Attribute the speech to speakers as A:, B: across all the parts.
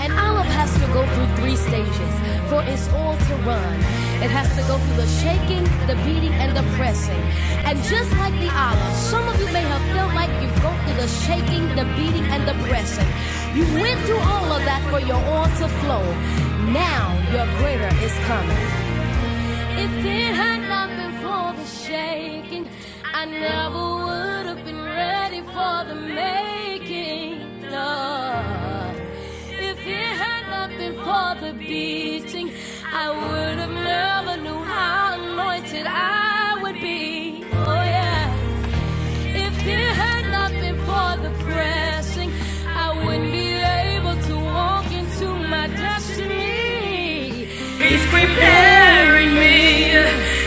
A: An olive has to go through three stages for its oil to run. It has to go through the shaking, the beating, and the pressing. And just like the olive, some of you may have felt like you've gone through the shaking, the beating, and the pressing. You went through all of that for your oil to flow. Now your greater is coming. If it had not been for the shaking, I never would have been ready for the making. Lord, if it had not been for the beating, I would have never knew how anointed I would be. Oh yeah. If it had not been for the pressing, I wouldn't be able to walk into my destiny. He's preparing me,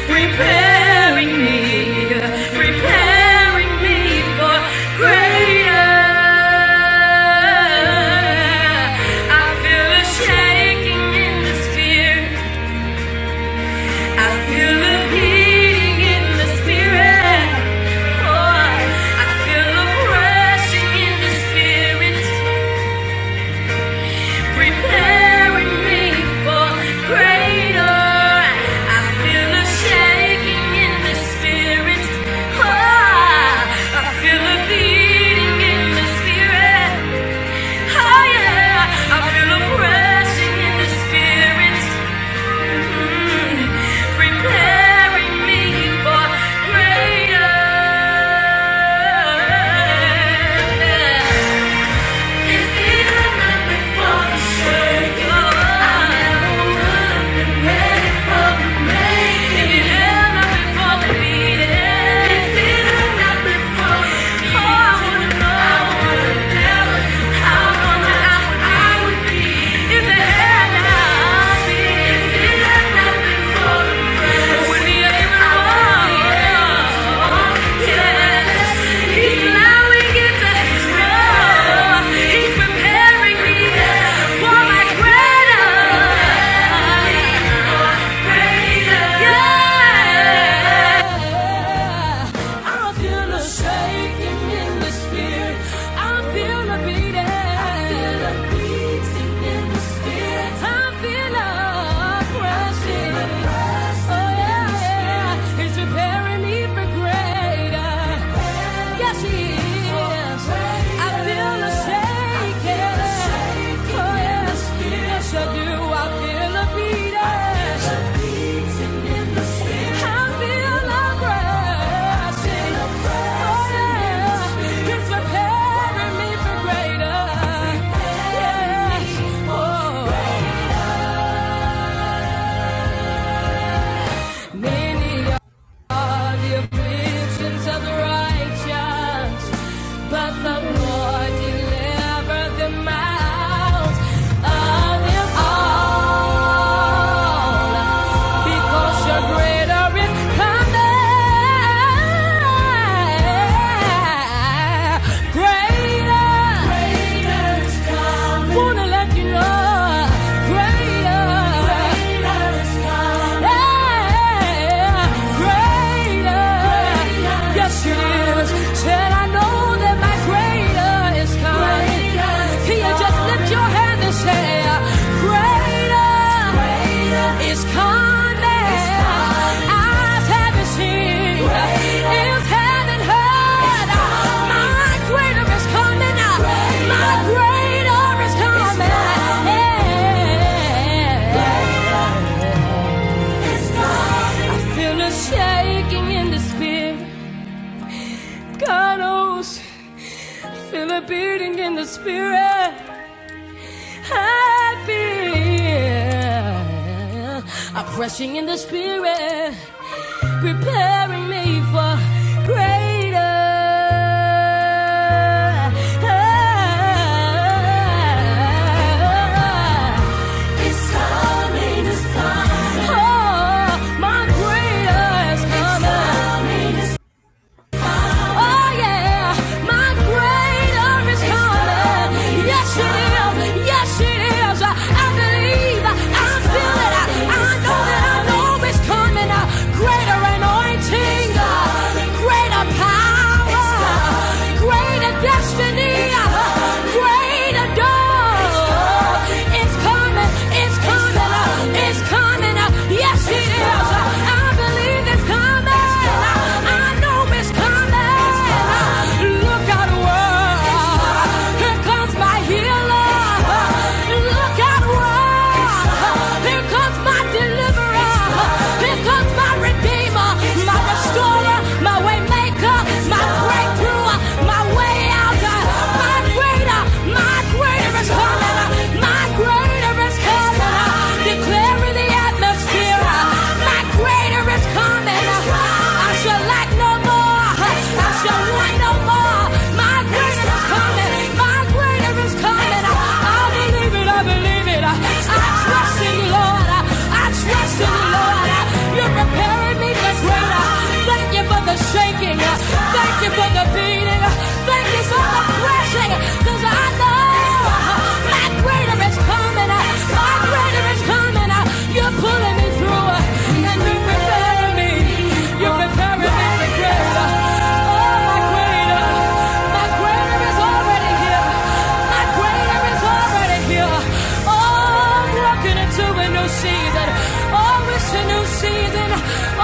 A: preparing me, preparing me for greater. I feel a shaking in the sphere. I feel a beating in the spirit. Oh, I feel a rushing in the spirit, preparing me for greater. I feel a shaking in the spirit. Oh, I feel a beating in the spirit. Oh yeah, I feel a rushing in the spirit. preparing me for greater. If he had not been for the circle, if he had not been for the beating, if he had not been for the I would know, I would be if it if it had not been for the press, would be able Yes, He's preparing me for my greater. I feel a beat. I feel afraid. For that, He's preparing me for greater. Many. the afflictions of righteous, but the Lord delivered them out of them all. Because your greater is coming. Greater, Wanna let you know, greater, greater is coming. Greater, yes it is. Said I know that my greater is coming. Can you just lift your hand and say, Greater is coming. Eyes haven't seen, ears haven't heard. My greater is coming. My greater is coming. Yeah. Feel a shaking in the spirit. God knows. Feel a beating in the spirit. I feel a pressing in the spirit. Preparing me for greater. It's coming, it's coming. Oh, my greater is coming. It's coming, it's Oh yeah, my greater is coming. Yes it is, yes it is. I believe, I feel it. I, know that I know it's coming. greater anointing, greater power, greater destiny, greater door. It's coming, it's coming, it's coming. Yes it is. I believe it that's coming. I know it's coming. Look out, world. Here comes my healer. Look out, world. Here comes my deliverer. Here comes my redeemer, my restorer, my way my breakthrough, my way out. My greater, my greater is coming. My greater is coming. Declare air the atmosphere. My greater is coming. I shall lack no more. I shall want no more. My greater is coming. My greater is coming. I believe it. I believe it. I trust in you, Lord. I trust in you, Lord. You're preparing me for greater. Thank you for the shaking. Thank you for the beating. Thank you for the pressing. 'cause I know my greater is coming My greater is coming You're pulling me through and you're preparing me. You're preparing me for greater. Oh, my greater. My greater is already here. My greater is already here. Oh, walking into a new season. Oh, it's a new season. Oh,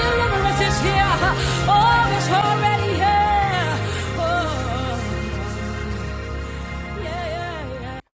A: deliverance is here. Oh, it's already here. Oh, yeah, yeah, yeah.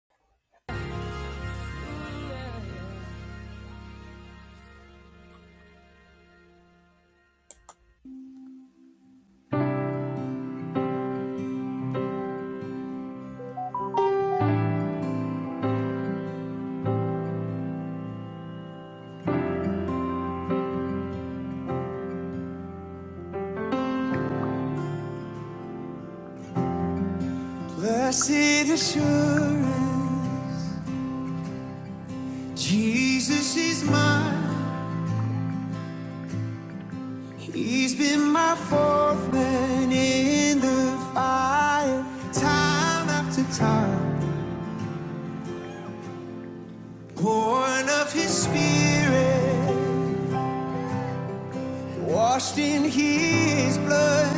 A: Blessed assurance, Jesus is mine. He's been my fourth man in the fire, time after time. Born of his spirit, washed in his blood,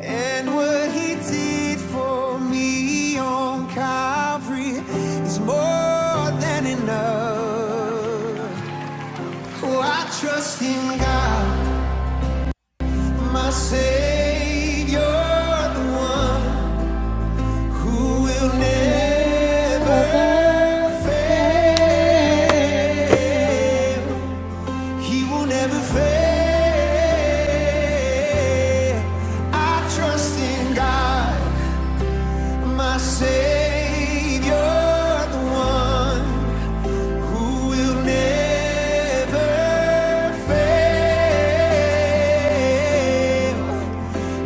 A: and what he did for me on Calvary is more than enough. Oh, I trust in God. My Savior, the one who will never fail. He will never fail. I trust in God, my Savior, the one who will never fail.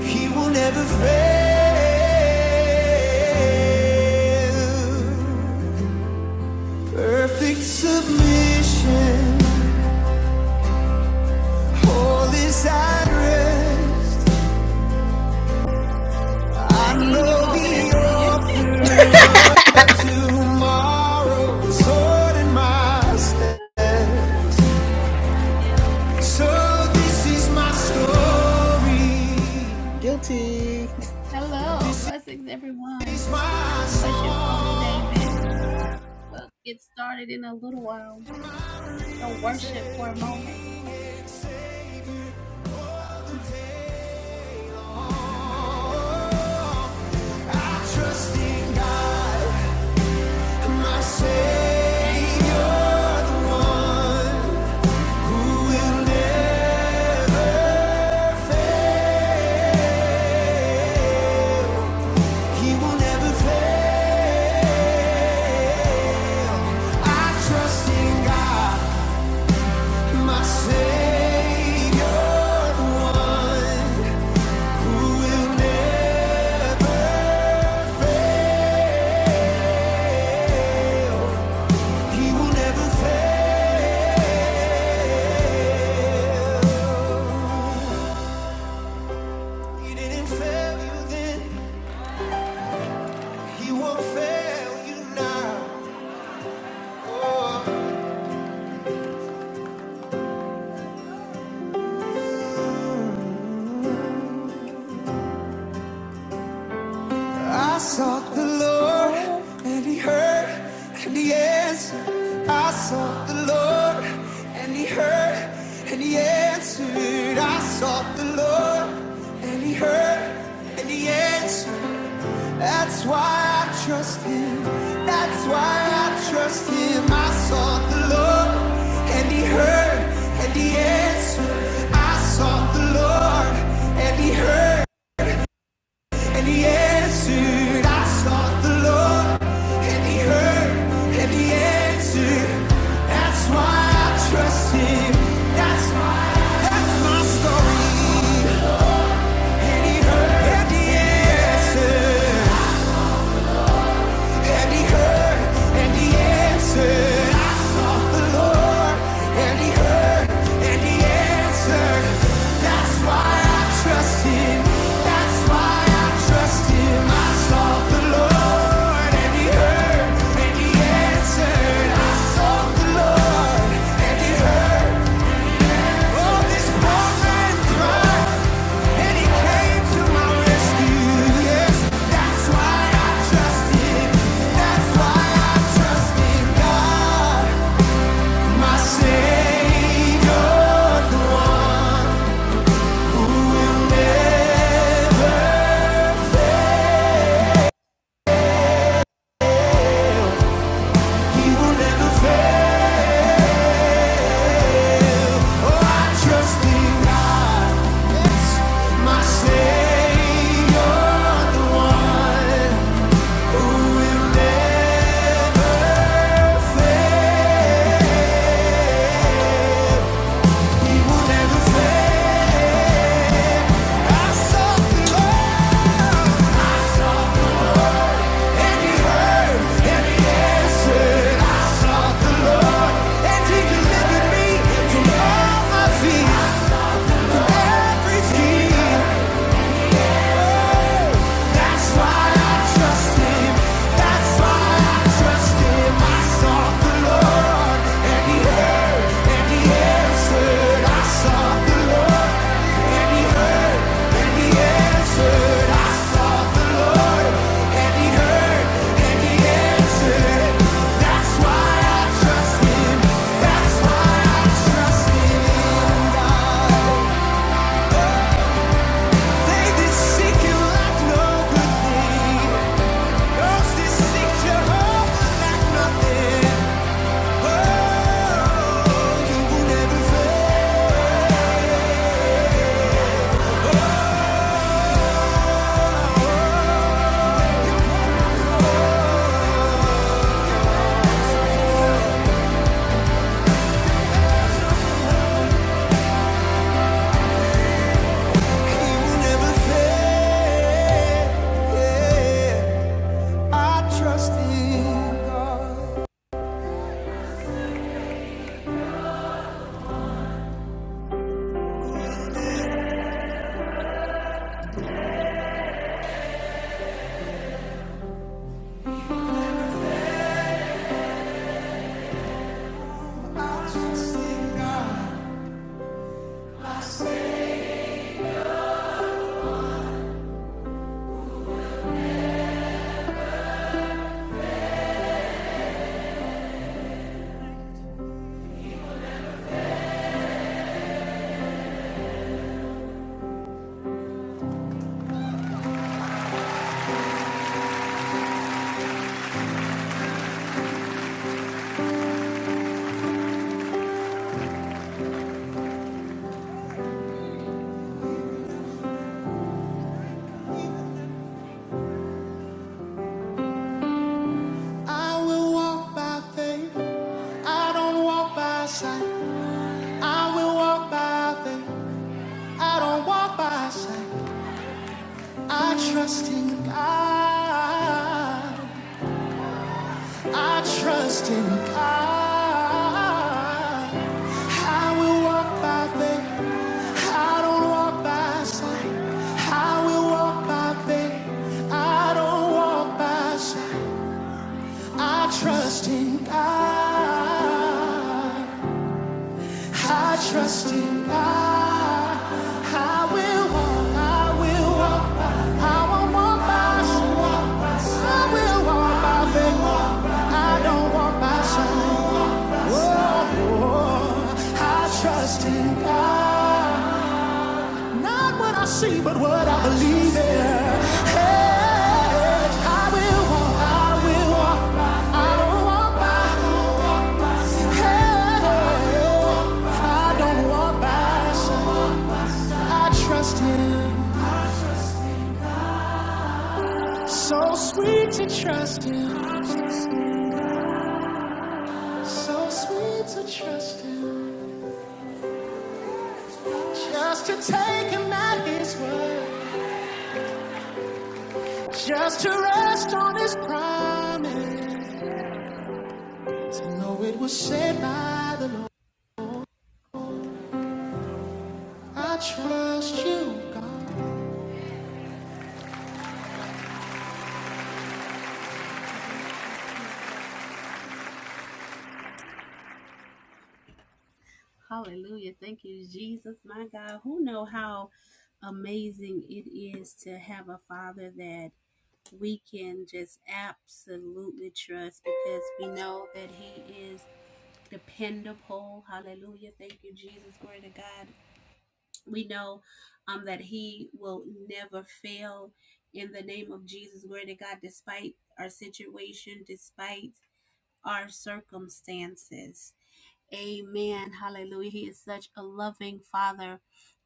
A: He will never fail. Perfect submission. All is at rest. I
B: I hear you
A: know
B: over there,
A: the
B: singer.
A: author of tomorrow is holding my step.
B: Yes,
A: So
B: Lord.
A: this is my story.
B: Glory.
A: Guilty.
B: Hello,
A: This
B: blessings, everyone.
A: is my
B: Bless you, Coach
A: song.
B: David. We'll get started in a little while. Go worship for a moment. Thank you.
A: He didn't fail you then. He won't fail you now. Oh. I sought the Lord and he heard and he answered. I sought the Lord and he heard and he answered. I sought the Lord and he heard and he answered. That's why I trust him. That's why I trust him. I sought the Lord and he heard and he answered. I sought the Lord and he heard and he answered. I sought the Lord and he heard and he answered. That's why I trust him. That's why that's my story. And he heard and he answered. And he heard and he answered. I sought the Lord and he heard and he answered. That's why I trust him. That's why I trust him. I sought the Lord and he heard and he answered. I sought the Lord and he heard. Oh, this poor man cried. And he came to my rescue. Yes, that's why I trust him. That's why I trust in God, my Savior, the one who will never, he will never fail. Oh, I trust in God. Yes, my Savior, the one who will never fail. From all my fears, from every scheme. That's why I trust him. Trust in God. I trust in God. I will walk by faith. I don't walk by sight. I will walk by faith. I don't walk by sight. I trust in God. I trust in God. I will walk by faith. I don't walk by sight. I will walk by faith. I don't walk by sight. I trust in God. I trust in God. I will walk, I will walk, by. I won't walk by sight. I will walk by faith. I don't walk by sight. Oh, oh, I trust in God. Not what I see, but what I believe in. Hey, I will walk, I will walk. I don't walk by. Hey, I don't walk by. I trust Him. So sweet to trust Him. So sweet to trust Him. Just to take Him at His word. Just to rest on His promise. To know it was said by the Lord. I trust you,
B: Hallelujah. Thank you, Jesus, my God. Who know how amazing it is to have a father that we can just absolutely trust because we know that He is dependable. Hallelujah. Thank you, Jesus. Glory to God. We know um, that He will never fail in the name of Jesus. Glory to God, despite our situation, despite our circumstances. Amen. Hallelujah. He is such a loving Father.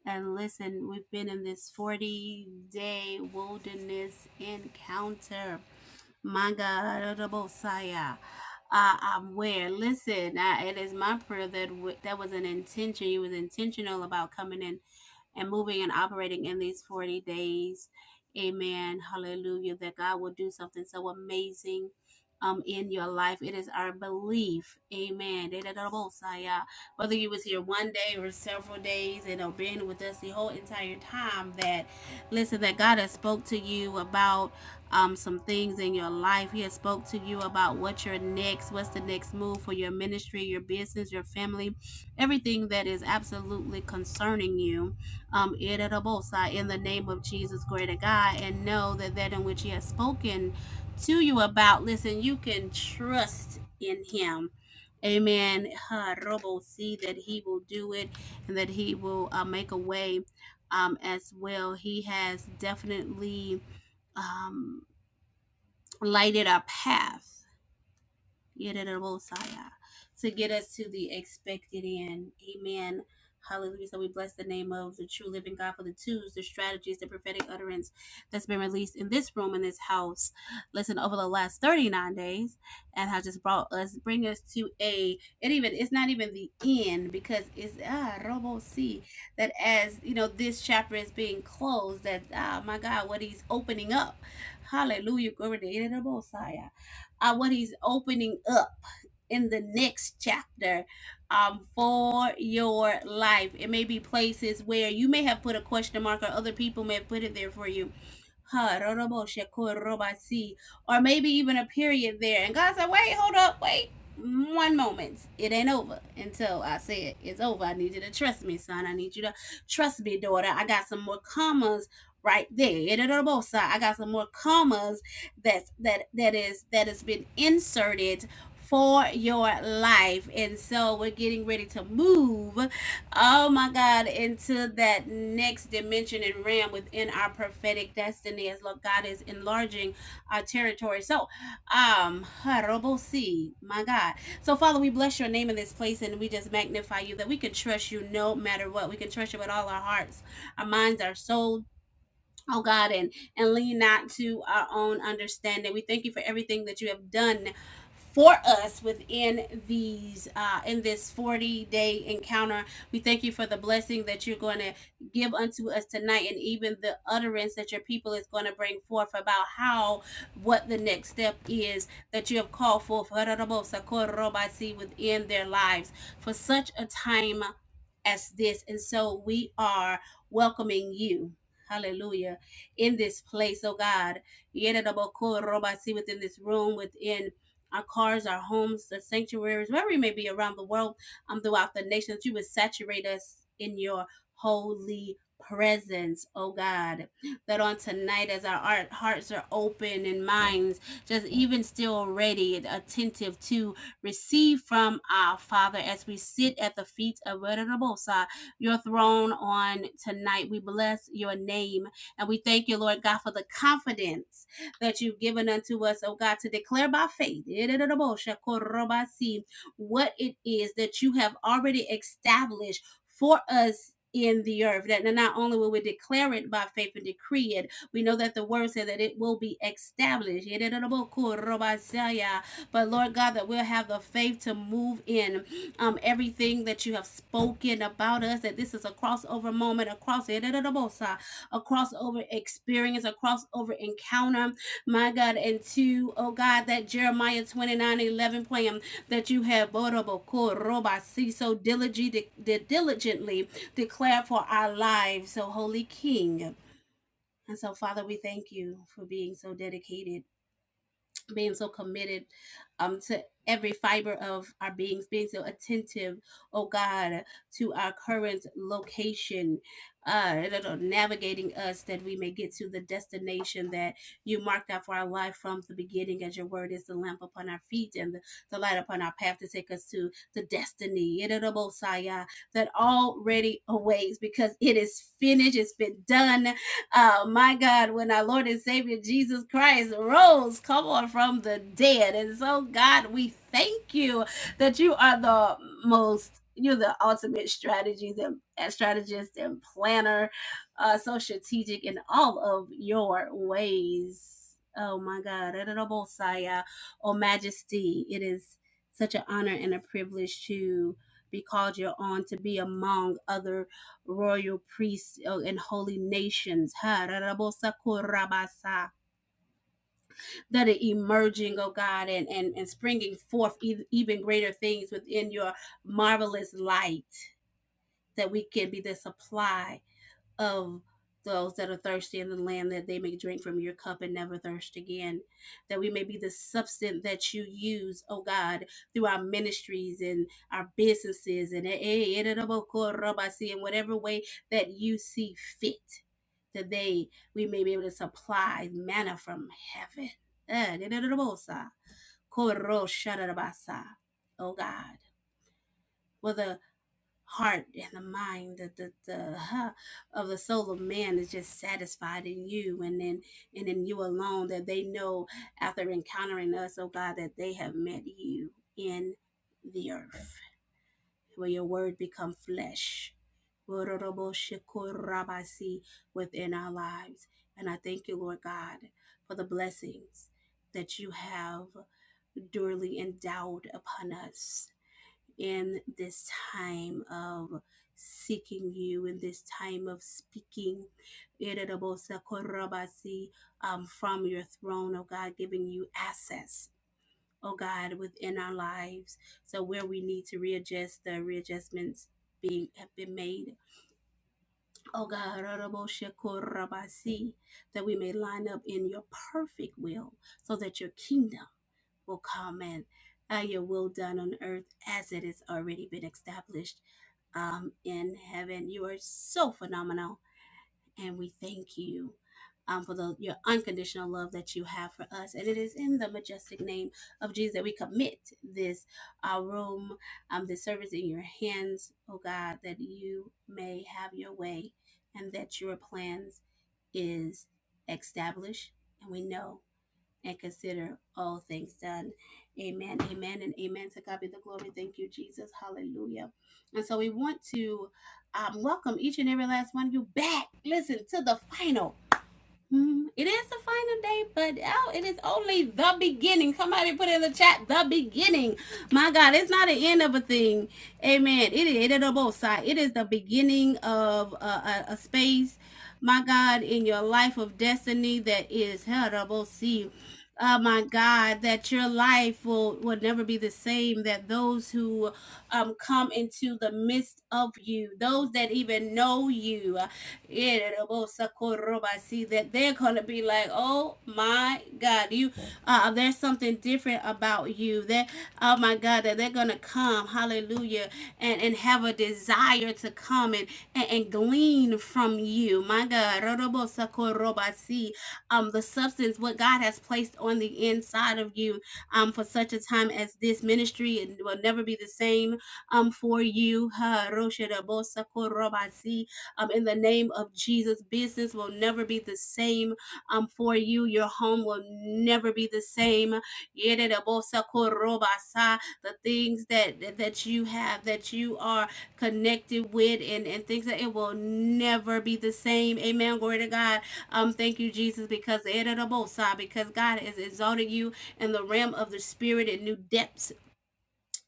B: And listen, we've been in this 40 day wilderness encounter my God, Arabosaya, uh, I'm aware. Listen, I, it is my prayer that w- that was an intention. You was intentional about coming in and moving and operating in these 40 days. Amen. Hallelujah. That God will do something so amazing um, in your life. It is our belief. Amen. da da da Whether you was here one day or several days and have been with us the whole entire time that listen that God has spoke to you about um, some things in your life. He has spoke to you about what your next, what's the next move for your ministry, your business, your family, everything that is absolutely concerning you um, Irerebosa, in the name of Jesus, greater God, and know that that in which He has spoken to you about, listen, you can trust in Him. Amen. robo, See that He will do it and that He will uh, make a way um, as well. He has definitely um, lighted our path Yerirabosaya, to get us to the expected end. Amen. Hallelujah. So we bless the name of the true living God for the twos, the strategies, the prophetic utterance that's been released in this room, in this house. Listen, over the last 39 days, and has just brought us, bring us to a, and even, it's not even the end because it's, ah, Robo C, that as, you know, this chapter is being closed, that, ah, my God, what he's opening up. Hallelujah. Glory to the Messiah uh, what he's opening up in the next chapter um, for your life. It may be places where you may have put a question mark or other people may have put it there for you. Ha, rorobo, sheko, roba, si. Or maybe even a period there. And God said, wait, hold up, wait. One moment. It ain't over until I say it. It's over. I need you to trust me, son. I need you to trust me, daughter. I got some more commas right there. Erorobosa, I got some more commas that's that that is that has been inserted for your life and so we're getting ready to move oh my god into that next dimension and realm within our prophetic destiny as Lord god is enlarging our territory so um Harobosi, my god so father we bless your name in this place and we just magnify you that we can trust you no matter what we can trust you with all our hearts our minds our souls Oh God, and and lean not to our own understanding. We thank you for everything that you have done for us within these uh in this 40 day encounter. We thank you for the blessing that you're going to give unto us tonight and even the utterance that your people is going to bring forth about how what the next step is that you have called for within their lives for such a time as this. And so we are welcoming you. Hallelujah in this place, oh God. Yererobokorobasi, Within this room, within our cars, our homes, the sanctuaries, wherever we may be around the world, um, throughout the nation, that you would saturate us in your holy presence, oh God. That on tonight, as our hearts are open and minds just even still ready and attentive to receive from our Father as we sit at the feet of Venerable your throne on tonight. We bless your name. And we thank you, Lord God, for the confidence that you've given unto us, oh God, to declare by faith what it is that you have already established for us. In the earth, that not only will we declare it by faith and decree it, we know that the word said that it will be established. But Lord God, that we'll have the faith to move in um, everything that you have spoken about us, that this is a crossover moment, a cross a crossover experience, a crossover encounter, my God. And to, oh God, that Jeremiah twenty nine eleven 11 plan that you have borobokoroba, so diligently, diligently declared for our lives. So, Holy King. And so, Father, we thank you for being so dedicated being so committed um to every fiber of our beings being so attentive oh god to our current location uh navigating us that we may get to the destination that you marked out for our life from the beginning as your word is the lamp upon our feet and the, the light upon our path to take us to the destiny Yada da bo that already awaits because it is finished it's been done oh my God, when our Lord and Savior Jesus Christ rose, come on, from the dead. And so, God, we thank you that you are the most, you're the ultimate strategist and and strategist and planner, uh, so strategic in all of your ways. Oh my God, Honorable Saya, oh Majesty, it is such an honor and a privilege to be called your own to be among other royal priests oh, and holy nations. That are emerging, oh God, and, and, and springing forth even greater things within your marvelous light, that we can be the supply of those that are thirsty in the land that they may drink from your cup and never thirst again that we may be the substance that you use oh god through our ministries and our businesses and in whatever way that you see fit that they we may be able to supply manna from heaven Eh, Oh God, whether heart and the mind the the, the huh, of the soul of man is just satisfied in you and then and in you alone that they know after encountering us oh god that they have met you in the earth where your word become flesh Wororoboshikorabasi within our lives and i thank you lord god for the blessings that you have duly endowed upon us in this time of seeking you, in this time of speaking, um, from your throne, oh God, giving you access, oh God, within our lives. So where we need to readjust, the readjustments being have been made. Oh God, that we may line up in your perfect will so that your kingdom will comment, Ah, your will done on earth as it has already been established um, in heaven. You are so phenomenal, and we thank you. Um, for the, your unconditional love that you have for us. And it is in the majestic name of Jesus that we commit this uh, room, um, this service in your hands, oh God, that you may have your way and that your plans is established. And we know and consider all things done. Amen. Amen and amen. To God be the glory. Thank you, Jesus. Hallelujah. And so we want to um, welcome each and every last one of you back. Listen to the final. Mhm. It is the final day, but oh, it is only the beginning. Somebody put in the chat the beginning. My God, it's not the end of a thing. Amen. It is it is on both side. It is the beginning of a, a, a space, my God, in your life of destiny that is terrible. See, oh my God, that your life will will never be the same. That those who um come into the midst of you, those that even know you. See that they're gonna be like, oh my God, you. Uh, there's something different about you. That oh my God, that they're gonna come, Hallelujah, and and have a desire to come and and, and glean from you, my God. See, um, the substance what God has placed on the inside of you, um, for such a time as this ministry, and will never be the same, um, for you. Ha, um, in the name of Jesus. Business will never be the same um, for you. Your home will never be the same. The things that, that you have, that you are connected with, and, and things that it will never be the same. Amen. Glory to God. Um, thank you, Jesus, because yeredabosa, because God has exalted you in the realm of the spirit in new depths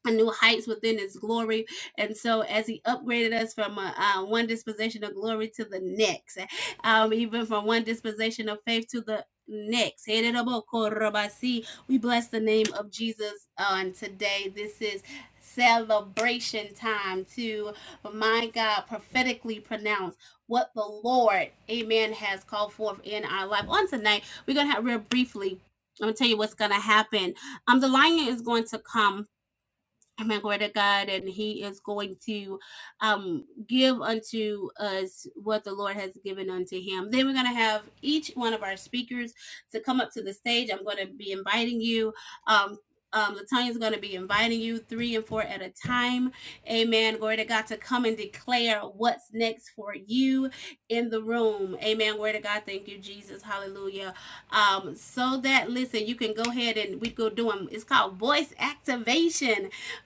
B: and new heights within his glory. And so, as he upgraded us from uh, uh, one disposition of glory to the next, um, even from one disposition of faith to the next, we bless the name of Jesus on today. This is celebration time to my God prophetically pronounce what the Lord, amen, has called forth in our life. On tonight, we're going to have real briefly. I'm gonna tell you what's gonna happen. Um, the lion is going to come Amen. Glory to God. And He is going to um, give unto us what the Lord has given unto Him. Then we're going to have each one of our speakers to come up to the stage. I'm going to be inviting you. Um, um, Latonya is going to be inviting you three and four at a time. Amen. Glory to God to come and declare what's next for you in the room. Amen. Glory to God. Thank you, Jesus. Hallelujah. Um, so that, listen, you can go ahead and we go do them. It's called voice activation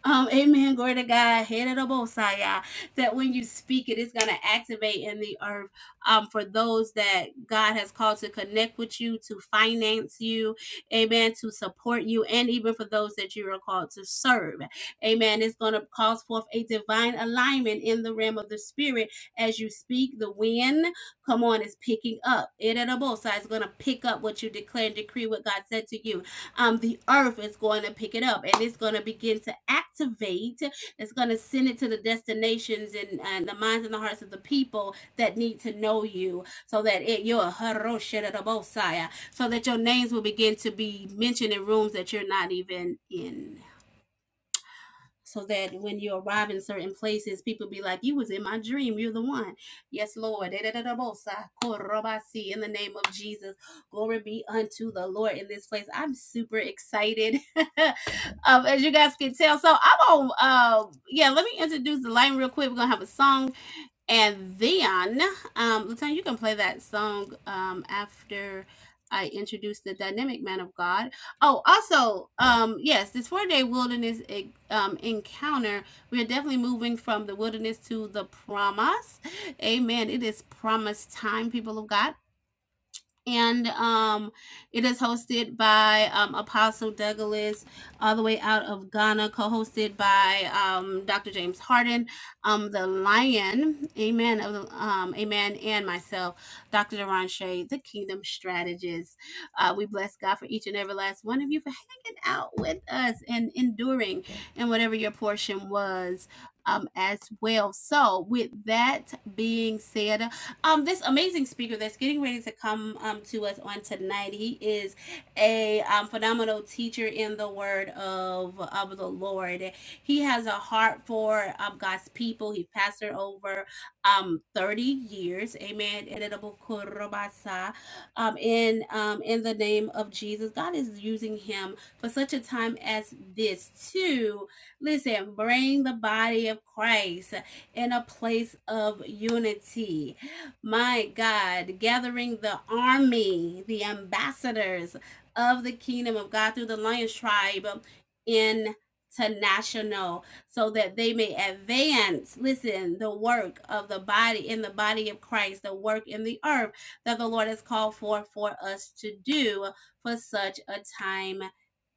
B: um, amen. Glory to God. Head of the Bosaya. That when you speak it, it's gonna activate in the earth. Um, for those that God has called to connect with you, to finance you, amen, to support you, and even for those that you are called to serve. Amen. It's gonna cause forth a divine alignment in the realm of the spirit as you speak. The wind, come on, is picking up. Head of the Bosaya is gonna pick up what you declare and decree what God said to you um, the earth is going to pick it up and it's going to begin to activate. It's going to send it to the destinations and, and the minds and the hearts of the people that need to know you so that it, you're a so that your names will begin to be mentioned in rooms that you're not even in so that when you arrive in certain places, people be like, "You was in my dream. You're the one." Yes, Lord. In the name of Jesus, glory be unto the Lord in this place. I'm super excited, um, as you guys can tell. So I'm on. Uh, yeah, let me introduce the line real quick. We're gonna have a song and then, um, Latan, you can play that song um, after I introduce the dynamic man of God. Oh, also, um, yes, this four day wilderness e- um, encounter, we are definitely moving from the wilderness to the promise. Amen. It is promise time, people of God and um, it is hosted by um, Apostle Douglas, all the way out of Ghana, co-hosted by um, Dr. James Harden, um, the Lion, Amen, of the- um, Amen, and myself, Dr. Deron Shea, the Kingdom Strategist. Uh, we bless God for each and every last one of you for hanging out with us and enduring, and whatever your portion was. Um, as well. So, with that being said, um, this amazing speaker that's getting ready to come um, to us on tonight. He is a um, phenomenal teacher in the word of, of the Lord. He has a heart for um, God's people. He pastored over um, 30 years. Amen. Um, in, um, in the name of Jesus, God is using him for such a time as this to, listen, bring the body of Christ in a place of unity my God, gathering the army, the ambassadors of the kingdom of God through the Lions tribe international, so that they may advance, listen, the work of the body in the body of Christ, the work in the earth that the Lord has called for for us to do for such a time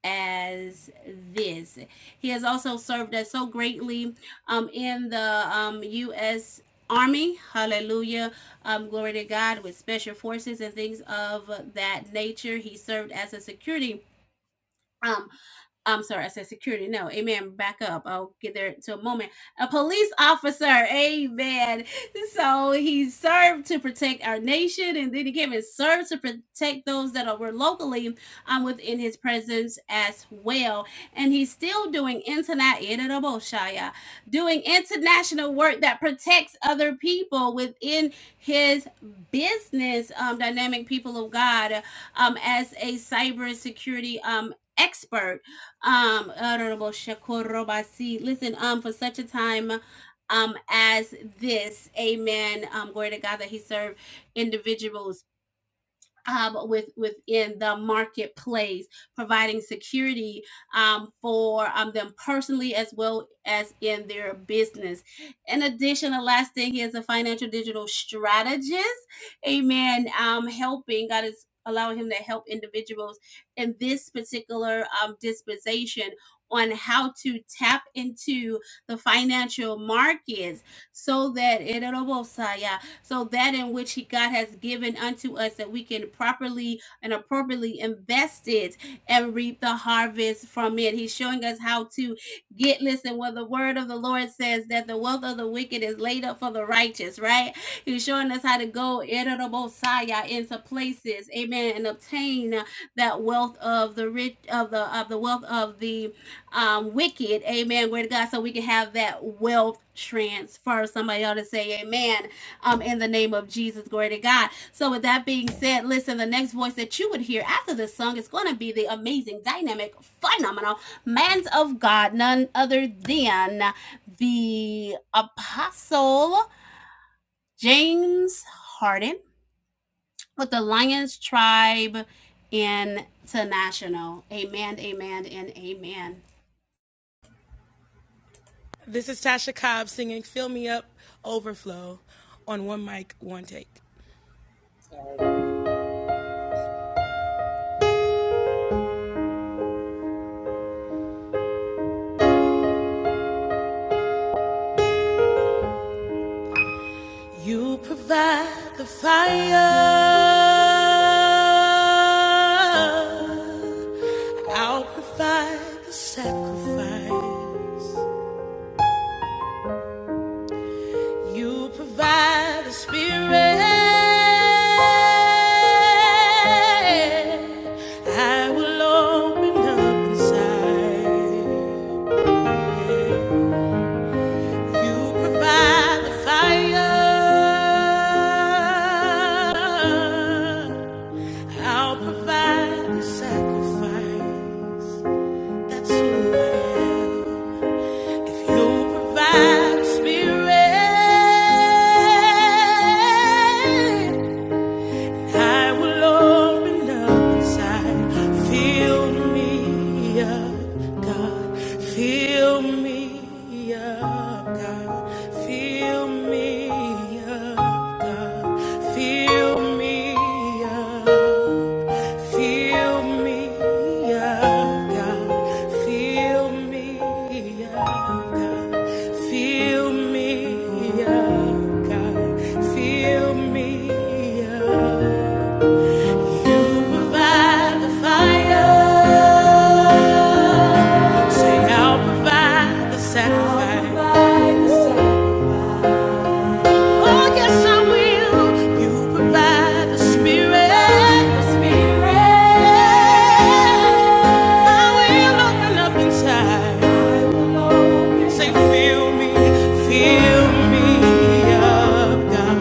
B: as this. He has also served us so greatly um, in the um, U.S. Army. Hallelujah um, glory to God, with special forces and things of that nature. He served as a security um, I'm sorry, I said security. No, amen. Back up. I'll get there to a moment. A police officer, amen. So he served to protect our nation, and then he came and served to protect those that were locally um, within his presence as well. And he's still doing international doing international work that protects other people within his business. Um, dynamic people of God, um, as a cybersecurity um expert um, Honorable Shakuro Basi, listen, um, for such a time um as this, amen. Um, glory to God that He served individuals um, with within the marketplace, providing security um, for um, them personally as well as in their business. In addition, the last thing he is a financial digital strategist. Amen. Um, helping God is allowing him to help individuals in this particular um, dispensation on how to tap into the financial markets so that so that in which he God has given unto us that we can properly and appropriately invest it and reap the harvest from it. He's showing us how to get listen well, the word of the Lord says that the wealth of the wicked is laid up for the righteous, right? He's showing us how to go Erebosaya, into places, amen, and obtain that wealth of the rich of the of the wealth of the um wicked, amen. Word to God, so we can have that wealth transfer. Somebody ought to say amen um, in the name of Jesus. Glory to God. So, with that being said, listen, the next voice that you would hear after this song is going to be the amazing, dynamic, phenomenal man of God, none other than the Apostle James Harden with the Lions Tribe International. Amen, amen, and amen.
A: This is Tasha Cobb singing Fill Me Up Overflow on One Mic, One Take. You provide the fire, I'll provide the sacrifice. You provide the spirit, I will open up inside. You provide the fire. I'll provide the sacrifice. That's who I am. If you provide the spirit, I will open up inside. Fill me up, God. Fill me up, God. Fill me up, God. Fill me up. Fill me God. Fill me God. Fill me God. Fill me up. You provide the fire. Say, I'll provide the sacrifice. Oh, yes, I will. You provide the spirit. I will open up inside. I Say, fill me, fill me up, God.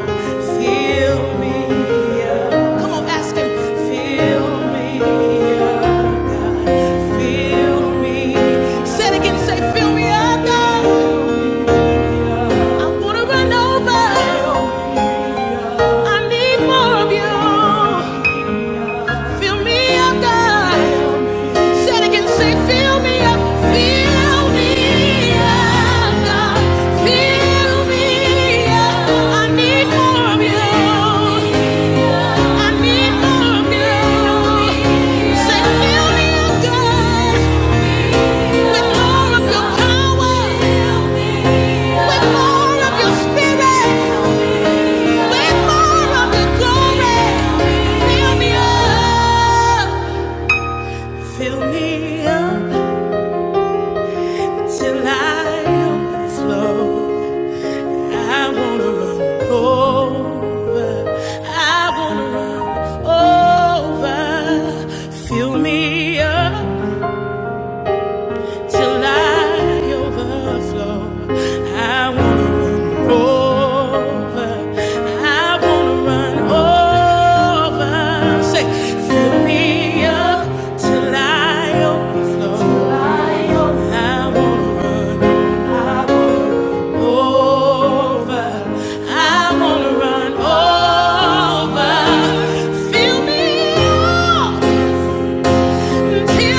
A: Fill Come on, ask him. Fill me God. Fill me. Say it again. Say, fill me up, God. I want to run over. I need more of you. Fill me God. Said again, say, fill me up, fill me up, God, fill me up. I need more of you. I need more of you. Say, fill me up, God, with more of your power, with more of your spirit, with more of your glory. Fill me up, fill me up. Till I overflow, I wanna run over. I wanna run over. Fill me up till I overflow. I wanna run over. I wanna run over. Say, fill me up till I overflow. I wanna run over. over. I wanna run over. Fill me up. Fill me up, God.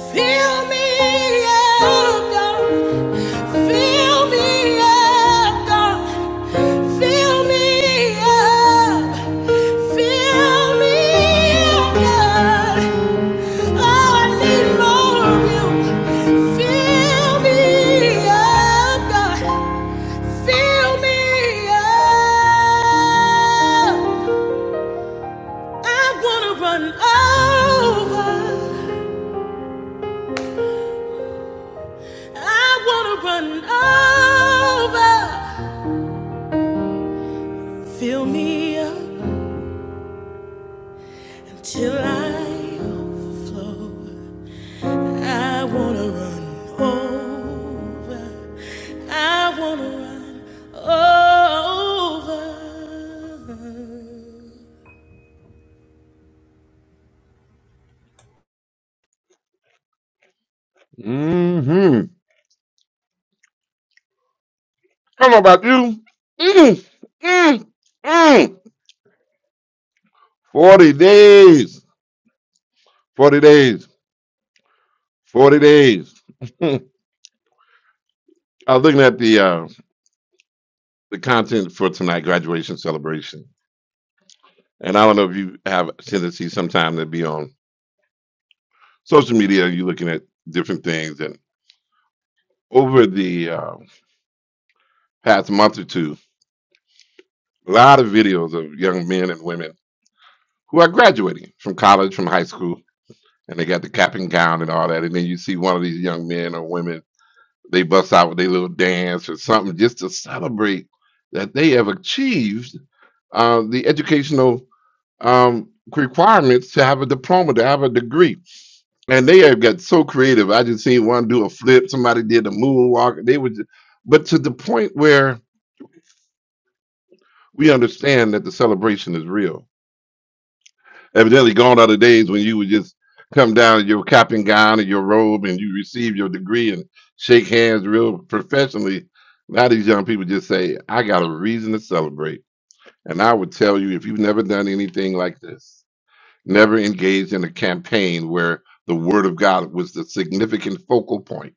A: Fill me up, God. Fill me up, God. Fill me up. Fill me up, God. Oh, I need more of you. Fill me up, God. Fill me up. I wanna run over. I wanna run over. Fill me up. Till I overflow, I wanna run over. I wanna run over.
C: Mm-hmm. I don't know about you. Mm, mm, mm. 40 days. 40 days. 40 days. I was looking at the uh, the content for tonight, graduation celebration. And I don't know if you have a tendency sometime to be on social media, you're looking at different things. And over the uh, past month or two, a lot of videos of young men and women who are graduating from college, from high school, and they got the cap and gown and all that. And then you see one of these young men or women They bust out with their little dance or something just to celebrate that they have achieved uh, the educational um, requirements to have a diploma, to have a degree. And they have got so creative. I just seen one do a flip, somebody did a moonwalk. They would, but to the point where we understand that the celebration is real Evidently, gone are the days when you would just come down in your cap and gown and your robe and you receive your degree and shake hands real professionally. Now these young people just say, I got a reason to celebrate. And I would tell you, if you've never done anything like this, never engaged in a campaign where the word of God was the significant focal point,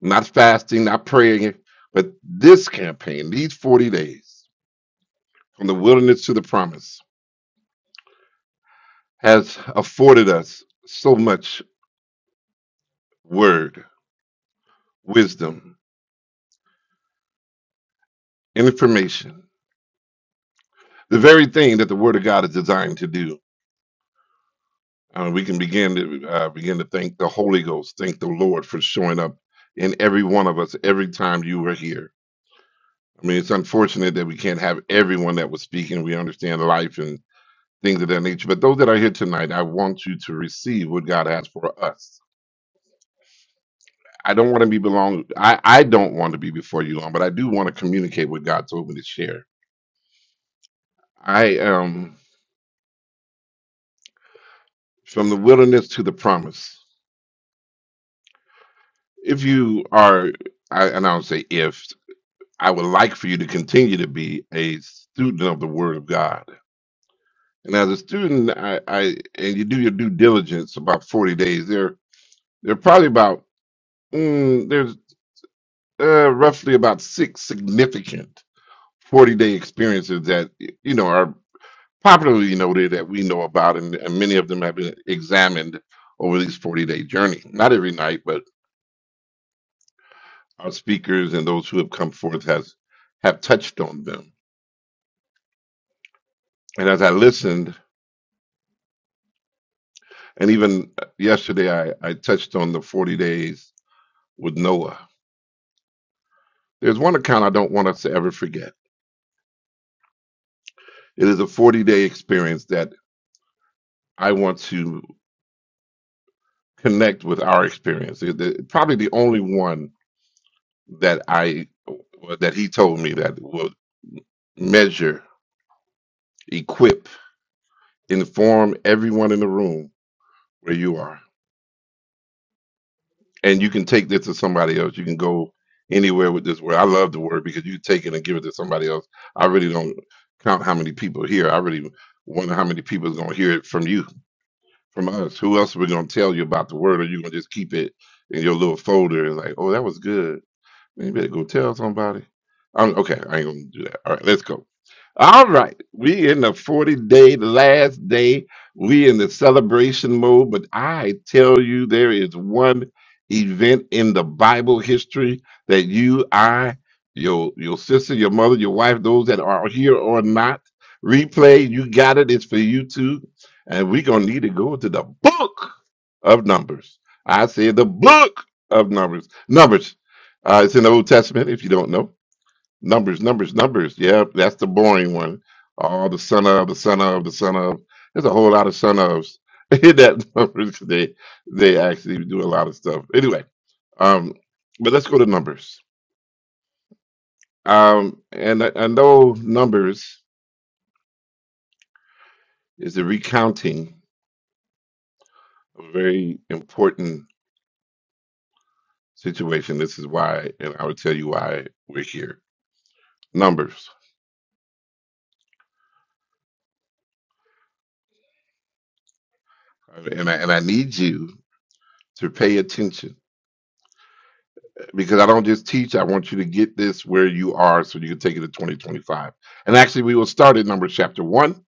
C: not fasting, not praying, but this campaign, these 40 days from the wilderness to the promise, has afforded us so much word wisdom, information. The very thing that the Word of God is designed to do. Uh, we can begin to uh, begin to thank the Holy Ghost, thank the Lord for showing up in every one of us every time you were here. I mean, it's unfortunate that we can't have everyone that was speaking. We understand life and things of that nature, but those that are here tonight, I want you to receive what God has for us. I don't want to be belong. I, I don't want to be before you long, but I do want to communicate what God told me to share. I am from the wilderness to the promise. if you are, I, and I don't say if, I would like for you to continue to be a student of the Word of God. And as a student, I, I and you do your due diligence about forty days. There, there are probably about mm, there's uh, roughly about six significant forty day experiences that you know are popularly noted that we know about, and, and many of them have been examined over these forty day journey. Not every night, but our speakers and those who have come forth has have touched on them And as I listened, and even yesterday, I, I touched on the 40 days with Noah. There's one account I don't want us to ever forget. It is a 40 day experience that I want to connect with our experience. It- it- probably the only one that I that he told me that will measure, equip, inform everyone in the room where you are. and you can take this to somebody else. You can go anywhere with this word. I love the word because you can take it and give it to somebody else. I really don't count how many people hear. I really wonder how many people is going to hear it from you, from us. Who else are we going to tell you about the word? Or you going to just keep it in your little folder and like, oh, that was good. Man, you better go tell somebody. I'm, okay, I ain't gonna do that. All right, let's go. All right, we in the 40 day, last day. We in the celebration mode, but I tell you, there is one event in the Bible history that you, I, your your sister, your mother, your wife, those that are here or not, replay, you got it, it's for you too. And we gonna need to go to the book of numbers. I said the book of numbers. Numbers uh, it's in the Old Testament, if you don't know. Numbers, numbers, numbers. Yeah, that's the boring one. All the son of, the son of, the son of. There's a whole lot of son ofs in that numbers 'cause they they actually do a lot of stuff. Anyway, um, but let's go to numbers. Um, and I, I know numbers is the recounting of a very important situation. This is why, and I will tell you why we're here. Numbers, and I, and I need you to pay attention because I don't just teach. I want you to get this where you are so you can take it to 2025. And actually, we will start at Numbers chapter 1,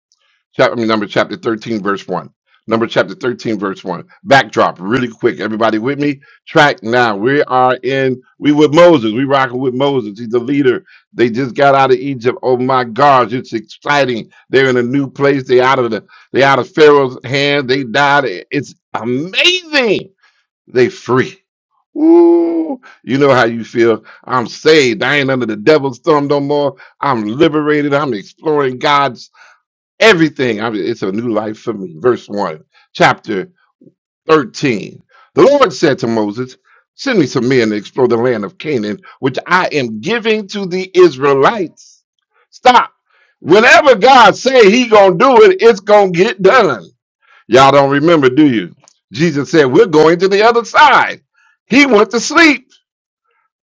C: chapter, I mean, Numbers chapter 13, verse 1. Number chapter 13, verse 1. Backdrop, really quick. Everybody with me? Track now. We are in, we with Moses. We rocking with Moses. He's the leader. They just got out of Egypt. Oh my gosh, it's exciting. They're in a new place. They out of the, they out of Pharaoh's hand. They died. It's amazing they free. Ooh, you know how you feel. I'm saved. I ain't under the devil's thumb no more. I'm liberated. I'm exploring God's everything. I mean, it's a new life for me. Verse 1, chapter 13. The Lord said to Moses, Send me some men to explore the land of Canaan, which I am giving to the Israelites. Stop. Whenever God say he gonna do it, it's gonna get done. Y'all don't remember, do you? Jesus said, "We're going to the other side." He went to sleep,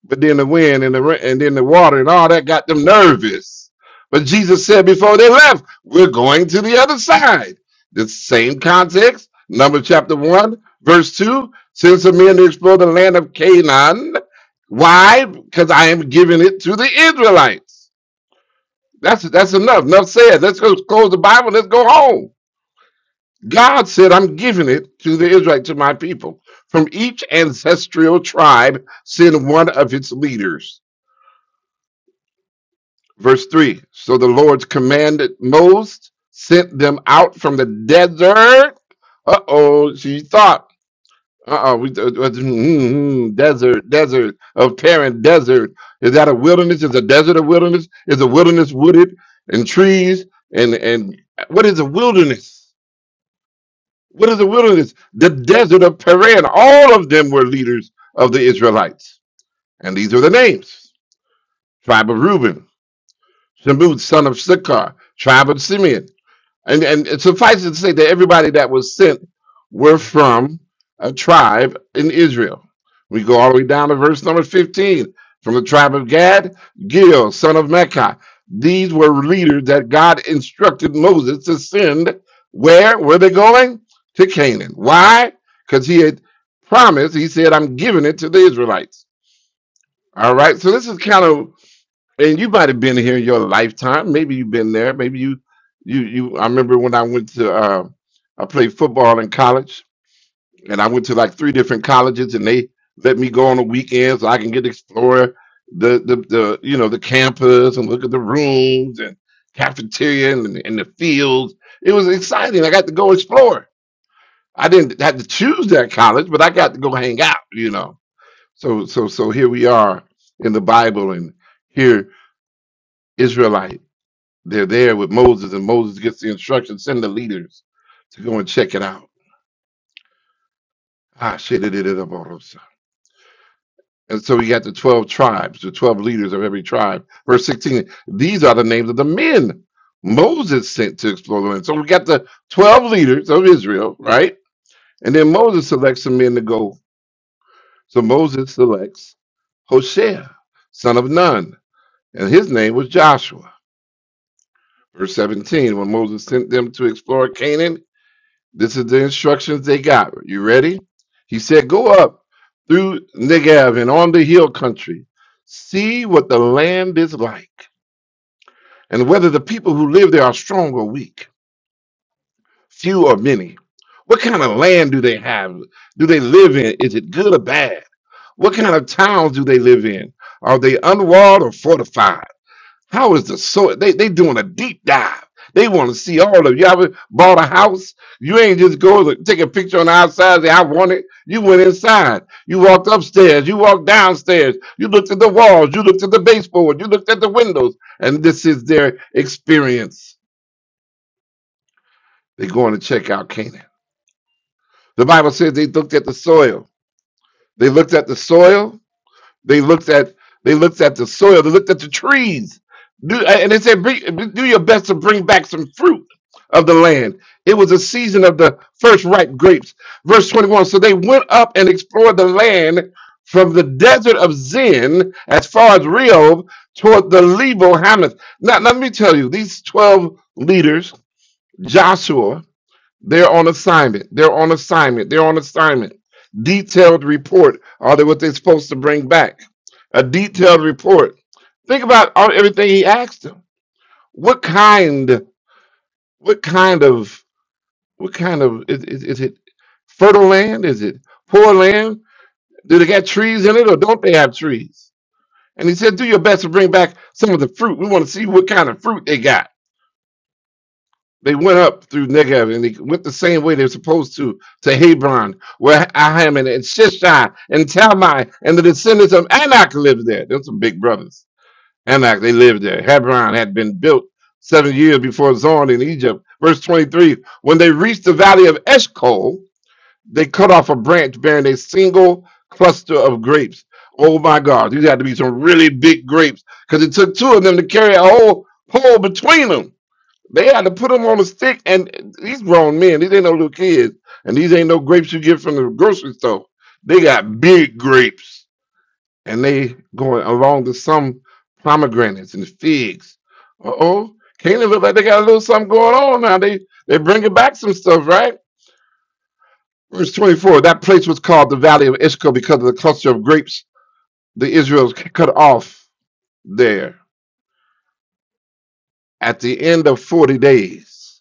C: but then the wind and the ra- and then the water and all that got them nervous. But Jesus said before they left, "We're going to the other side." The same context, number chapter one, verse two. Send some men to explore the land of Canaan. Why? Because I am giving it to the Israelites. That's that's enough. Enough said. Let's go close the Bible. Let's go home. God said, I'm giving it to the Israelite, to my people. From each ancestral tribe, send one of its leaders. Verse 3 So the Lord commanded Moses, sent them out from the desert. Uh oh, she thought. Uh oh, we uh, uh, mm, mm, mm, desert, desert of Paran, desert. Is that a wilderness? Is a desert a wilderness? Is a wilderness wooded and trees? And and what is a wilderness? What is the wilderness? The desert of Paran. All of them were leaders of the Israelites. And these are the names tribe of Reuben, Shemud, son of Sikkar, tribe of Simeon. And, and it suffices to say that everybody that was sent were from a tribe in Israel. We go all the way down to verse number 15. From the tribe of Gad, Gil, son of Mecca. These were leaders that God instructed Moses to send. Where were they going? To Canaan. Why? Because he had promised, he said, I'm giving it to the Israelites. All right, so this is kind of and you might have been here in your lifetime. Maybe you've been there. Maybe you, you, you. I remember when I went to, uh, I played football in college, and I went to like three different colleges, and they let me go on the weekends so I can get to explore the, the, the, you know, the campus and look at the rooms and cafeteria and, and the fields. It was exciting. I got to go explore. I didn't have to choose that college, but I got to go hang out. You know, so so so here we are in the Bible, and here Israelite. They're there with Moses, and Moses gets the instruction send the leaders to go and check it out. Ah, shit, it is a borosa. And so we got the 12 tribes, the 12 leaders of every tribe. Verse 16, these are the names of the men Moses sent to explore the land. So we got the 12 leaders of Israel, right? And then Moses selects some men to go. So Moses selects Hoshea, son of Nun, and his name was Joshua. Verse 17, when Moses sent them to explore Canaan, This is the instructions they got. You ready? He said, Go up through Negev and on the hill country. See what the land is like, and whether the people who live there are strong or weak, few or many. What kind of land do they have? Do they live in? Is it good or bad? What kind of towns do they live in? Are they unwalled or fortified? How is the so they they doing a deep dive? They want to see all of you. Ever bought a house? You ain't just go to take a picture on the outside. and Say I want it. You went inside. You walked upstairs. You walked downstairs. You looked at the walls. You looked at the baseboard. You looked at the windows. And this is their experience. They're going to check out Canaan. The Bible says they looked at the soil. They looked at the soil. They looked at they looked at the soil. They looked at the trees, do, and they said, "Bring- "Do your best to bring back some fruit of the land." It was a season of the first ripe grapes. Verse twenty-one. So they went up and explored the land from the desert of Zin as far as Rehob toward the Lebo Hamath. Now, let me tell you, these twelve leaders, Joshua. They're on assignment. They're on assignment. They're on assignment. Detailed report. Are they what they're supposed to bring back? A detailed report. Think about all, everything he asked them. What kind? What kind of? What kind of? Is, is, is it fertile land? Is it poor land? Do they got trees in it, or don't they have trees? And he said, "Do your best to bring back some of the fruit. We want to see what kind of fruit they got." They went up through Negev and they went the same way they're supposed to to Hebron, where Ahiman and Shishai and Talmai and the descendants of Anak lived there. Those some big brothers. Anak, they lived there. Hebron had been built seven years before Zorn in Egypt. Verse 23 When they reached the valley of Eshcol, they cut off a branch bearing a single cluster of grapes. Oh my God, these had to be some really big grapes because it took two of them to carry a whole pole between them they had to put them on a stick, and these grown men, these ain't no little kids, and these ain't no grapes you get from the grocery store. They got big grapes, and they going along with some pomegranates and figs. Uh oh, Canaan look like they got a little something going on now. They they bringing back some stuff, right? Verse twenty four. That place was called the Valley of Ishko because of the cluster of grapes the Israels cut off there at the end of forty days.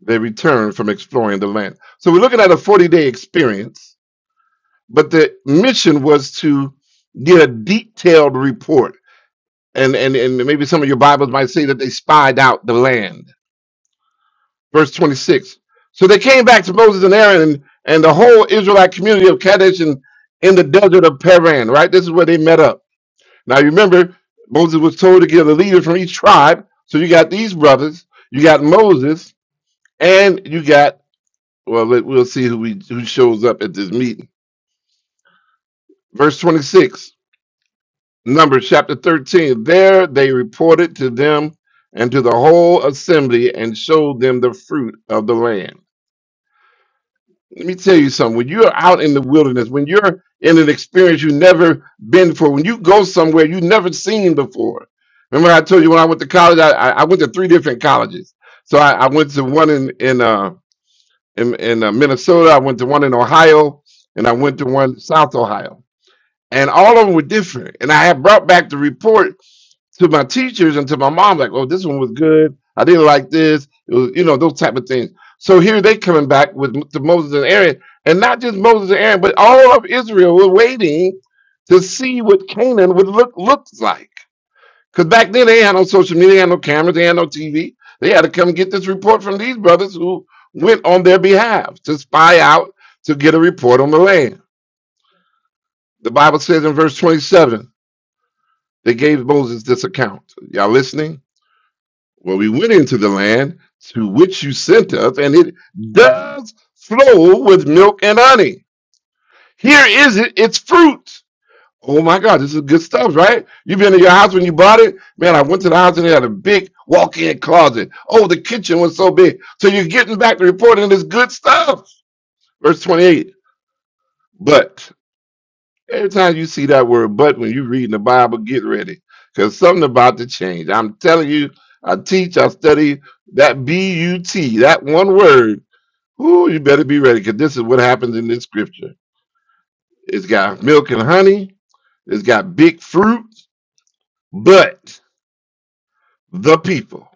C: They returned from exploring the land. So we're looking at a 40 day experience, but the mission was to get a detailed report. And, and, and maybe some of your Bibles might say that they spied out the land. Verse 26. So they came back to Moses and Aaron and, and the whole Israelite community of Kadesh and in the desert of Paran, right? This is where they met up. Now you remember, Moses was told to get a leader from each tribe. So you got these brothers, you got Moses, and you got Well, let, we'll see who we, who shows up at this meeting. Verse 26, Numbers chapter 13. There they reported to them and to the whole assembly and showed them the fruit of the land. Let me tell you something. When you're out in the wilderness, when you're in an experience you've never been before, when you go somewhere you've never seen before. Remember, I told you when I went to college, I, I I went to three different colleges. So I, I went to one in in uh, in, in uh, Minnesota, I went to one in Ohio, and I went to one in South Ohio and all of them were different. And I had brought back the report to my teachers and to my mom, like, "Oh, this one was good. I didn't like this. It was, you know, those type of things." So here they coming back with M- to Moses and Aaron, and not just Moses and Aaron, but all of Israel were waiting to see what Canaan would look looked like. Because back then they had no social media, they had no cameras, they had no TV. They had to come get this report from these brothers who went on their behalf to spy out to get a report on the land. The Bible says in verse 27. They gave Moses this account. Y'all listening? Well, we went into the land to which you sent us, and it does flow with milk and honey. Here is it, its fruit. Oh my God, this is good stuff, right? You've been in your house when you bought it? Man, I went to the house and they had a big walk in closet. Oh, the kitchen was so big. So you're getting back to reporting this good stuff. Verse 28. But Every time you see that word but when you're reading the Bible, get ready. Because something about to change. I'm telling you, I teach, I study that B U T, that one word. Ooh, you better be ready because this is what happens in this scripture. It's got milk and honey, it's got big fruit, but the people.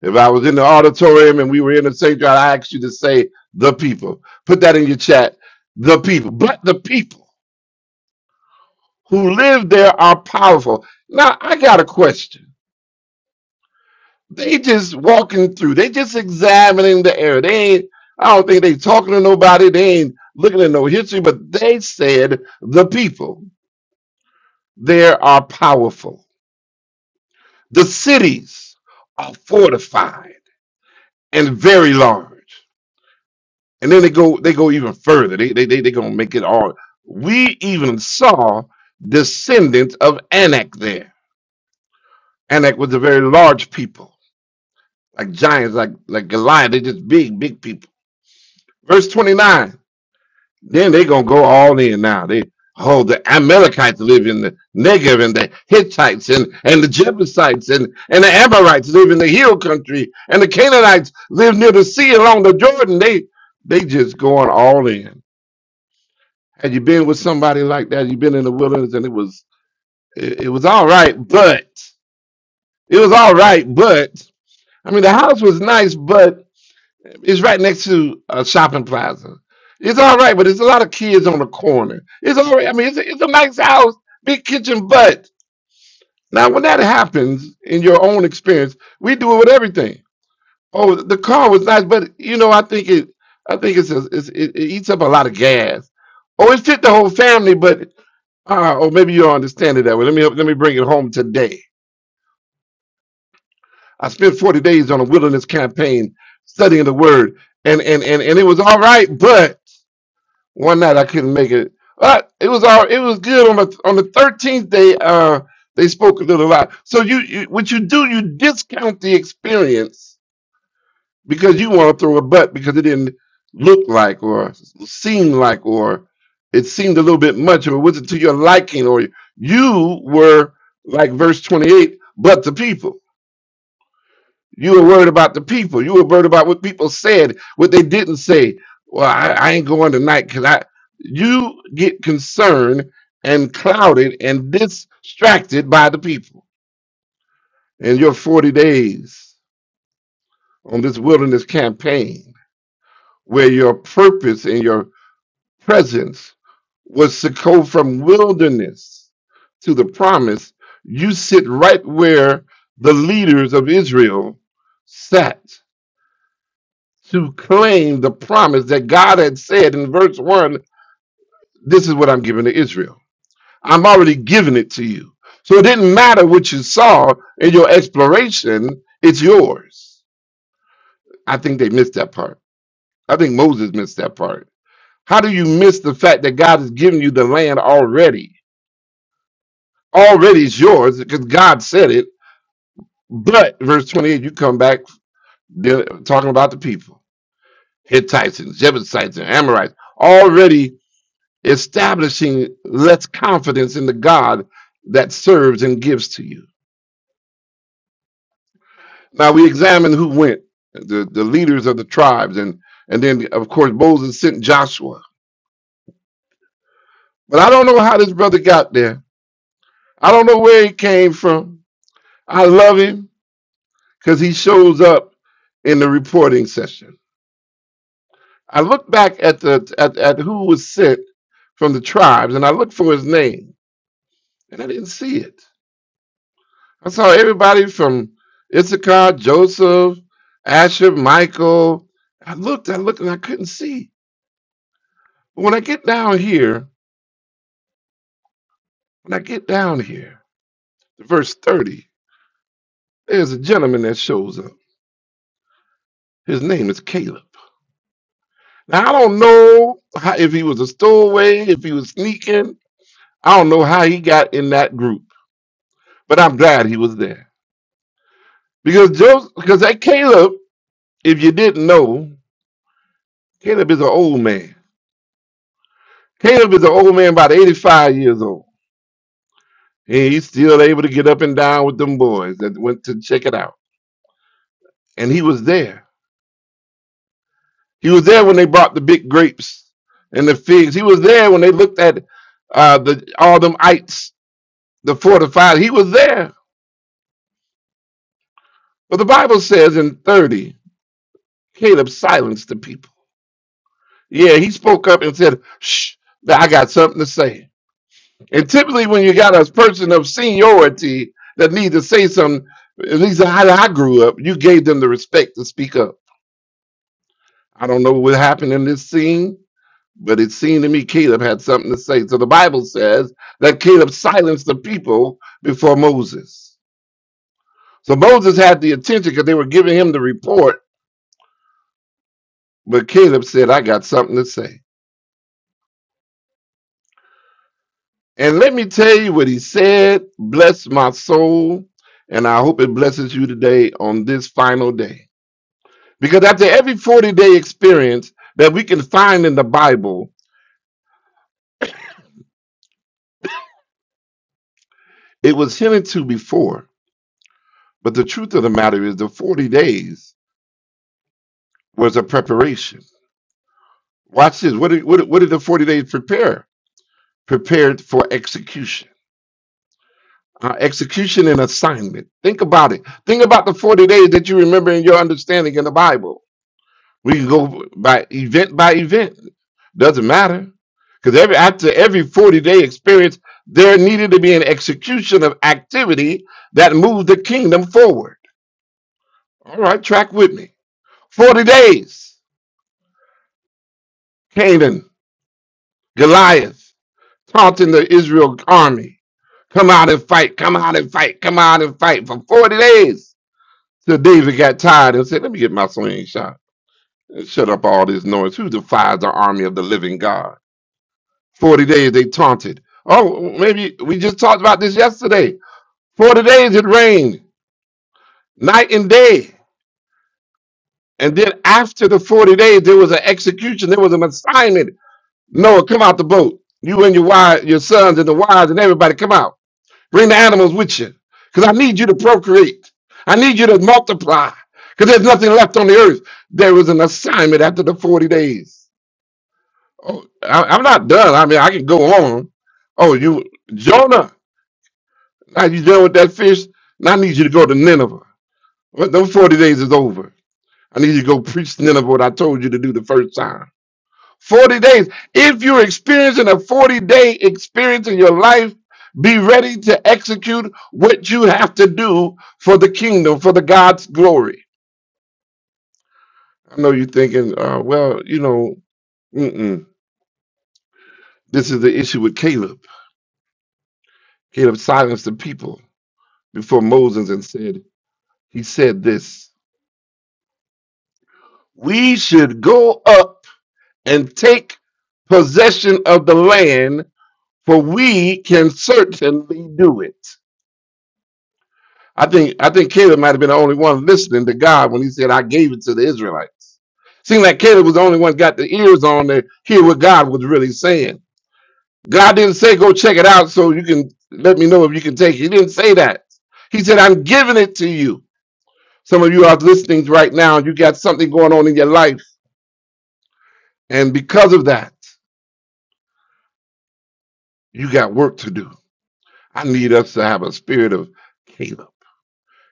C: If I was in the auditorium and we were in the sanctuary, I asked you to say the people. Put that in your chat. The people, but the people who live there are powerful. Now, I got a question They just walking through. They just examining the air. They ain't, I don't think they talking to nobody. They ain't looking at no history, but they said the people there are powerful. The cities are fortified and very large. And then they go they go even further. They they they, they gonna make it all. We even saw descendants of Anak there. Anak was a very large people, like giants, like like Goliath. They just big, big people. Verse 29. Then they gonna go all in now. They oh the Amalekites live in the Negev and the Hittites and, and the Jebusites and, and the Amorites live in the hill country and the Canaanites live near the sea along the Jordan. They they just going all in. Had you been with somebody like that, you have been in the wilderness and it was it, it was all right, but it was all right, but I mean the house was nice, but. It's right next to a shopping plaza. It's all right, but there's a lot of kids on the corner. It's all right. I mean, it's a, it's a nice house, big kitchen, but now when that happens in your own experience, we do it with everything. Oh, the car was nice, but you know, I think it, I think it's, a, it's it, it eats up a lot of gas. Oh, it fit the whole family, but uh, or maybe you don't understand it that way. Let me let me bring it home today. I spent 40 days on a wilderness campaign studying the word, and and and, and it was all right, but one night I couldn't make it. But it was all it was good on the on the thirteenth day. Uh, they spoke a little lot. So you, you what you do? You discount the experience because you want to throw a butt because it didn't look like or seem like or it seemed a little bit much or it wasn't to your liking or you were like verse twenty eight, but the people. You were worried about the people. You were worried about what people said, what they didn't say. Well, I, I ain't going tonight because I. You get concerned and clouded and distracted by the people and your 40 days on this wilderness campaign, where your purpose and your presence was to go from wilderness to the promise. You sit right where the leaders of Israel sat to claim the promise that God had said in verse 1 this is what I'm giving to Israel. I'm already giving it to you. So it didn't matter what you saw in your exploration, it's yours. I think they missed that part. I think Moses missed that part. How do you miss the fact that God has given you the land already? Already it's yours because God said it. But verse 28, you come back dealing- talking about the people Hittites and Jebusites and Amorites. Already establishing less confidence in the God that serves and gives to you. Now we examine who went, the, the leaders of the tribes, and and then of course Moses sent Joshua. But I don't know how this brother got there. I don't know where he came from. I love him because he shows up in the reporting session. I look back at the at, at who was sent from the tribes and I looked for his name and I didn't see it. I saw everybody from Issachar, Joseph, Asher, Michael. I looked, I looked, and I couldn't see. But when I get down here, when I get down here to verse 30, there's a gentleman that shows up. His name is Caleb. Now, I don't know how, if he was a stowaway, if he was sneaking. I don't know how he got in that group, but I'm glad he was there. Because Joseph, because that Caleb, if you didn't know, Caleb is an old man. Caleb is an old man, about 85 years old. And he's still able to get up and down with them boys that went to check it out. And he was there. He was there when they brought the big grapes and the figs. He was there when they looked at uh, the all them ites, the fortified. He was there. But the Bible says in 30, Caleb silenced the people. Yeah, he spoke up and said, Shh, I got something to say. And typically when you got a person of seniority that needs to say something, at least how I grew up, you gave them the respect to speak up I don't know what happened in this scene, but it seemed to me Caleb had something to say. So the Bible says that Caleb silenced the people before Moses. So Moses had the attention because they were giving him the report, but Caleb said, I got something to say. And let me tell you what he said. Bless my soul, and I hope it blesses you today on this final day. Because after every 40 day experience that we can find in the Bible, it was hinted to before. But the truth of the matter is, the 40 days was a preparation. Watch this. What did, what did, what did the 40 days prepare? Prepared for execution. Uh, execution and assignment. Think about it. Think about the 40 days that you remember in your understanding in the Bible. We can go by event by event. Doesn't matter. Because every after every 40 day experience, there needed to be an execution of activity that moved the kingdom forward. All right, track with me. 40 days. Canaan, Goliath. taunting the Israel army. Come out and fight, come out and fight, come out and fight for 40 days. So David got tired and said, Let me get my swing shot and shut up all this noise. Who defies the army of the living God? 40 days they taunted. Oh, maybe we just talked about this yesterday. 40 days it rained, night and day. And then after the 40 days, there was an execution, there was an assignment. Noah, come out the boat. You and your wives, your sons and the wives and everybody come out. Bring the animals with you. Because I need you to procreate. I need you to multiply. Because there's nothing left on the earth. There was an assignment after the 40 days. Oh, I, I'm not done. I mean, I can go on. Oh, you, Jonah, now you done with that fish. Now I need you to go to Nineveh. Well, those 40 days is over. I need you to go preach Nineveh what I told you to do the first time. 40 days. If you're experiencing a 40 day experience in your life, be ready to execute what you have to do for the kingdom, for the God's glory. I know you're thinking, uh, well, you know, mm-mm. this is the issue with Caleb. Caleb silenced the people before Moses and said, he said this, we should go up and take possession of the land, for we can certainly do it. I think I think Caleb might have been the only one listening to God when he said, I gave it to the Israelites. Seemed like Caleb was the only one got the ears on to hear what God was really saying. God didn't say, go check it out so you can let me know if you can take it. He didn't say that. He said, I'm giving it to you. Some of you are listening right now, and you got something going on in your life. And because of that, you got work to do. I need us to have a spirit of Caleb.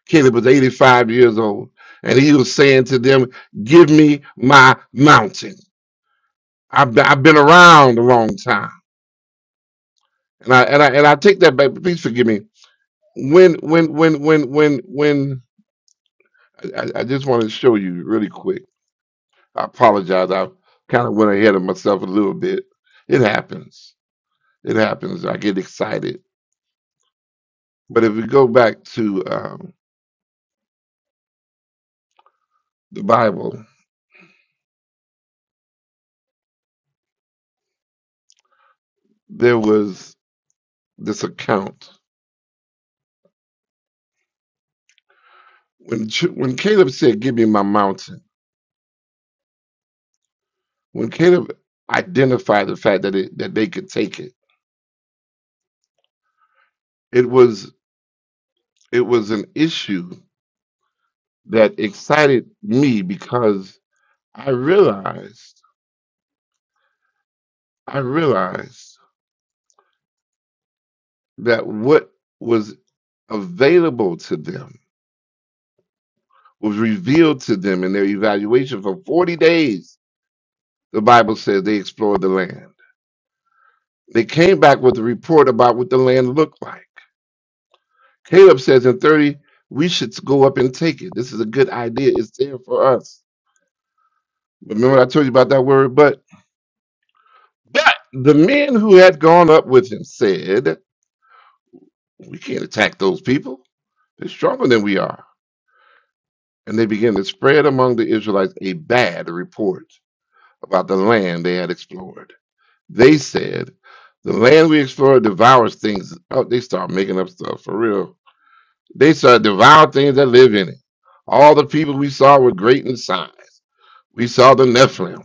C: Caleb was 85 years old, and he was saying to them, Give me my mountain. I've been, I've been around a long time. And I, and I and I take that back. Please forgive me. When when when when when when I, I just want to show you really quick. I apologize. I kind of went ahead of myself a little bit. It happens. It happens. I get excited. But if we go back to um, the Bible, there was this account when Ch- when Caleb said, "Give me my mountain." when Caleb identified the fact that it, that they could take it, it was it was an issue that excited me because I realized I realized that what was available to them was revealed to them in their evaluation for 40 days. The Bible says they explored the land. They came back with a report about what the land looked like. Caleb says in 30, we should go up and take it. This is a good idea. It's there for us Remember I told you about that word, but but the men who had gone up with him said, We can't attack those people. They're stronger than we are. And they began to spread among the Israelites a bad report about the land they had explored. They said, The land we explored devours things. Oh, they start making up stuff for real. They start devour things that live in it. All the people we saw were great in size. We saw the Nephilim.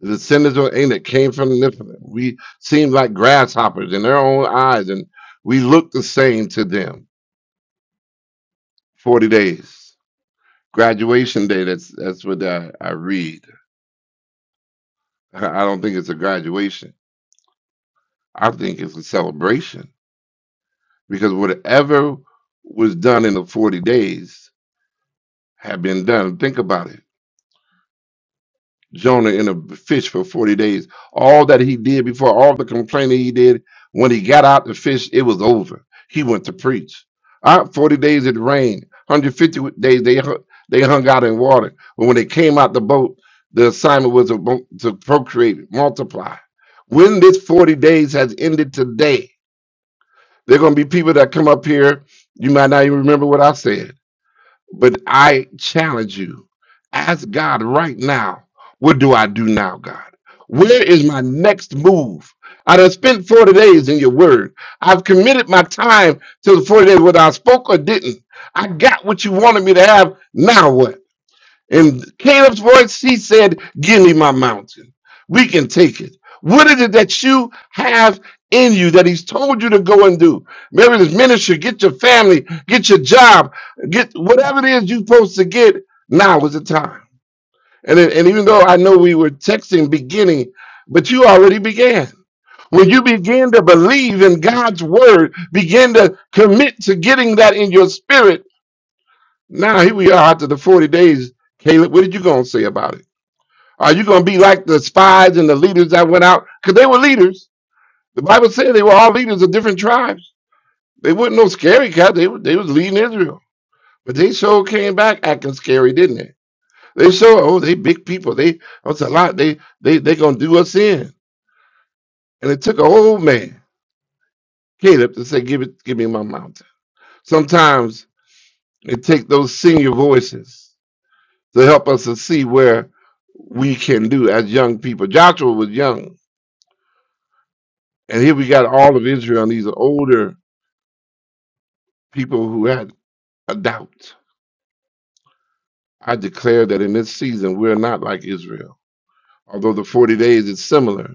C: the sinners or ain't that came from this we seem like grasshoppers in their own eyes and we look the same to them 40 days graduation day that's that's what i, I read i don't think it's a graduation i think it's a celebration because whatever was done in the 40 days had been done think about it Jonah in a fish for 40 days. All that he did before, all the complaining he did, when he got out the fish, it was over. He went to preach. Uh, 40 days it rained. 150 days they, hu- they hung out in water. But when they came out the boat, the assignment was to mo- to procreate, multiply. When this 40 days has ended today, there are going to be people that come up here. You might not even remember what I said but I challenge you, ask God right now, what do I do now, God? Where is my next move? I done spent 40 days in your word. I've committed my time to the 40 days, whether I spoke or didn't. I got what you wanted me to have. Now what? In Caleb's voice, he said, Give me my mountain. We can take it. What is it that you have in you that he's told you to go and do? Maybe this ministry, get your family, get your job, get whatever it is you're supposed to get. Now is the time. And, it- and even though I know we were texting beginning, but you already began. When you begin to believe in God's word, begin to commit to getting that in your spirit. Now, here we are after the 40 days. Caleb, what did you going to say about it? Are you going to be like the spies and the leaders that went out? Because they were leaders. The Bible said they were all leaders of different tribes. They weren't no scary cats. They, were- they was leading Israel. But they sure came back acting scary, didn't they? They sure, oh, they big people. They That's a lot. They they they going to do us in. And it took a old man, Caleb, to say, give it, give me my mountain. Sometimes it takes those senior voices to help us to see where we can do as young people. Joshua was young. And here we got all of Israel and these older people who had a doubt. I declare that in this season, we're not like Israel. Although the 40 days is similar,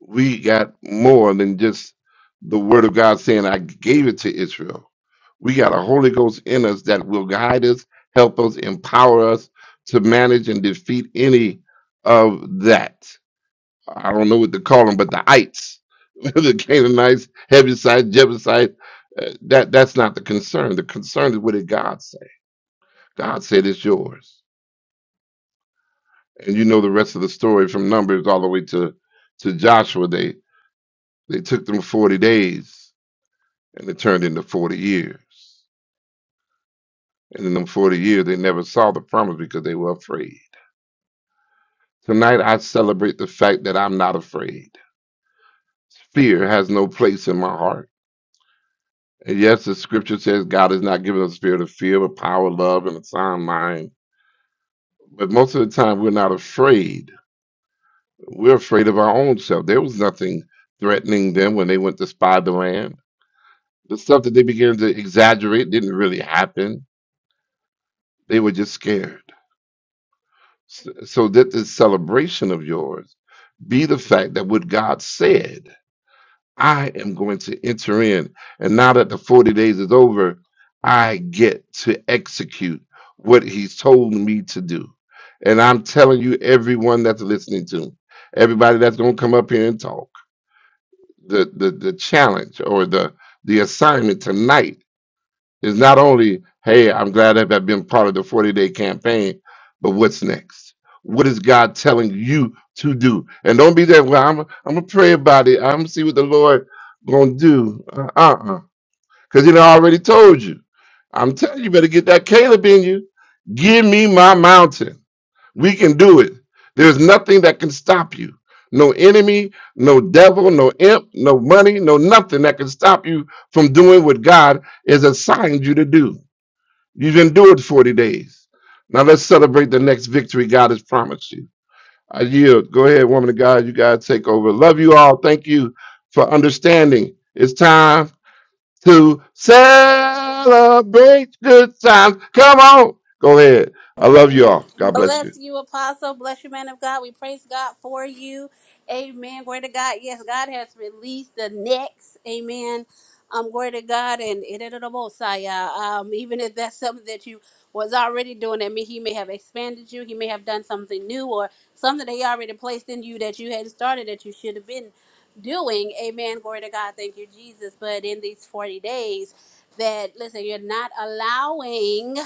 C: we got more than just the word of God saying, I gave it to Israel. We got a Holy Ghost in us that will guide us, help us, empower us to manage and defeat any of that. I don't know what to call them, but the ites, the Canaanites, Hebusites, Jebusites, uh, that, that's not the concern. The concern is what did God say? God said it's yours. And you know the rest of the story from Numbers all the way to, to Joshua. They they took them 40 days and it turned into 40 years. And in them 40 years, they never saw the promise because they were afraid. Tonight, I celebrate the fact that I'm not afraid. Fear has no place in my heart. And yes, the scripture says God has not given us a spirit of fear, but power, love, and a sound mind. But most of the time, we're not afraid We're afraid of our own self. There was nothing threatening them when they went to spy the land. The stuff that they began to exaggerate didn't really happen. They were just scared. S- So that this celebration of yours be the fact that what God said, I am going to enter in. And now that the 40 days is over, I get to execute what He's told me to do. And I'm telling you, everyone that's listening to, me, everybody that's going to come up here and talk. the the the challenge or the the assignment tonight is not only hey i'm glad that i've been part of the 40 day campaign but what's next what is god telling you to do and don't be there well i'm i'm gonna pray about it i'm gonna see what the lord gonna do uh uh because you know i already told you i'm telling you, you better get that caleb in you give me my mountain we can do it. There's nothing that can stop you. No enemy, no devil, no imp, no money, no nothing that can stop you from doing what God has assigned you to do. You've endured 40 days. Now let's celebrate the next victory God has promised you. I yield. Go ahead, woman of God. You guys take over. Love you all. Thank you for understanding. It's time to celebrate good times. Come on. Go ahead. I love you all. God bless you.
B: Bless you, Apostle. Bless you, man of God. We praise God for you. Amen. Glory to God. Yes, God has released the next. Amen. Um, glory to God and it is the Mosiah. Um, even if that's something that you was already doing, that mean, He may have expanded you. He may have done something new or something that He already placed in you that you hadn't started that you should have been doing. Amen. Glory to God. Thank you, Jesus. But in these forty days, that listen, you're not allowing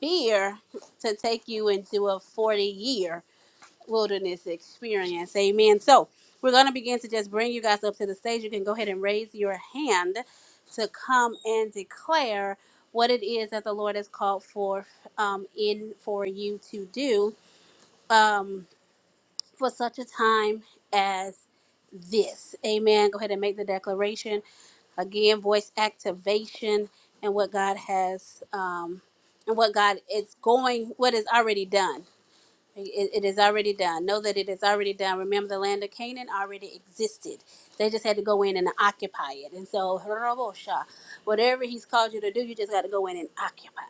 B: fear to take you into a 40 year wilderness experience. Amen. So, we're going to begin to just bring you guys up to the stage. You can go ahead and raise your hand to come and declare what it is that the Lord has called for um, in for you to do um, for such a time this. Amen. Go ahead and make the declaration. Again, voice activation and what God has, um, and what God is going, what is already done. It, it is already done. Know that it is already done. Remember, the land of Canaan already existed. They just had to go in and occupy it. And so, whatever He's called you to do, you just got to go in and occupy.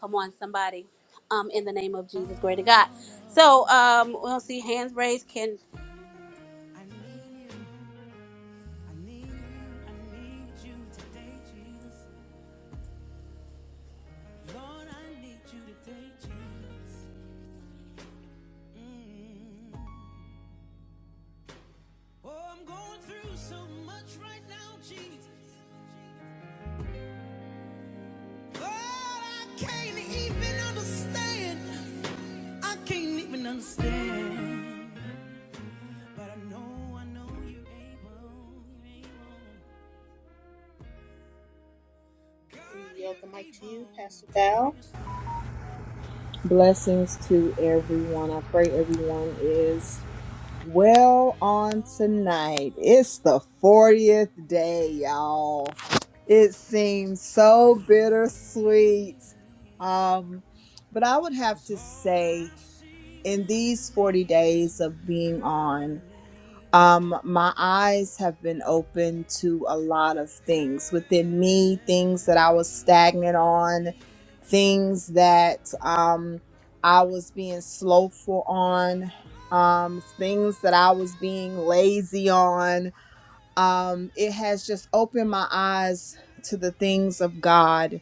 B: Come on, somebody. Um, in the name of Jesus, greater God. So, um, we'll see hands raised. Can
A: You today, Jesus. Lord, I need you today, Jesus. Mm. Oh, I'm going through so much right now, Jesus. Lord, I can't even understand. I can't even understand. Yield the mic to you, Pastor Val.
D: Blessings to everyone. I pray everyone is well on tonight. It's the 40th day, y'all. It seems so bittersweet. Um, but I would have to say, in these 40 days of being on um, my eyes have been open to a lot of things within me, things that I was stagnant on, things that um, I was being slowful on, um, things that I was being lazy on. Um, it has just opened my eyes to the things of God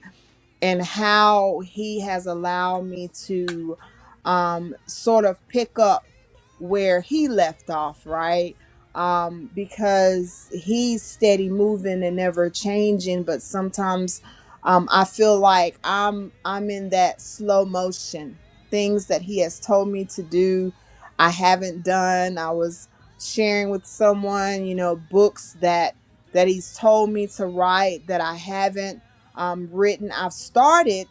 D: and how He has allowed me to um, sort of pick up where he left off, right? Um, because he's steady moving and never changing, but sometimes um, I feel like I'm I'm in that slow motion. Things that he has told me to do, I haven't done. I was sharing with someone, you know, books that that he's told me to write that I haven't um, written. I've started,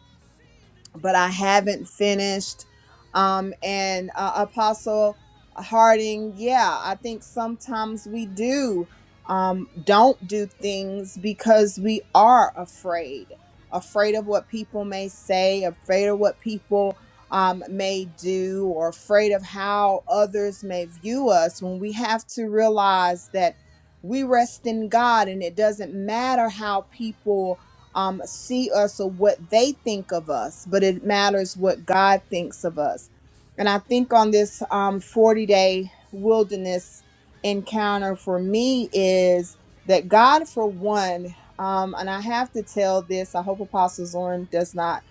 D: but I haven't finished. Um, and uh, Apostle Harding, yeah, I think sometimes we do um, don't do things because we are afraid, afraid of what people may say, afraid of what people um, may do, or afraid of how others may view us. When we have to realize that we rest in God, and it doesn't matter how people um, see us or what they think of us, but it matters what God thinks of us. And I think on this um, 40 day wilderness encounter for me is that God, for one, um, and I have to tell this, I hope Apostle Zorn does not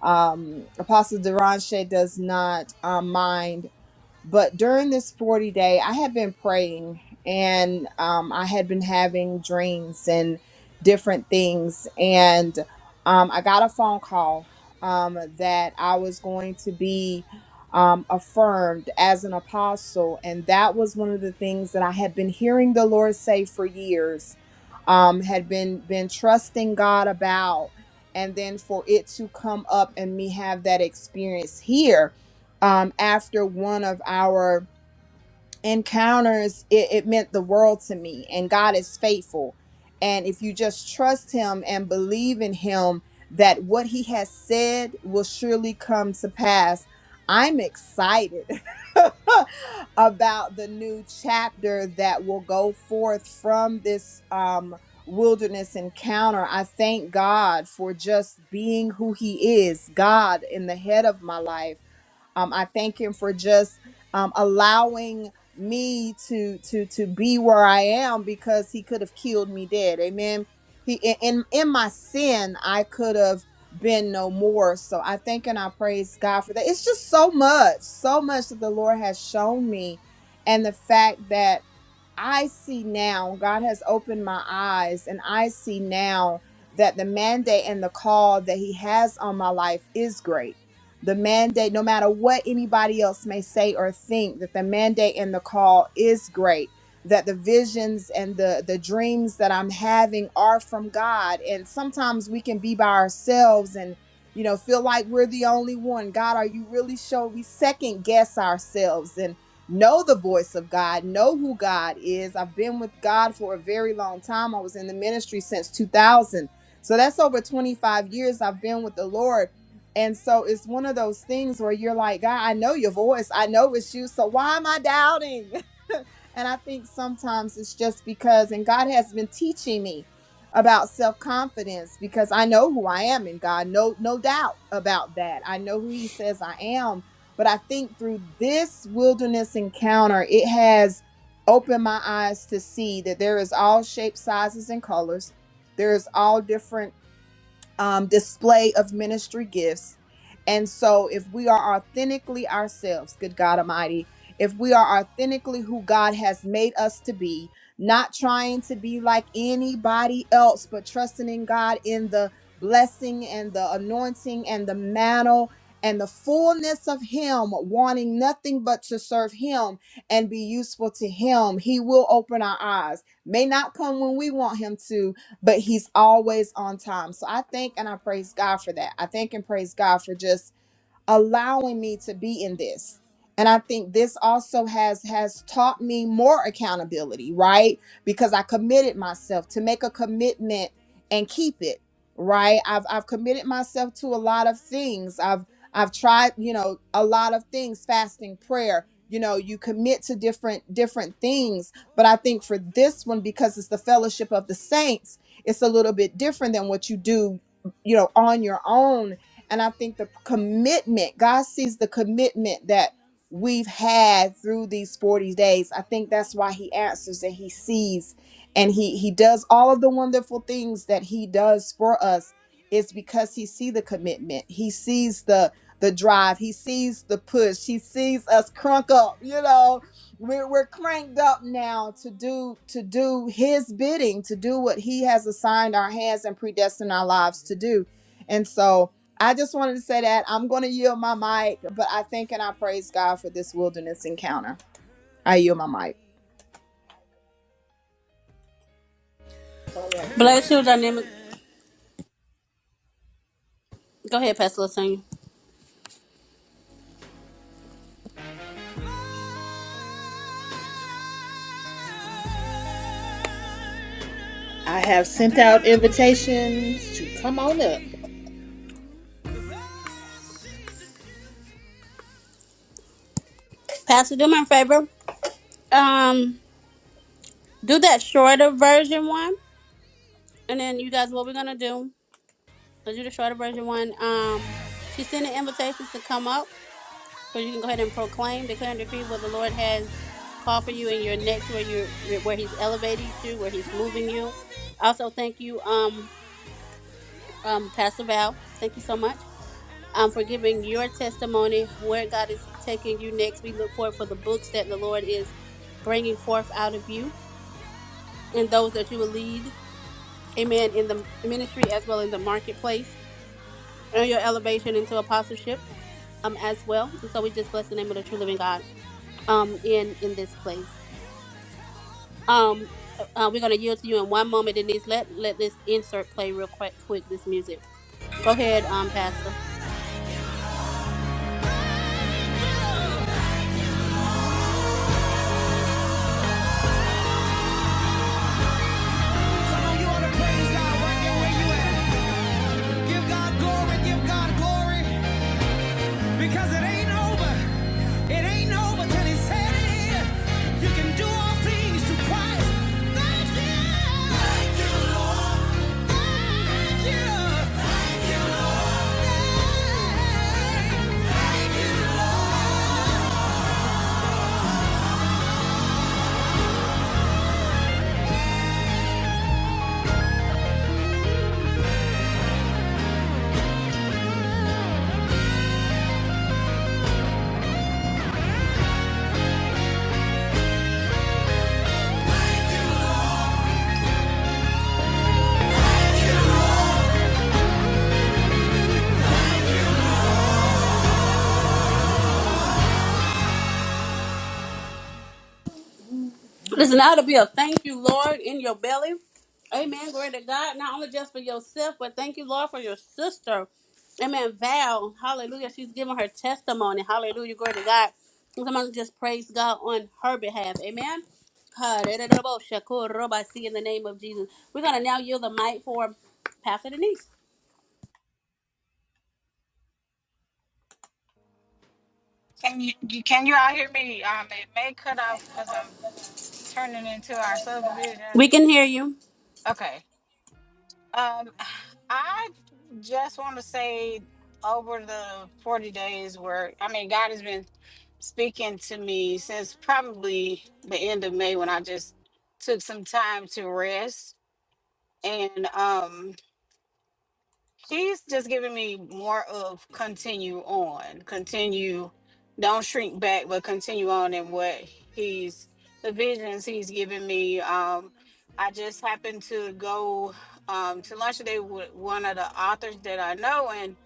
D: um apostle deranche does not uh, mind but during this 40 day, I had been praying and um, I had been having dreams and different things. And um, I got a phone call um, that I was going to be um, affirmed as an apostle. And that was one of the things that I had been hearing the Lord say for years, um, had been, been trusting God about. And then for it to come up and me have that experience here um, after one of our encounters, it, it meant the world to me. And God is faithful. And if you just trust Him and believe in Him, that what He has said will surely come to pass. I'm excited about the new chapter that will go forth from this um, wilderness encounter. I thank God for just being who He is, God in the head of my life um, I thank him for just um, allowing me to to to be where I am because he could have killed me dead. Amen. He in in in my sin, I could have been no more. So I thank and I praise God for that. It's just so much, so much that the Lord has shown me, and the fact that I see now, God has opened my eyes, and I see now that the mandate and the call that He has on my life is great. The mandate, no matter what anybody else may say or think, that the mandate and the call is great. That the visions and the, the dreams that I'm having are from God. And sometimes we can be by ourselves and, you know, feel like we're the only one. God, are you really sure? We second guess ourselves. And know the voice of God, know who God is. I've been with God for a very long time. I was in the ministry since 2000. So that's over 25 years I've been with the Lord. And so it's one of those things where you're like, God, I know your voice. I know it's you. So why am I doubting? And I think sometimes it's just because, and God has been teaching me about self-confidence because I know who I am in God. No, no doubt about that. I know who He says I am. But I think through this wilderness encounter, it has opened my eyes to see that there is all shapes, sizes, and colors. There is all different um, display of ministry gifts. And so, if we are authentically ourselves, good God Almighty, if we are authentically who God has made us to be, not trying to be like anybody else, but trusting in God in the blessing and the anointing and the mantle and the fullness of Him, wanting nothing but to serve Him and be useful to Him, He will open our eyes. May not come when we want Him to, but he's always on time. So I thank and I praise God for that. I thank and praise God for just allowing me to be in this and i think this also has has taught me more accountability right because i committed myself to make a commitment and keep it right i've i've committed myself to a lot of things i've i've tried you know a lot of things fasting prayer you know you commit to different different things but i think for this one because it's the fellowship of the saints it's a little bit different than what you do you know on your own and I think the commitment, God sees the commitment that we've had through these 40 days. I think that's why he answers and he sees and he he does all of the wonderful things that he does for us is because he see the commitment. He sees the the drive. He sees the push. He sees us crunk up, you know. We're we're cranked up now to do to do his bidding, to do what he has assigned our hands and predestined our lives to do. And so I just wanted to say that I'm going to yield my mic, but I thank and I praise God for this wilderness encounter. I yield my mic.
B: bless you, dynamic Go ahead, Pastor Lasagna. Pastor, do me a favor. Um, do that shorter version one, and then you guys, what we're gonna do? Let's do the shorter version one. Um, she sending invitations to come up, but you can go ahead and proclaim, declare, and decree what the Lord has called for you in your next, where you're, where He's elevating you, where He's moving you. Also, thank you, um, um, Pastor Val. Thank you so much. Um, for giving your testimony where God is taking you next. We look forward for the books that the Lord is bringing forth out of you and those that you will lead, amen, in the ministry as well in the marketplace, and your elevation into apostleship um as well. And so we just bless the name of the true living God um in in this place. Um uh, we're gonna yield to you in one moment, Denise. Let let this insert play real quick quick this music. Go ahead, um, Pastor.
A: Give God glory, give God glory, because it ain't over. It ain't over till He said it is. You can do all things through Christ. Thank you. Thank you, Lord. Thank you. Thank you, Lord. Thank, you, Lord.
B: Listen, now to be a thank you, Lord, in your belly. Amen. Glory to God. Not only just for yourself, but thank you, Lord, for your sister. Amen. Val. Hallelujah. She's giving her testimony. Hallelujah. Glory to God. Somebody just praise God on her behalf. Amen. Hallelujah. See in the name of Jesus. We're going to now yield the mic for Pastor Denise.
E: Can you you- can you all hear me? Um, it may cut off because I'm turning into our
B: We
E: subdivision.
B: can hear you.
E: Okay. Um, I just want to say over the 40 days where I mean God has been speaking to me since probably the end of May when I just took some time to rest and um He's just giving me more of continue on, continue, don't shrink back, but continue on in what he's the visions he's giving me.
A: Can't
E: Um,
A: even
E: I just happened to go um, to lunch today with one of the authors that I know, and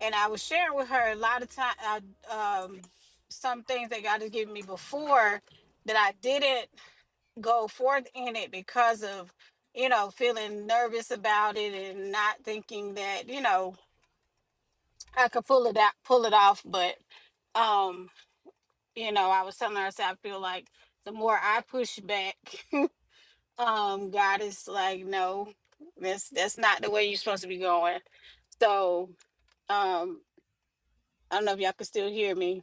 E: and I was sharing with her a lot of time, I, um, some things that God has given me before that I didn't go forth in it because of you know feeling nervous about it and not thinking that you know I could pull it out pull it off but um you know I was telling her I said I feel like the more I push back um God is like no that's that's not the way you're supposed to be going so um I don't know if y'all can still hear me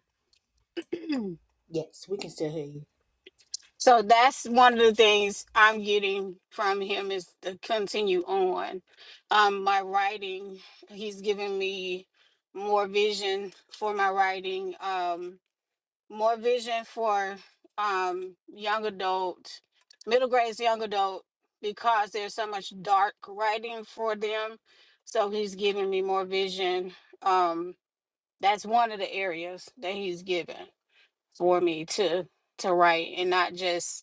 E: So that's one of the things I'm getting from him is to continue on. Um, my writing, he's given me more vision for my writing, um, more vision for um, young adult, middle grades, young adult, because there's so much dark writing for them. So he's giving me more vision. Um, that's one of the areas that he's given for me to to write and not just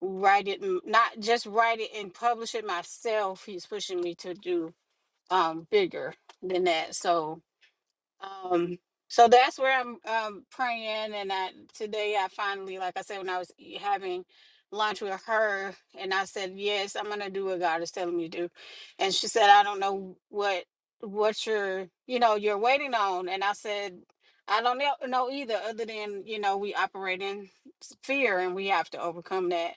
E: write it m- not just write it and publish it myself he's pushing me to do um bigger than that so um so that's where i'm um praying and i today i finally like i said when i was e- having lunch with her and i said yes i'm gonna do what god is telling me to do and she said i don't know what what you're you know you're waiting on and i said i don't know know either other than you know we operate in s- fear and we have to overcome that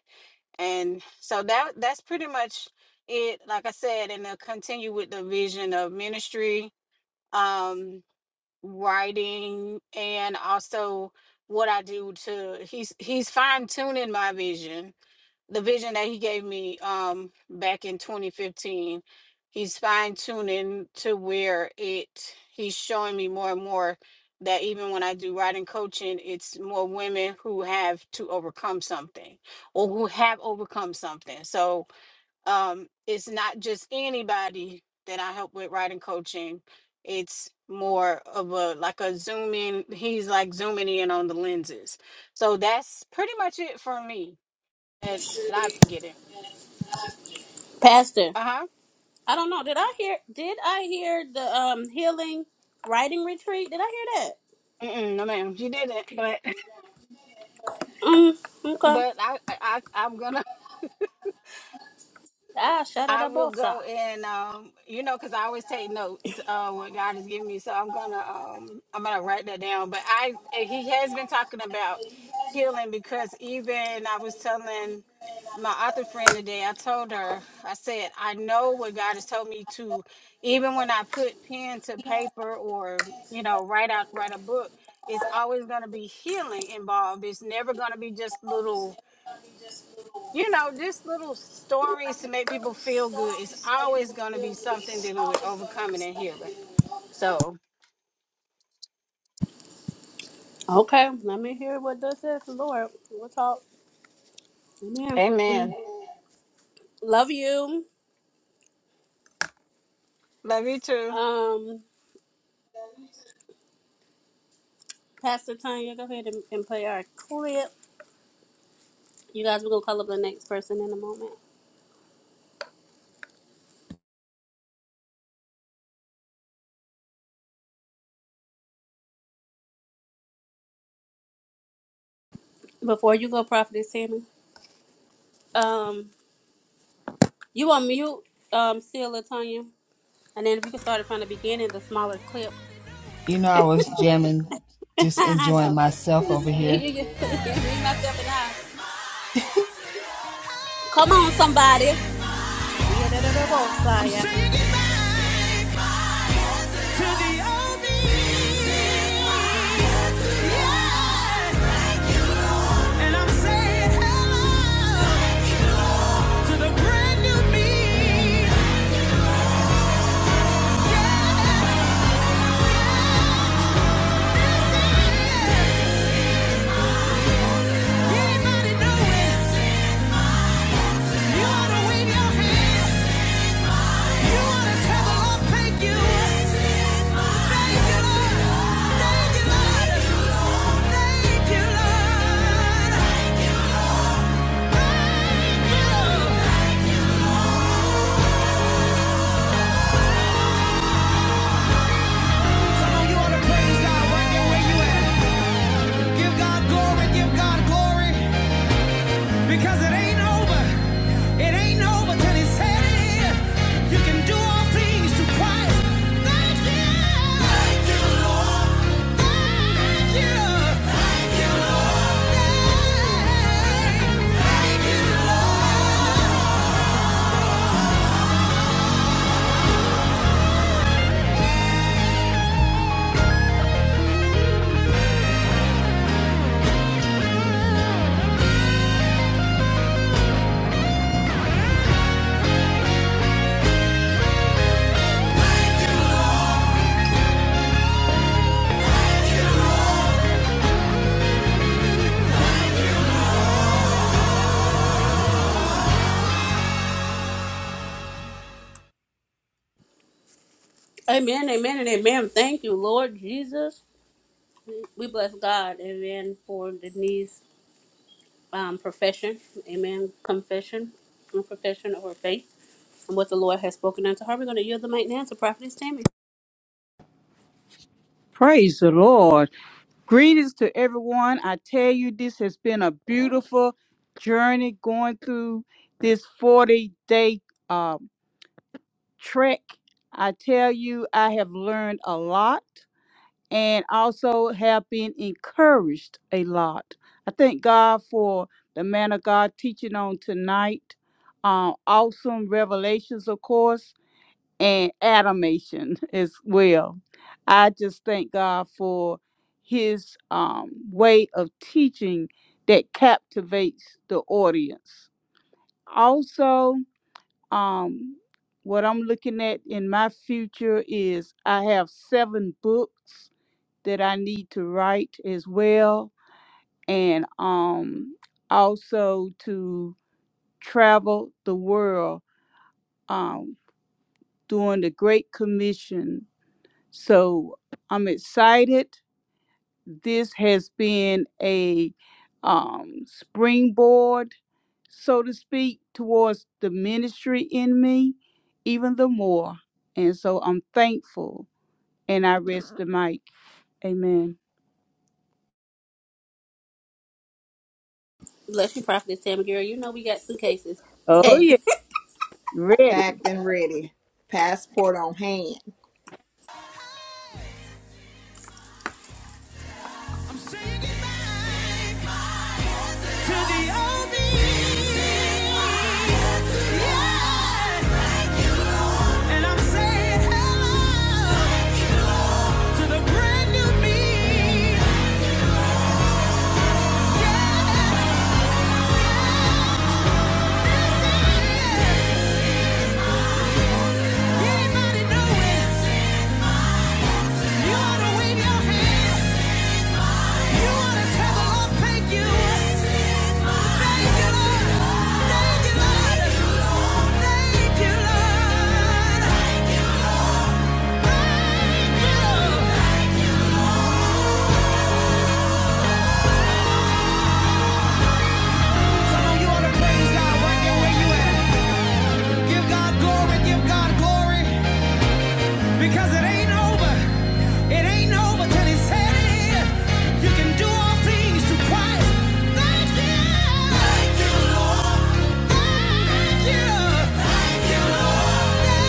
E: and so that that's pretty much it like i said and they'll continue with the vision of ministry um writing and also what i do to he's he's fine tuning my vision the vision that he gave me um back in 2015 he's fine tuning to where it he's showing me more and more that even when I do writing coaching it's more women who have to overcome something or who have overcome something so um it's not just anybody that I help with writing coaching it's more of a like a zoom in he's like zooming in on the lenses so that's pretty much it for me that, that I'm getting.
B: Pastor.
E: Uh huh.
B: I don't know. Did I hear did I hear the um healing writing retreat? Did I hear
E: No, ma'am, she didn't. But
B: that? Mm, okay.
E: but I, I I- I'm gonna
B: Ah,
E: I will
B: shadadabosa.
E: go and um, you know, because I always take notes uh, what God is giving me. So I'm gonna um, I'm gonna write that down. But I eh, he has been talking about healing because even I was telling my author friend today. I told her I said I know what God has told me to. Even when I put pen to paper or you know write out write a book, it's always gonna be healing involved. It's never gonna be just little you know, just little stories to make people feel good. It's always going to be something dealing with overcoming and healing. So,
B: Okay, let me hear what this is, Lord. We'll talk. Amen. Mm,
E: amen.
B: Love you.
E: Love you too.
B: Um, Pastor Tanya, go ahead and, and play our clip. You guys, we're gonna call up the next person in a moment. Before you go, Prophetess Tammy, um, you on mute, um, still, Latanya, and then we can start it from the beginning, the smaller clip. I know. This is- you, you, you, me, myself, and I. Come on, somebody. Yeah,
A: Saying goodbye to the old me. Yes. And I'm saying hello to the brand new me. Yes. Anybody know it? You wanna wave your hands. You wanna tell the Lord thank you. Thank you, Lord. Thank you, Lord. Thank you, Lord. Thank you, Lord. Thank you, Lord. Because it ain't over. It ain't over till it's said it is. You can do all things through Christ. Thank you. Thank you, Lord. Thank you. Thank you, Lord. Thank, thank you, Lord.
B: Amen, amen, and amen. Thank you, Lord Jesus. We bless God, amen, for Denise's um, profession, amen, confession, and profession of her faith, and what the Lord has spoken unto her. We're going to yield the mic now to Prophetess Tammy.
F: Praise the Lord. Greetings to everyone. I tell you, this has been a beautiful journey going through this 40 day uh, trek. I tell you, I have learned a lot and also have been encouraged a lot. I thank God for the man of God teaching on tonight. Uh, awesome revelations, of course and animation as well. I just thank God for his um, way of teaching that captivates the audience. Also, um, what I'm looking at in my future is I have seven books that I need to write as well, and um, also to travel the world um, during the Great Commission So I'm excited. This has been a um, springboard, so to speak, towards the ministry in me, even the more. And so I'm thankful and I rest the mic. Amen.
B: Bless you, Prophetess Tammy, girl. You know we got suitcases.
F: Oh, yeah. Ready.
D: Packed and ready, passport on hand.
A: I'm singing back to the old me. Yeah. And I'm saying hello. to the brand new me. Yes, yes. Anybody know it? You wanna wave your hands. You wanna tell the Lord thank you. Thank you, Lord. Thank you, Lord. Thank you, Lord. Thank you, Lord. Thank you, Lord. you can do all things through Christ. Thank you. Thank you, Lord. Thank you. Thank you, Lord.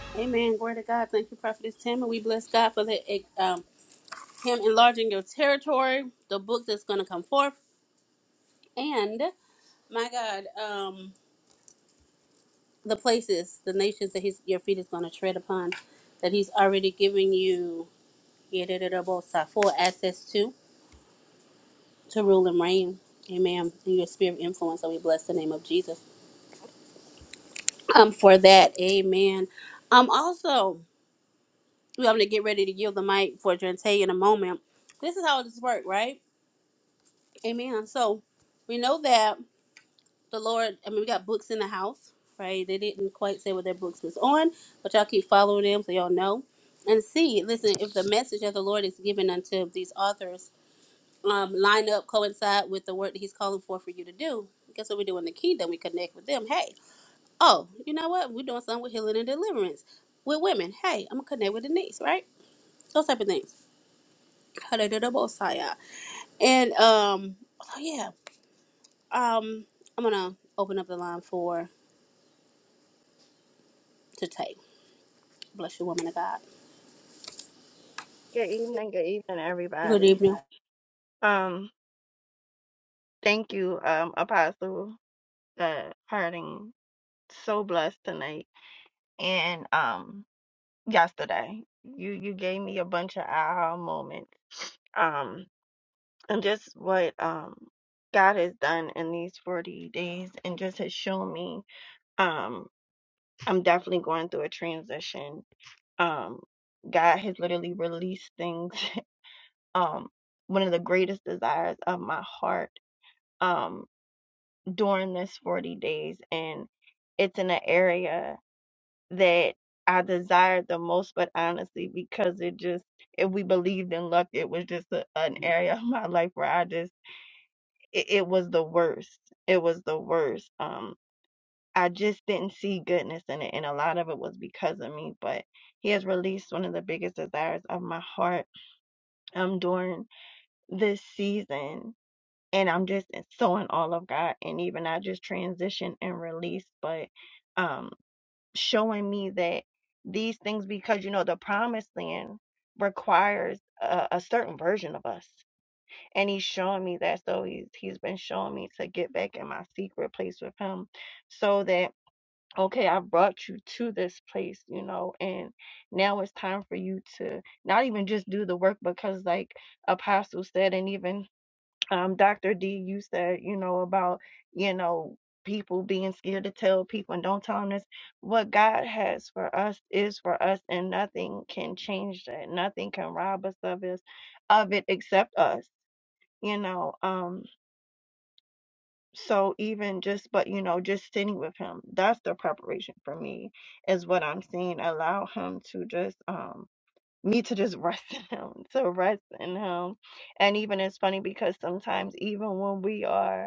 B: amen, glory to God. Thank you, Prophetess Tammy. We bless God for the, um, Him enlarging your territory, the book that's going to come forth, and, my God, um, the places, the nations that his, your feet is going to tread upon, that he's already given you yedididabosa, full access to, to rule and reign. Amen. In your sphere of influence, so we bless the name of Jesus um, for that. Amen. Um, also, we're going to get ready to yield the mic for Jante in a moment. This is how this works, right? Amen. So we know that the Lord, I mean, we got books in the house, right? They didn't quite say what their books was on, but y'all keep following them so y'all know. And see, listen, if the message that the Lord is giving unto these authors um, line up, coincide with the work that He's calling for for you to do, guess what we do in the kingdom? We connect with them. Hey, oh, you know what? We're doing something with healing and deliverance with women. Hey, I'm going to connect with Denise, right? Those type of things. Hallelujah. And um, so yeah, um, I'm gonna open up the line for today. Bless you, woman of God.
G: Good evening, good evening,
B: Good
G: everybody.
B: evening.
G: Um, thank you, um, Apostle uh Harding. So blessed tonight and um yesterday. You you gave me a bunch of aha moments. Um, and just what um God has done in these forty days, and just has shown me. Um, I'm definitely going through a transition. Um, God has literally released things. Um, one of the greatest desires of my heart. Um. during this 40 days and it's in an area that I desired the most but honestly because it just if we believed in luck it was just a, an area of my life where I just it, it was the worst it was the worst um I just didn't see goodness in it and a lot of it was because of me but he has released one of the biggest desires of my heart um during this season and I'm just so in all of God and even I just transition and release, but um showing me that these things because you know the promised land requires a, a certain version of us. And he's showing me that. So he's he's been showing me to get back in my secret place with him so that okay, I brought you to this place, you know, and now it's time for you to not even just do the work because like Apostle said and even um, Dr. D, you said, you know, about, you know, people being scared to tell people and don't tell them this. What God has for us is for us, and nothing can change that. Nothing can rob us of us of it except us, you know. Um, so even just but you know, just sitting with him, that's the preparation for me, is what I'm seeing. Allow him to just um me to just rest in him, to rest in him. And even it's funny because sometimes even when we are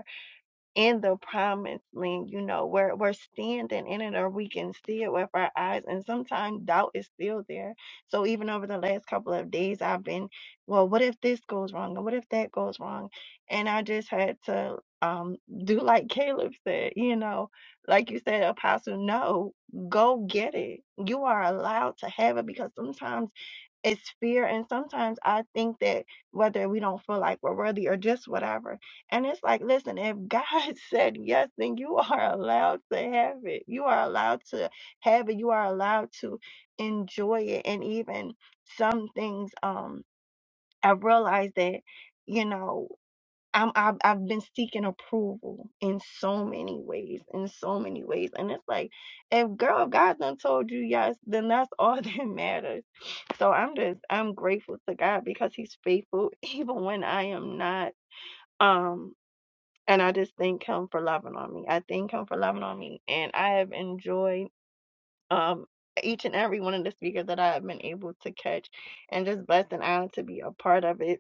G: in the promised land, you know, we're we're standing in it or we can see it with our eyes. And sometimes doubt is still there. So even over the last couple of days I've been, well, what if this goes wrong? And what if that goes wrong? And I just had to um do like Caleb said, you know, like you said, Apostle, no, go get it. You are allowed to have it because sometimes it's fear and sometimes i think that whether we don't feel like we're worthy or just whatever and it's like listen if god said yes then you are allowed to have it you are allowed to have it you are allowed to enjoy it and even some things um i realized that you know I'm I've, I've been seeking approval in so many ways, in so many ways, and it's like, if girl, if God done told you yes, then that's all that matters. So I'm just I'm grateful to God because He's faithful even when I am not. Um, and I just thank Him for loving on me. I thank Him for loving on me, and I have enjoyed um each and every one of the speakers that I have been able to catch, and just blessed and honored to be a part of it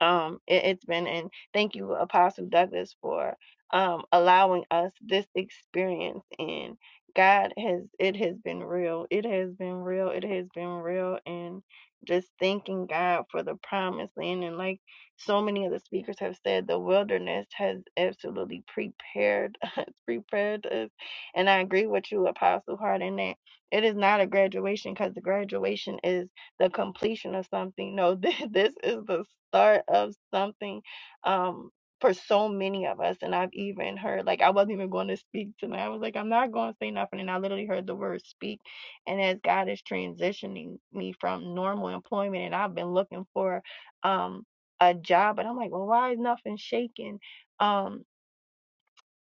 G: um it, it's been and thank you apostle douglas for um allowing us this experience and god has it has been real it has been real it has been real and just thanking god for the promised land and like so many of the speakers have said the wilderness has absolutely prepared us prepared us and i agree with you apostle hart in that it is not a graduation because the graduation is the completion of something. No, th- this is the start of something um, for so many of us. And I've even heard, like, I wasn't even going to speak tonight. I was like, I'm not going to say nothing. And I literally heard the word speak. And as God is transitioning me from normal employment, and I've been looking for um, a job, but I'm like, well, why is nothing shaking? Um,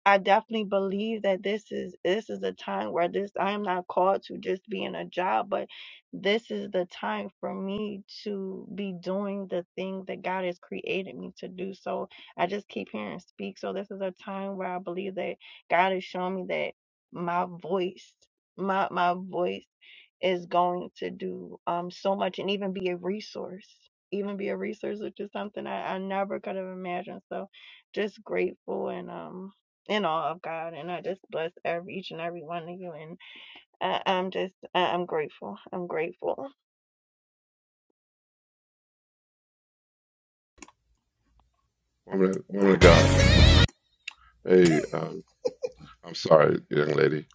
G: I definitely believe that this is this is a time where this I am not called to just be in a job, but this is the time for me to be doing the thing that God has created me to do. So I just keep hearing speak. So this is a time where I believe that God has shown me that my voice, my my voice is going to do um, so much and even be a resource, even be a resource, which is something I, I never could have imagined. So just grateful and um in awe of God. And I just bless every each and every one of you. And I, I'm just, I, I'm grateful. I'm grateful.
C: Woman, woman of God. Hey, um, I'm sorry, young lady.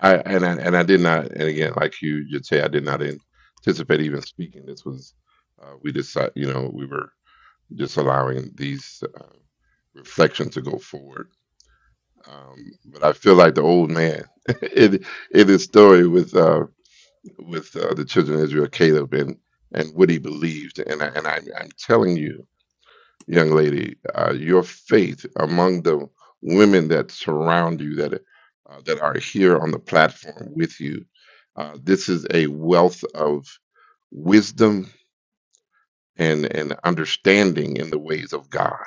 C: I and I and I did not. And again, like you, you say, I did not anticipate even speaking. This was uh, we decided. You know, we were just allowing these uh, reflections to go forward. Um, but I feel like the old man in in his story with uh, with uh, the children of Israel, Caleb, and and what he believed. And I, and I, I'm telling you. young lady, uh, your faith among the women that surround you, that uh, that are here on the platform with you. Uh, this is a wealth of wisdom and and understanding in the ways of God.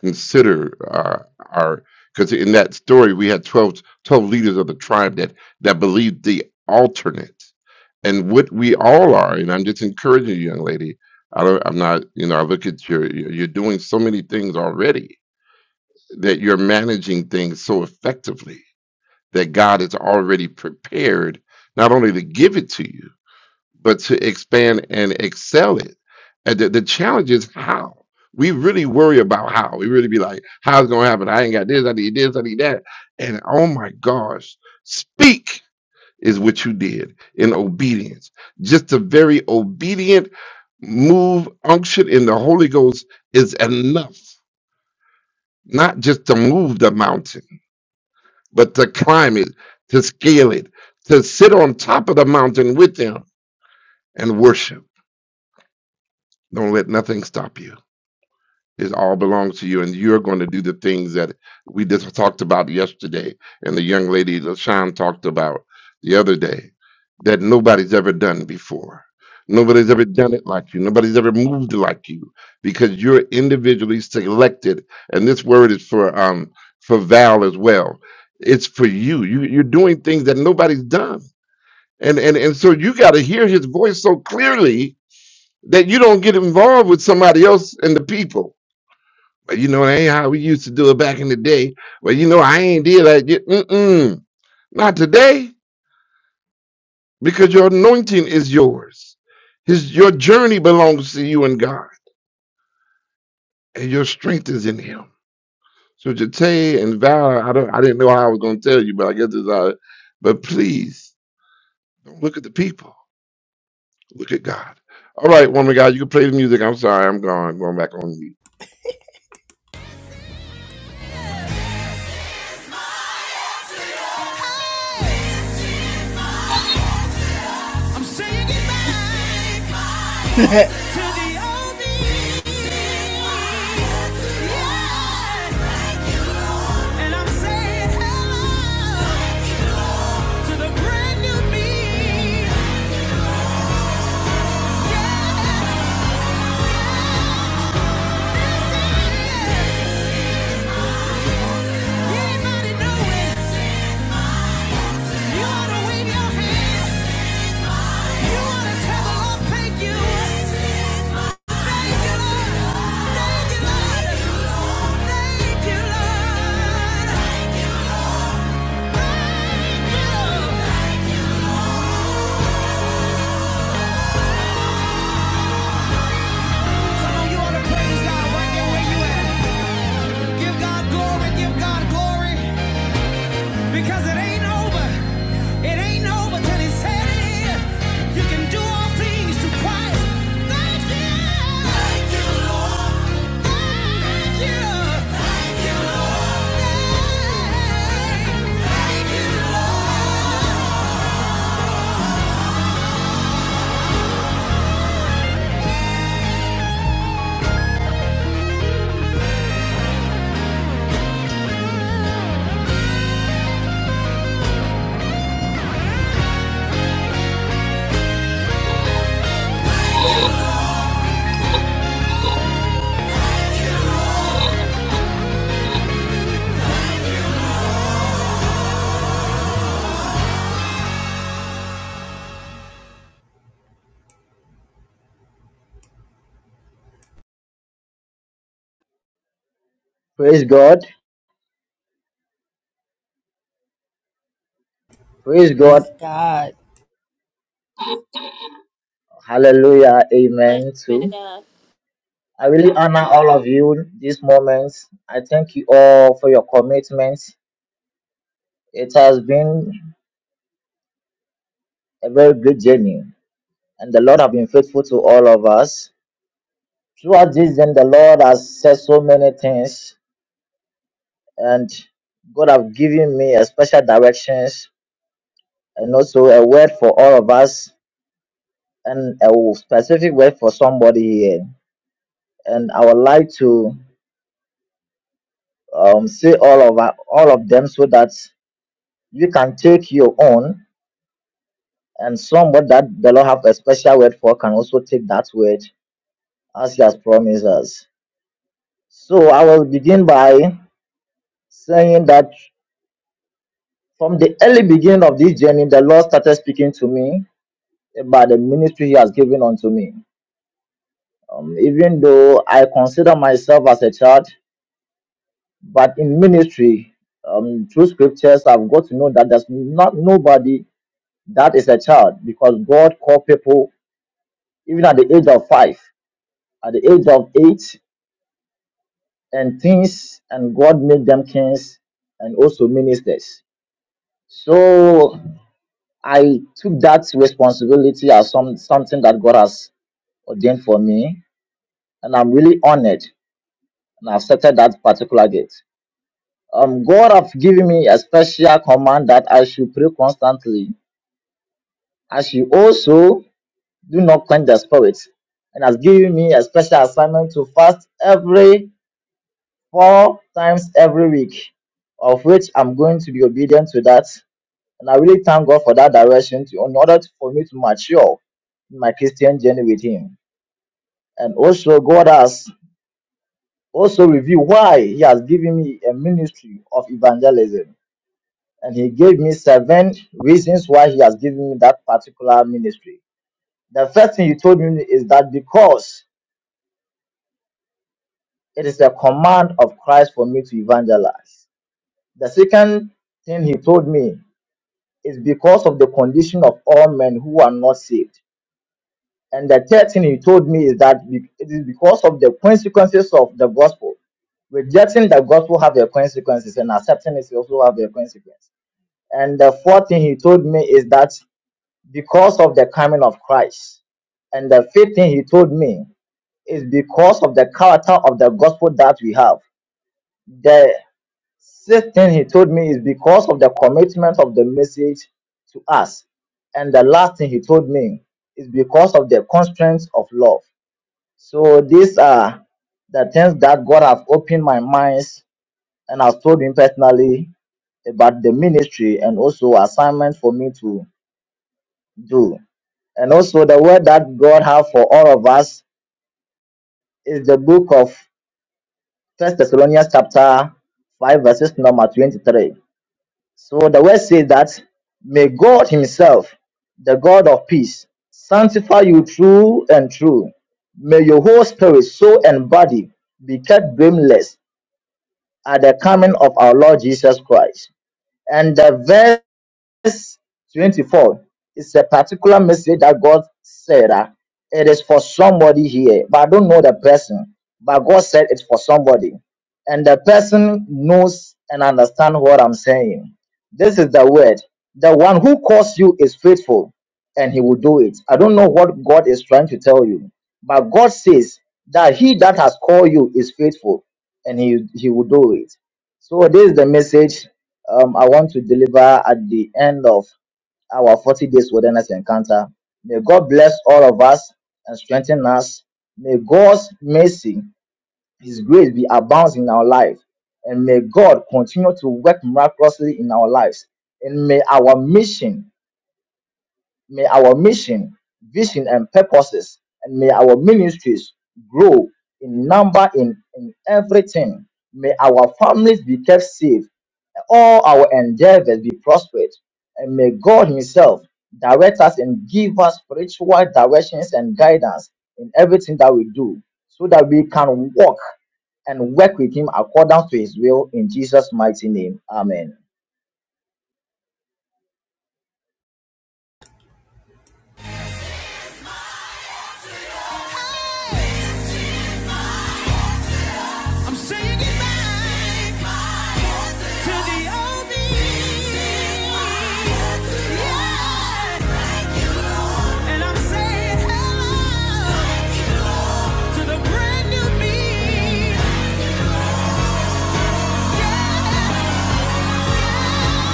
C: Consider uh, our because in that story we had 12 12 leaders of the tribe that that believed the alternate, and what we all are. And I'm just encouraging you, young lady. I don't, I'm not, you know, I look at your, you're doing so many things already that you're managing things so effectively that God is already prepared not only to give it to you, but to expand and excel it. And the, the challenge is how. We really worry about how. We really be like, how's it gonna happen? I ain't got this, I need this, I need that. And oh my gosh, speak is what you did in obedience. Just a very obedient move, unction in the Holy Ghost is enough, not just to move the mountain but to climb it, to scale it, to sit on top of the mountain with them and worship. Don't let nothing stop you. It all belongs to you, and you're going to do the things that we just talked about yesterday, and the young lady LaShawn talked about the other day that nobody's ever done before. Nobody's ever done it like you. Nobody's ever moved like you because you're individually selected. And this word is for um for Val as well. It's for you. You you're doing things that nobody's done. And and and so you got to hear his voice so clearly that you don't get involved with somebody else and the people but you know, that ain't how we used to do it back in the day. Well, you know, I ain't did like that yet. Mm-mm. Not today, because your anointing is yours. His your journey belongs to you and God, and your strength is in Him. So Jate and Val, I don't, I didn't know how I was going to tell you, but I guess it's all. right. But please don't look at the people. Look at God. All right, woman, of God, you can play the music. I'm sorry, I'm gone. Going back on mute.
A: This is mine. I'm saying goodbye to the old me. Yeah. And I'm saying hello. To the brand new me. You ain't about to know it. You ought to wave your hands. You ought to tell the Lord, thank you. Thank you, Lord. Thank you, Lord. Thank you, Lord. Thank you, Lord. Thank you, Lord. Give God glory, give God glory, because it ain't over. It ain't over till He said it is. You can do all things through Christ. Thank you. Thank you, Lord. Thank you. Thank you, Lord.
H: Praise God. Praise God. Hallelujah.
B: Bless
H: Amen.
B: you, man
H: Too.
B: of God.
H: I really honor all of you this moment. I thank you all for your commitment. It has been a very great journey, and the Lord has been faithful to all of us. Throughout this, then the Lord has said so many things, and God have given me a special directions and also a word for all of us and a specific word for somebody here. And I would like to um, say all of our- all of them so that you can take your own and somebody that the Lord have a special word for can also take that word as He has promised us. So I will begin by saying that from the early beginning of this journey, the Lord started speaking to me about the ministry He has given unto me. Um, even though I consider myself as a child, but in ministry, um, through scriptures, I've got to know that there's not nobody That is a child because God called people even at the age of five, at the age of eight, and things, and God made them kings and also ministers. So I took that responsibility as some something that God has ordained for me, and I'm really honored and I accepted that particular gate. Um, God have given me a special command that I should pray constantly. I should also do not quench the spirit, and has given me a special assignment to fast every four times every week, of which I'm going to be obedient to that. And I really thank God for that direction to, in order to- for me to mature in my Christian journey with Him. And also, God has also revealed why He has given me a ministry of evangelism. And He gave me seven reasons why He has given me that particular ministry. The first thing He told me is that because It is the command of Christ for me to evangelize. The second thing he told me is because of the condition of all men who are not saved. And the third thing he told me is that be- it is because of the consequences of the gospel. Rejecting the gospel have their consequences, and accepting it also have their consequences. And the fourth thing he told me is that because of the coming of Christ, and the fifth thing he told me is because of the character of the gospel that we have. This thing he told me is because of the commitment of the message to us. And the last thing he told me is because of the constraints of love. So these are the things that God have opened my minds and has told me personally about the ministry and also assignment for me to do. And also the word that God have for all of us is the book of First Thessalonians chapter 5 verses number 23. So the word says that may God Himself, the God of peace, sanctify you true and true. May your whole spirit, soul, and body be kept blameless at the coming of our Lord Jesus Christ. And the verse verse 24 is a particular message that god said that it is for somebody here but i don't know the person but god said it's for somebody and the person knows and understands what i'm saying this is the word the one who calls you is faithful and he will do it i don't know what god is trying to tell you but god says that he that has called you is faithful and he, he will do it so this is the message um, I want to deliver at the end of our 40 days wilderness encounter. May God bless all of us and strengthen us. May God's mercy, His grace be abounds in our life. And may God continue to work miraculously in our lives. And may our mission, may our mission, vision, and purposes, and may our ministries grow in number in, in everything. May our families be kept safe all our endeavors be prospered, and may God Himself direct us and give us spiritual directions and guidance in everything that we do, so that we can walk and work with Him according to His will in Jesus' mighty name. Amen.
A: Thank you, Lord. Saying goodbye to the old me. Yeah. And I'm saying hello to the brand new me. Yeah.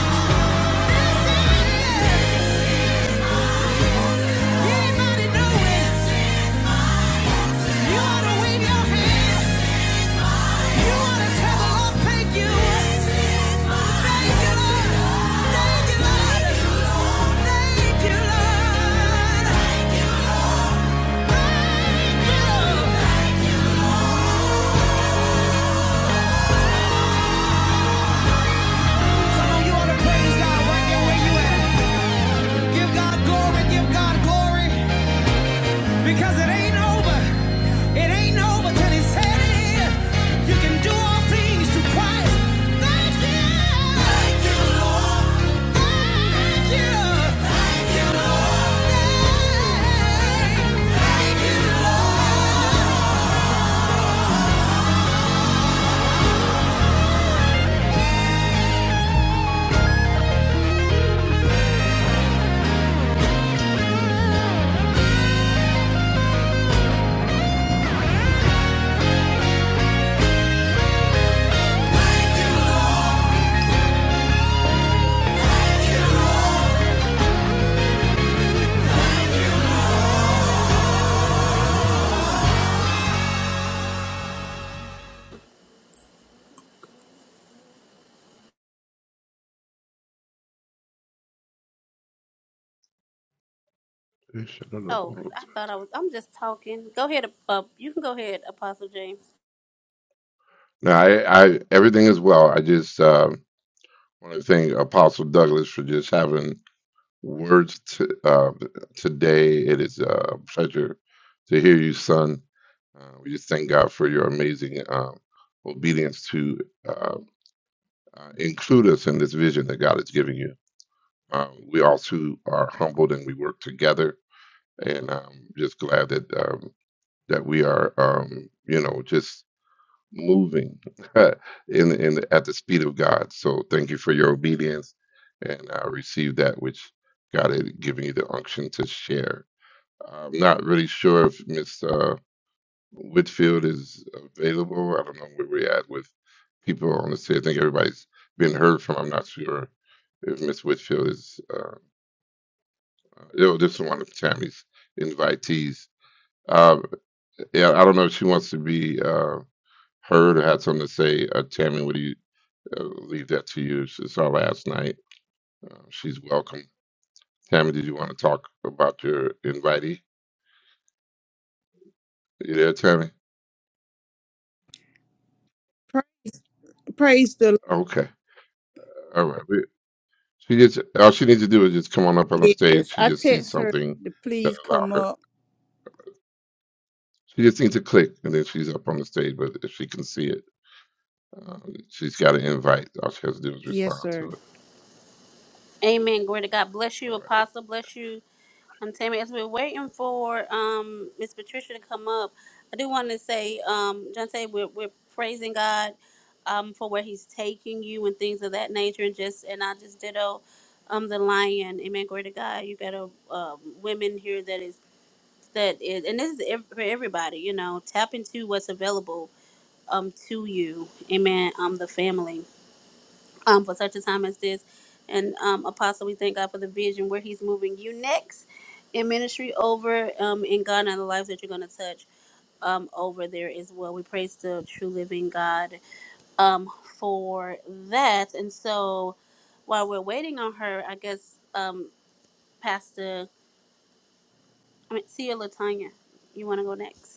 A: Give God glory, give God glory. Because it ain't over. Said it here. You can do all things through Christ. Thank you. Thank you, Lord. Thank you. Thank you, Lord. Thank you, Lord.
B: Oh, I thought I was. I'm just talking. Go ahead. Uh, you can go ahead, Apostle James.
C: No, I, I, everything is well. I just. uh, want to thank Apostle Douglas for just having words to, uh, today. It is uh, a pleasure to hear you, son. Uh, we just thank God for your amazing um, obedience to uh, uh, include us in this vision that God is giving you. Uh, we also are humbled and we work together, and I'm just glad that um, that we are, um, you know, just moving in in at the speed of God. So thank you for your obedience, and I received that which God had given you the unction to share. I'm not really sure if Miss uh, Whitfield is available. I don't know where we're at with people on the stage. I think everybody's been heard from. I'm not sure if Miss Whitfield is. Uh, uh, oh, this is one of Tammy's invitees. Uh, yeah, I don't know if she wants to be uh, heard or had something to say. Uh, Tammy, what do you? Uh, leave that to you. It's it's our last night. Uh, she's welcome. Tammy, did you want to talk about your invitee? You there, Tammy?
F: Pra- Praise the
C: Okay. All right. We- She just all she needs to do is just come on up on the
F: Lord.
C: stage.
F: Yes.
C: She
F: I
C: just sees
F: text her
C: something
F: to
C: that
F: please
C: allow
F: come
C: her.
F: up.
C: She just needs to click, and then she's up on the stage. But if she can see it, uh, she's got an invite. All she has to do is
F: Yes,
C: respond to
F: sir.
C: it.
B: Amen. Glory to God. Bless you,
C: All right.
B: Apostle. Bless you. I'm Tammy. As we're waiting for um Miss Patricia to come up, I do want to say, um, Jante, we're we're praising God, um, for where He's taking you and things of that nature, and just and I just ditto, um, the lion. Amen. Glory to God. You got a um women here that is that is, and this is ev- for everybody, you know, tap into what's available um to you, amen, um, the family, um, for such a time as this. And um, Apostle, we thank God for the vision where He's moving you next in ministry over um in Ghana and the lives that you're gonna touch um over there as well. We praise the true living God um for that. And so while we're waiting on her, I guess um Pastor I mean Tia Latanya, you wanna go next?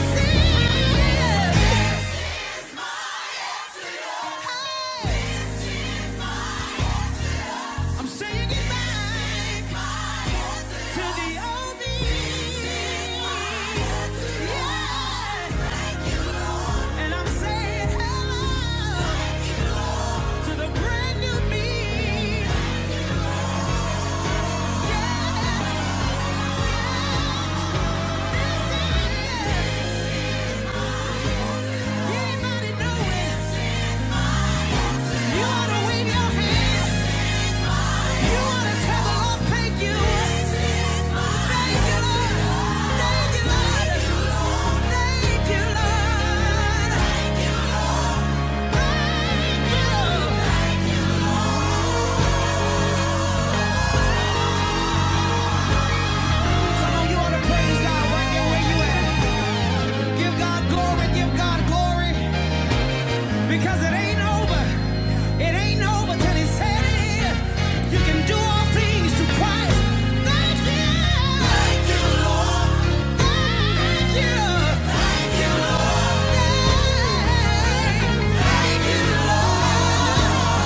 A: This is my answer. Hey. I'm saying goodbye to the old me. Yeah. And I'm saying hello to the brand new me. Yeah. yeah, Because it ain't over. It ain't over he said it is. You can do all things through Christ. Thank you. Thank you, Lord. Thank you. Thank you, Lord. Thank you, Lord.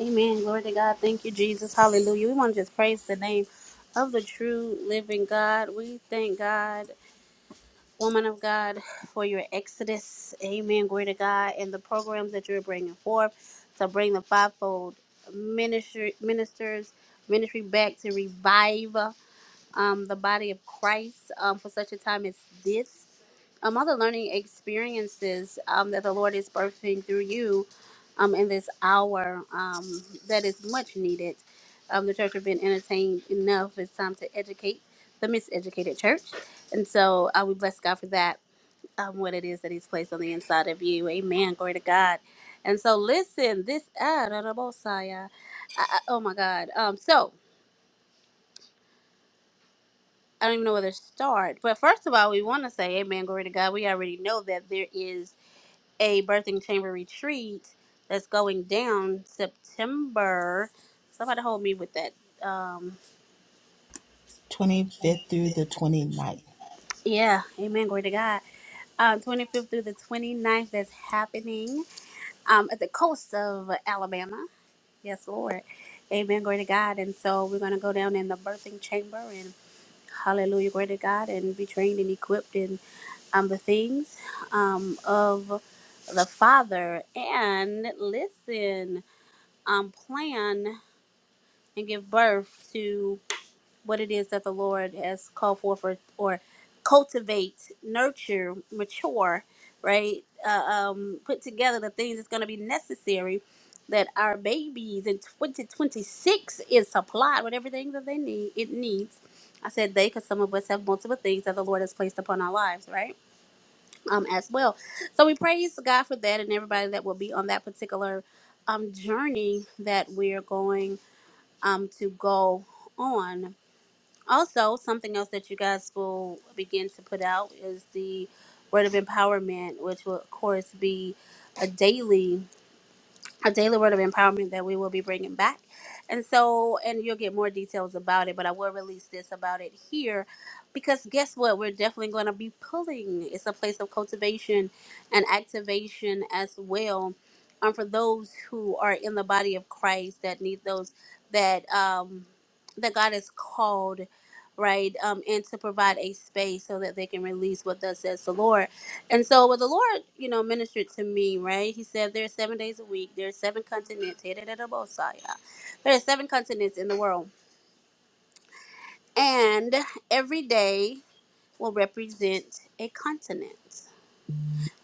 B: Amen. Glory to God. Thank you, Jesus. Hallelujah. We want to just praise the name of the true living God. We thank God, woman of God, for your exodus. Amen. Glory to God. And the programs that you're bringing forth to bring the fivefold ministry, ministers, ministry back to revive um, the body of Christ um, for such a time as this. Um, all the learning experiences um, that the Lord is birthing through you um, in this hour um, that is much needed. Um, the church has been entertained enough. It's time to educate the miseducated church. And so uh, we bless God for that, um, what it is that He's placed on the inside of you. Amen. Glory to God. And so listen, this, ah, da, da, bo, si, ah, I- I- oh my God. Um, so, I don't even know where to start. But first of all, we want to say, Amen, glory to God. We already know that there is a birthing chamber retreat that's going down September. Somebody hold me with that. Um, yeah, Amen, glory to God. Uh, 25th through the twenty ninth that's happening um, at the coast of Alabama. Yes, Lord. Amen, glory to God. And so we're going to go down in the birthing chamber and. Hallelujah, glory to God, and be trained and equipped in um, the things um, of the Father. And listen, um, plan and give birth to what it is that the Lord has called for, for or cultivate, nurture, mature, right? Uh, um, put together the things that's going to be necessary that our babies in 2026 is supplied with everything that they need. It needs. I said they because some of us have multiple things that the Lord has placed upon our lives, right? Um, as well. So we praise God for that and everybody that will be on that particular um, journey that we're going um, to go on. Also, something else that you guys will begin to put out is the word of empowerment, which will, of course, be a daily a daily word of empowerment that we will be bringing back. And so, and you'll get more details about it, but I will release this about it here because guess what? We're definitely going to be pulling. It's a place of cultivation and activation as well. Um, for those who are in the body of Christ that need those that um, that God has called, right, um, and to provide a space so that they can release what thus says the Lord and so what the Lord, you know, ministered to me, right? He said there are seven days a week, there are seven continents, hey, da, da, da, Bosaya. there are seven continents in the world. And every day will represent a continent.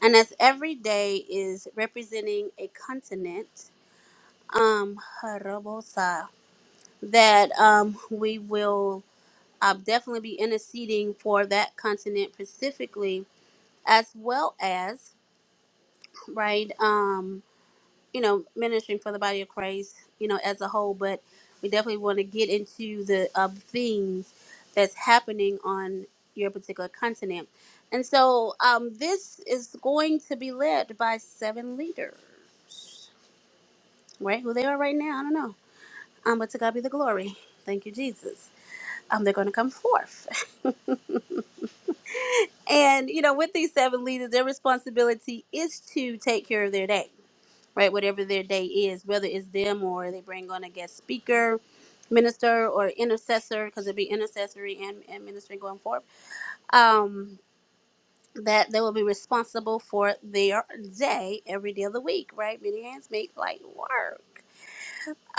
B: And as every day is representing a continent, um, Harabosa, that um, we will uh, definitely be interceding for that continent specifically, as well as, right? um, you know, ministering for the body of Christ, you know, as a whole, but we definitely want to get into the um, things that's happening on your particular continent. And so um, this is going to be led by seven leaders, right? Who they are right now, I don't know. Um, but to God be the glory. Thank you, Jesus. Um, they're going to come forth. And, you know, with these seven leaders, their responsibility is to take care of their day right? Whatever their day is, whether it's them or they bring on a guest speaker, minister, or intercessor, because it'd be intercessory and, and ministry going forward, um, that they will be responsible for their day every day of the week, right? Many hands make light work.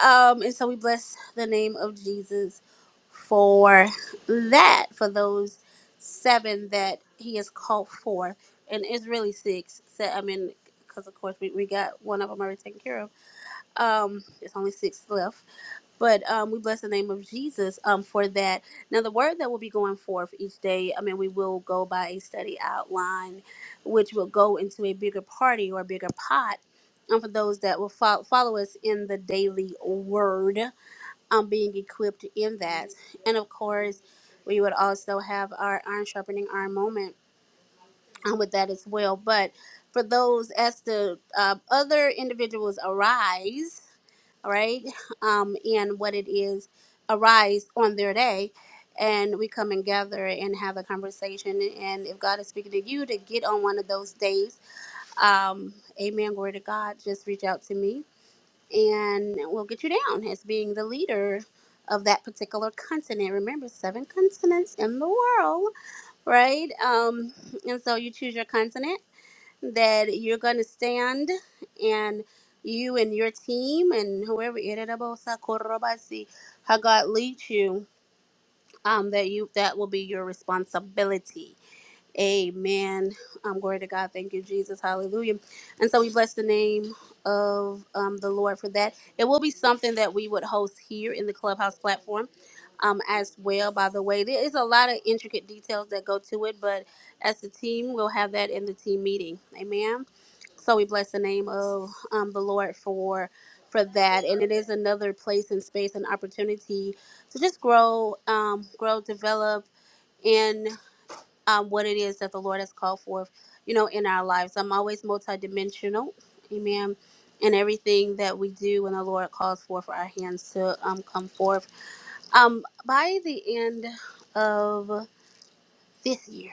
B: Um, and so we bless the name of Jesus for that, for those seven that he has called forth. And it's really six. So, I mean, because of course we, we got one of them already taken care of um, there's only six left, but um, we bless the name of Jesus um for that. Now, the word that will be going forth each day. I mean, we will go by a study outline, which will go into a bigger party or a bigger pot. Um, for those that will fo- follow us in the daily word, um, being equipped in that, and of course, we would also have our iron sharpening iron moment um, with that as well. But for those as the uh, other individuals arise all right? Um, and what it is arise on their day. And we come and gather and have a conversation. And if God is speaking to you to get on one of those days, um, amen, glory to God, just reach out to me and we'll get you down as being the leader of that particular continent. Remember, seven continents in the world, right? Um, and so you choose your continent that you're going to stand and you and your team and whoever Irerabosa, Korobasi, how God leads you, um, that you that will be your responsibility. Amen. Um, glory to God. Thank you, Jesus. Hallelujah. And so we bless the name of um, the Lord for that. It will be something that we would host here in the Clubhouse platform um, as well, by the way. There is a lot of intricate details that go to it, but as a team, we'll have that in the team meeting. Amen. So we bless the name of um, the Lord for for that, and it is another place and space and opportunity to just grow, um, grow, develop in um, what it is that the Lord has called forth, you know, in our lives. I'm always multidimensional, Amen. And everything that we do when the Lord calls for for our hands to um, come forth. Um, by the end of this year,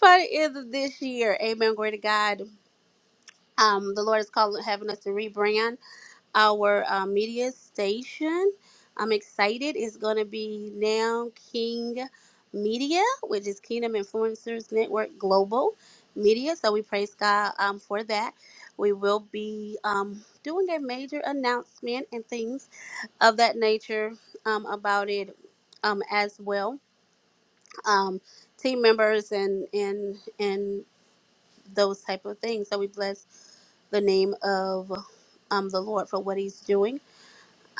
B: by the end of this year, Amen. Glory to God. Um, the Lord is calling, having us to rebrand our uh, media station. I'm excited. It's going to be now King Media, which is Kingdom Influencers Network Global Media. So we praise God um, for that. We will be um, doing a major announcement and things of that nature um, about it um, as well. Um, team members and and and those type of things. So we bless the name of um, the Lord for what He's doing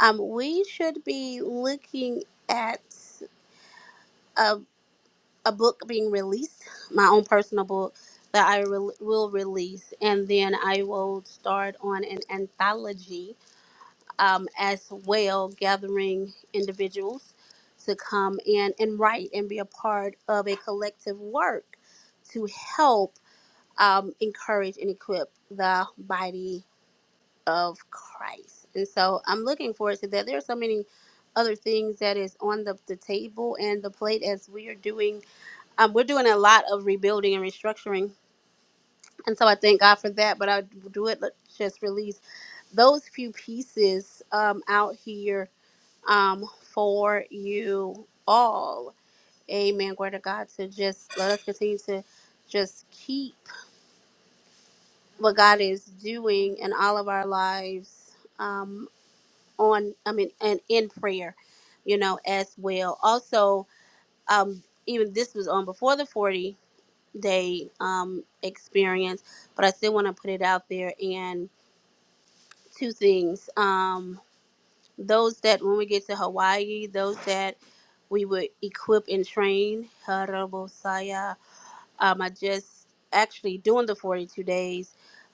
B: um, we should be looking at a, a book being released, my own personal book that I re- will release, and then I will start on an anthology um, as well, gathering individuals to come in and write and be a part of a collective work to help um, encourage and equip the body of Christ. And so I'm looking forward to that. There are so many other things that is on the, the table and the plate as we are doing. Um, we're doing a lot of rebuilding and restructuring. And so I thank God for that. But I do it, let's just release those few pieces um, out here um, for you all. Amen. Glory to God to just let us continue to just keep what God is doing in all of our lives. Um, on i mean and in prayer you know as well also um even this was on before the 40 day um experience but i still want to put it out there and two things um those that when we get to hawaii those that we would equip and train harabosaya um i just actually doing the 42 days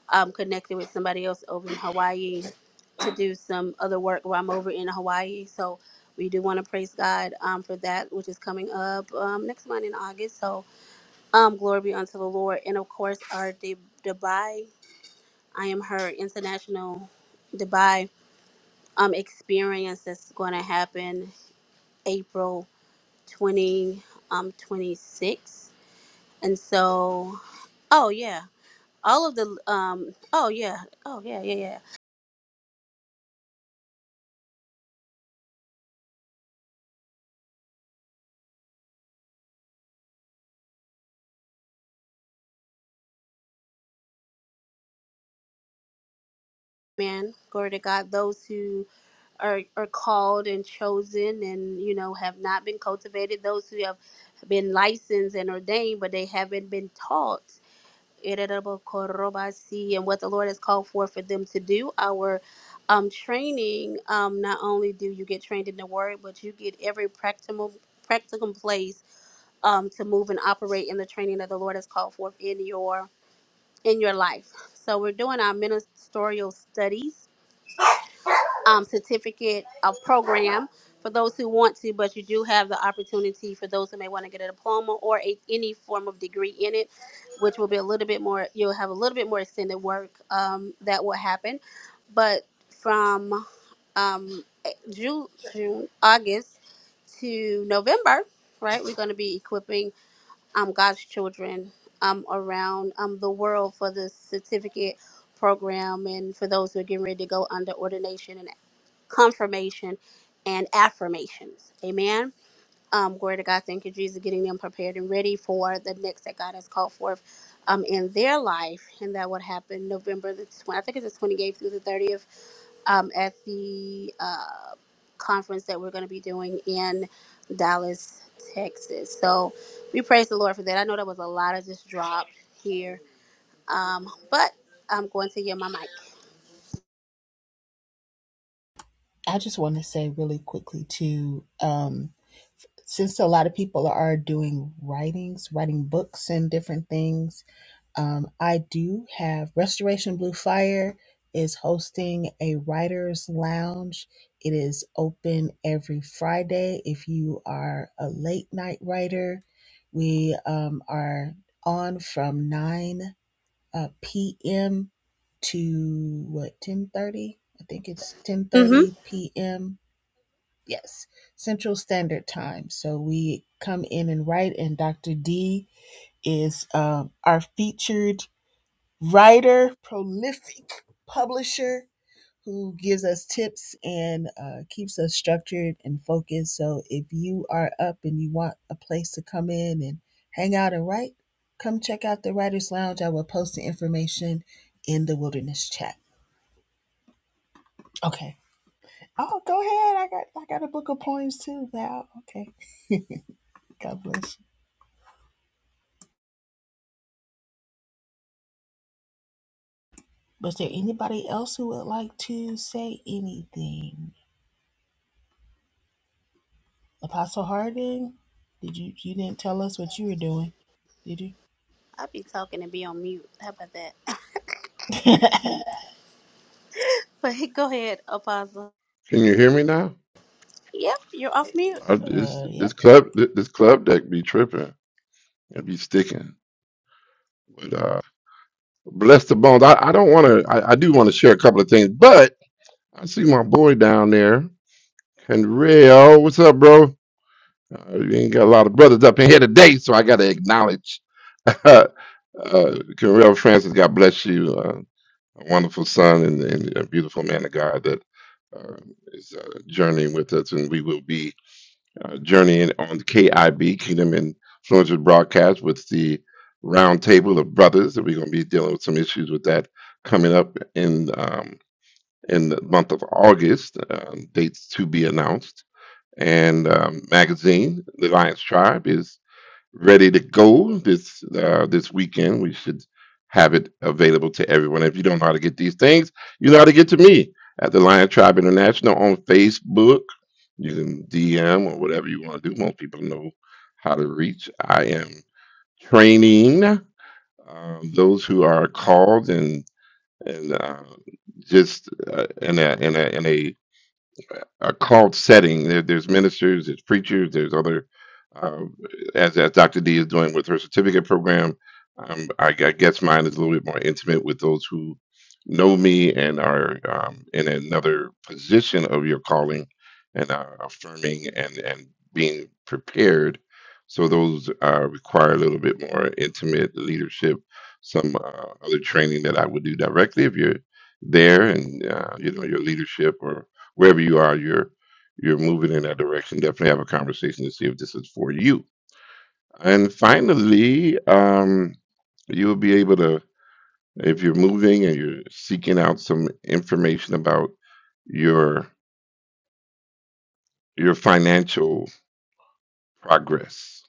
B: um connected with somebody else over in hawaii do some other work while I'm over in Hawaii. So we do want to praise God um, for that, which is coming up um, next month in August. So um, glory be unto the Lord. And of course, our D- Dubai, I am her international Dubai um, experience that's going to happen April 20, um, 26. And so, oh yeah, all of the, um, oh yeah, oh yeah, yeah, yeah. Amen. Glory to God. Those who are, are called and chosen and, you know, have not been cultivated, those who have been licensed and ordained, but they haven't been taught. Ererabokorobashi, And what the Lord has called for for them to do, our um, training, um, not only do you get trained in the word, but you get every practical practical place um, to move and operate in the training that the Lord has called forth in your in your life. So we're doing our ministerial studies um, certificate of program for those who want to, but you do have the opportunity for those who may want to get a diploma or a, any form of degree in it, which will be a little bit more, you'll have a little bit more extended work um, that will happen. But from um, eh, June, June, August to November, right, we're going to be equipping um, God's children um, around um, the world for the certificate program and for those who are getting ready to go under ordination and confirmation, and affirmations. Amen. Um, glory to God. Thank you, Jesus, getting them prepared and ready for the next that God has called forth um, in their life. And that would happen November the 20th, I think it's the 28th through the 30th um, at the uh, conference that we're going to be doing in Dallas, Texas. So we praise the Lord for that. I know that was a lot of just dropped here, um, but I'm going to get my mic. Mm-hmm. I'll be talking and be on mute. How about that? But go ahead, Apostle.
C: Can you hear me now?
B: Yep, you're off mute.
C: I, this this club this club deck be tripping. It be sticking. but uh. Bless the bones. I, I don't want to. I, I do want to share a couple of things, but I see my boy down there, Henrio. What's up, bro? Uh, we ain't got a lot of brothers up in here today, so I got to acknowledge. uh, Henrio Francis, God bless you. Uh, a wonderful son and, and a beautiful man of God that uh, is uh, journeying with us, and we will be uh, journey in- on KIB Kingdom Influencers broadcast with the roundtable of brothers. that we're going to be dealing with some issues with that coming up in um, in the month of August. Um, dates to be announced. And um, magazine, the Lions Tribe, is ready to go this uh, this weekend. We should have it available to everyone. If you don't know how to get these things, you know how to get to me at the Lion Tribe International on Facebook. You can DM or whatever you want to do. Most people know how to reach. I am training um, those who are called and and uh, just uh, in a in a in a a called setting. There, there's ministers, there's preachers, there's other, uh, as as Dr. D is doing with her certificate program. Um, I, I guess mine is a little bit more intimate with those who know me and are um, in another position of your calling and are affirming and and being prepared. So those uh, require a little bit more intimate leadership, some uh, other training that I would do directly if you're there and uh, you know your leadership or wherever you are, you're you're moving in that direction. Definitely have a conversation to see if this is for you. And finally, um, you'll be able to if you're moving and you're seeking out some information about your your financial progress.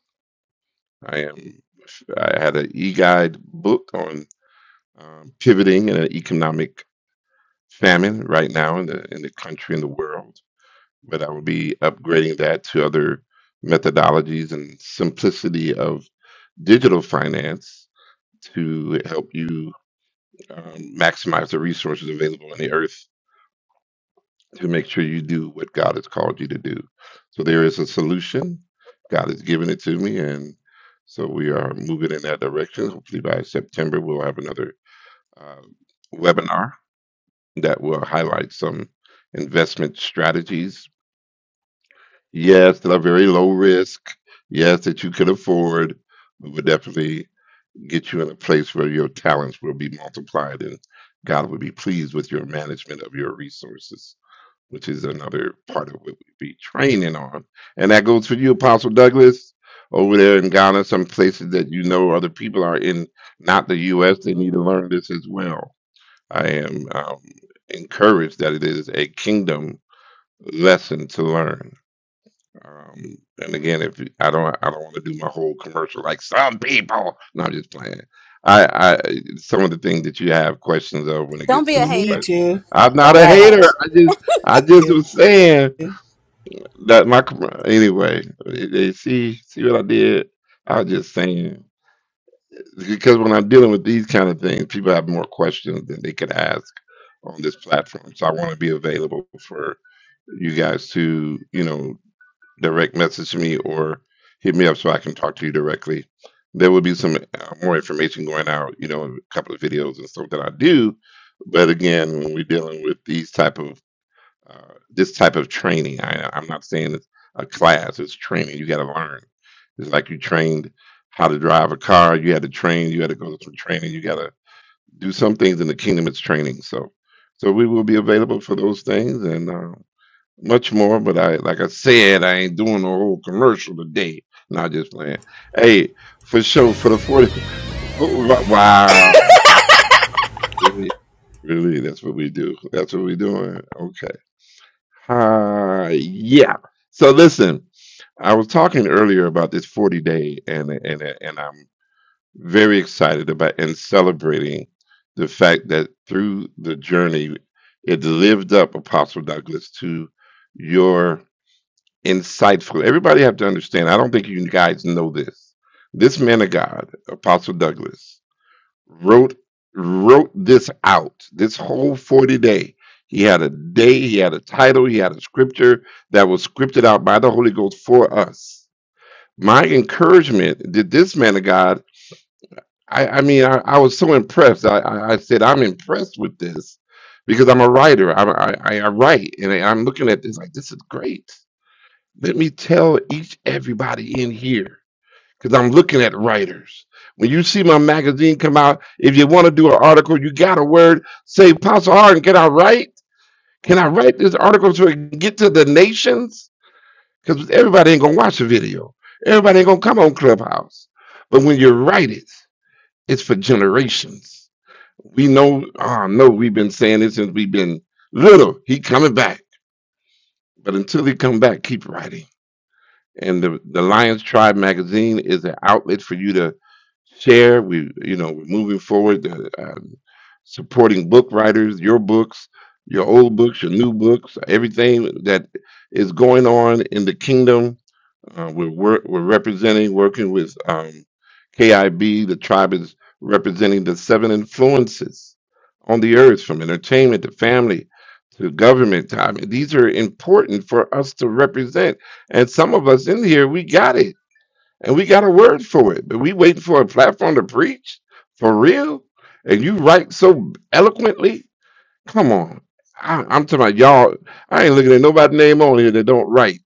C: I am. I had an e-guide book on um, pivoting in an economic famine right now in the in the country and the world. but I would be upgrading that to other methodologies and simplicity of digital finance to help you um, maximize the resources available on the earth to make sure you do what God has called you to do. So there is a solution. God has given it to me, and so we are moving in that direction. Hopefully by September we'll have another uh, webinar that will highlight some investment strategies Yes, that are very low risk. Yes, that you can afford. We would definitely get you in a place where your talents will be multiplied and God will be pleased with your management of your resources, which is another part of what we be training on. And that goes for you, Apostle Douglas, over there in Ghana, some places that you know other people are in, not the U.S., they need to learn this as well. I am um, encouraged that it is a kingdom lesson to learn. Um, and again, if you- I don't, I don't want to do my whole commercial like some people. No, I'm just playing. I, I, some of the things that you have questions of when it
B: Don't
C: gets
B: be
C: to
B: a
C: those
B: hater.
C: questions. I'm not
B: Don't
C: a
B: be a
C: hater.
B: hater.
C: I just, I just was saying that my com- anyway. They they see, see what I did. I was just saying because when I'm dealing with these kind of things, people have more questions than they could ask on this platform. So I want to be available for you guys to, you know, direct message me or hit me up so I can talk to you directly. There will be some uh, more information going out, you know, in a couple of videos and stuff that I do. But again, when we're dealing with these type of uh, this type of training, I, I'm not saying it's a class; it's training. You got to learn. It's like you trained how to drive a car. You had to train. You had to go to some training. You got to do some things in the kingdom. It's training. So, so we will be available for those things, and uh, much more, but I like I said, I ain't doing a whole commercial today. Not just playing. Hey, for sure, for the 40. Oh, wa- wow. Really? Really? That's what we do. That's what we're doing. Okay. Uh, yeah. So listen, I was talking earlier about this 40 day, and and and I'm very excited about and celebrating the fact that through the journey, it lived up, Apostle Douglas, to your insightful. Everybody have to understand. I don't think you guys know this. This man of God, Apostle Douglas, wrote wrote this out. This whole forty day. He had a day. He had a title. He had a scripture that was scripted out by the Holy Ghost for us. My encouragement did this man of God. I, I mean, I, I was so impressed. I, I, I said, I'm impressed with this because I'm a writer. I, I, I write, and I'm looking at this like this is great let me tell each everybody in here, because I'm looking at writers. When you see my magazine come out, if you want to do an article, you got a word, say Apostle Harden, can I write? Can I write this article so it can get to the nations? Because everybody ain't gonna watch the video. Everybody ain't gonna come on Clubhouse. But when you write it, it's for generations. We know, oh no, we've been saying this since we've been little. He coming back. But until he come back, keep writing and the the Lions Tribe magazine is an outlet for you to share. We, you know, we're moving forward, uh, um, supporting book writers, your books, your old books, your new books, everything that is going on in the kingdom uh, we're, wor- we're representing, working with um, KIB. The tribe is representing the seven influences on the earth from entertainment to family to government. To, I mean, these are important for us to represent. And some of us in here, we got it and we got a word for it, but we waiting for a platform to preach for real. And you write so eloquently. Come on. I, I'm talking about y'all. I ain't looking at nobody's name on here that don't write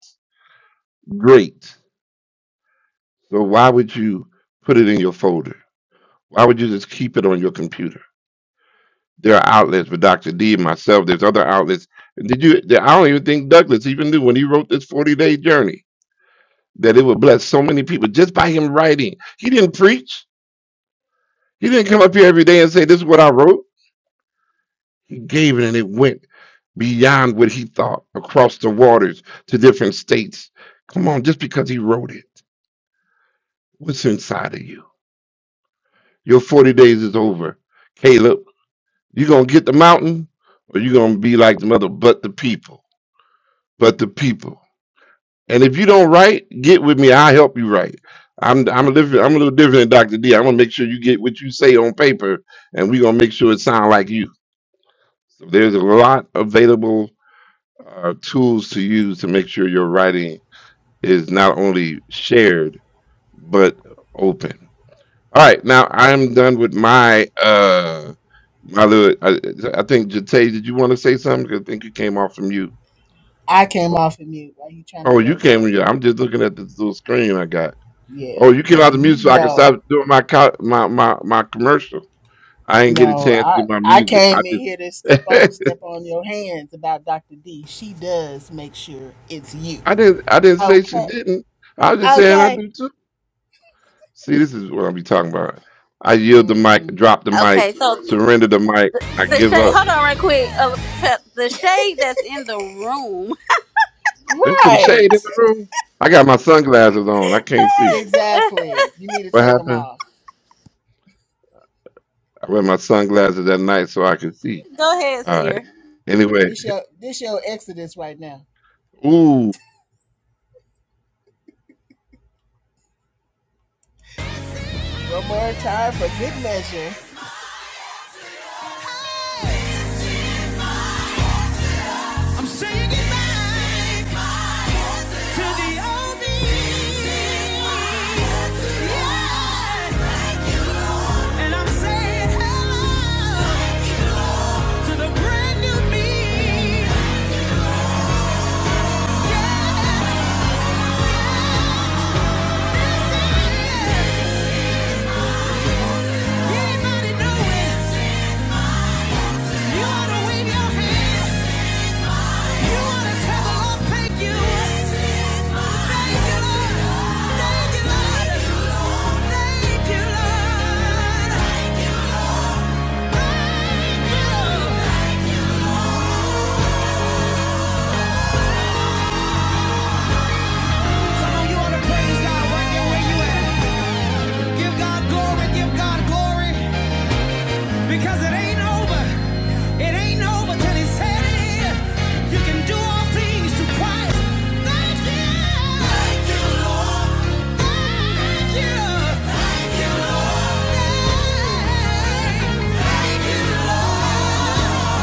C: great so why would you put it in your folder? Why would you just keep it on your computer? There are outlets for Dr. D and myself. There's other outlets. Did you? I don't even think Douglas even knew when he wrote this 40 day journey that it would bless so many people just by him writing. He didn't preach. He didn't come up here every day and say, This is what I wrote. He gave it and it went beyond what he thought across the waters to different states. Come on, just because he wrote it, what's inside of you? Your 40 days is over. Caleb. You gonna get the mountain, or you gonna be like the mother, but the people, but the people. And if you don't write, get with me. I'll help you write. I'm I'm a different I'm a little different than Dr. D. I'm gonna make sure you get what you say on paper, and we're gonna make sure it sound like you. So there's a lot available uh, tools to use to make sure your writing is not only shared but open. All right, now I'm done with my uh my little. I, I think Jate, did you want to say something? 'Cause I think you came off from mute. Oh, you came. Yeah, I'm just looking at this little screen I got. Oh, you came out the mute so I can stop doing my co- my my my commercial. I didn't get a chance to get my music. I just I didn't I didn't say she didn't. I was just saying I do too. See, this is what I'll be talking about. I yield the mic, drop the mic,
B: Okay, so
C: surrender the mic. I
B: the
C: give
B: shade.
C: up.
B: Hold on, right quick. Uh, pe- the shade that's in the room.
C: There's some shade in the room. I got my sunglasses on. I can't see. What happened? I wear my sunglasses at night so I can see.
B: go ahead,
C: All right.
B: Seer.
C: Anyway, ooh,
A: This is my- goodbye to the old me. This is Yeah. Thank you, Lord. And I'm saying hello. to the brand new me. Anybody know it? You ought to wave your hands. You ought to tell the Lord, thank you. Thank you, Lord. Thank you, Lord. Thank you, Lord. Thank you, Lord. Thank you. know you want Thank you. Thank you, Lord. Thank you. Thank you, Lord. Lord.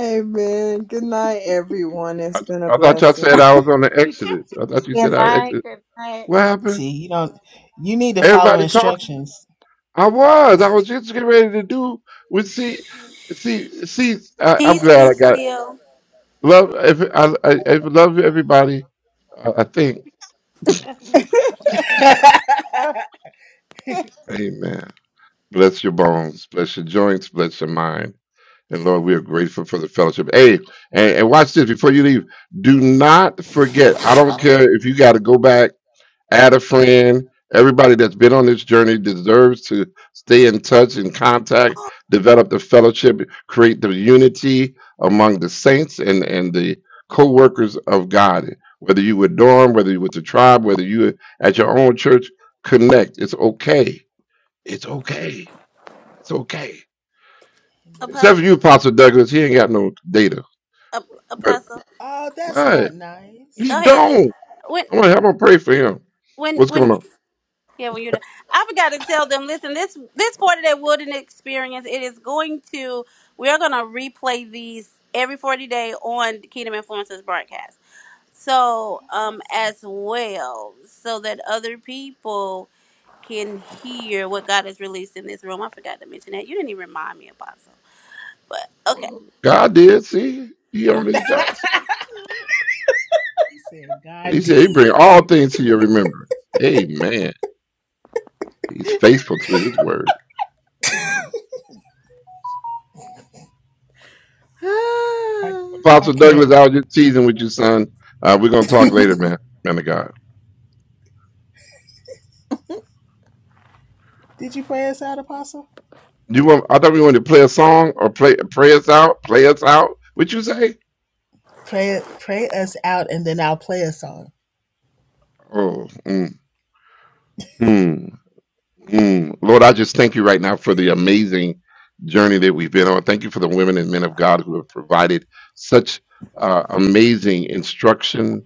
D: Amen. Good night, everyone. It's
C: I,
D: been a
C: I thought y'all said
D: blessing.
C: I was on the Exodus. I thought you
E: Good
C: said I
E: night.
C: exited.
E: Good night.
C: What happened? Everybody talking? I was. I was just getting ready to do. We see, see, see. I, I'm
B: Peace be
C: glad I got it.
B: still,
C: Love. If I, I, I love everybody. I, I think. Amen. Bless your bones. Bless your joints. Bless your mind And Lord, we are grateful for the fellowship. Hey, and, and watch this before you leave. Do not forget. I don't care if you got to go back, add a friend. Everybody that's been on this journey deserves to stay in touch and contact,
B: Oh,
C: develop the fellowship, create the unity among the saints and, and the co workers of God. Whether you with dorm, whether you with the tribe, whether you at your own church, connect. It's okay. It's okay. It's okay. Except for
B: Apostle.
C: you, Apostle Douglas. He ain't got no data.
B: Ap-
C: But
B: Apostle.
C: what? He
B: Go ahead.
C: don't.
B: When.
C: I'm gonna have him pray for him.
B: When
C: What's
B: when
C: going on?
B: yeah when you're done, I forgot to tell them. Listen, this this forty day wooden experience. It is going to we are going to replay these every forty day on Kingdom Influences broadcast. so um as well so that other people can hear what God has released in this room. I forgot to mention that. You didn't even remind me, Apostle. But okay.
C: Well, God did. See, he on his job. See? He said he bring all things to your remembrance. Amen. He's faithful to his word. Apostle Douglas, I was just teasing with you, son. Uh, we're gonna talk later, man. Man of God. You want? I thought we wanted to play a song or play pray us out. Play us out. What you say? Oh, mm, hmm. Mm. Lord, I just thank you right now for the amazing journey that we've been on. Thank you for the women and men of God who have provided such uh, amazing instruction,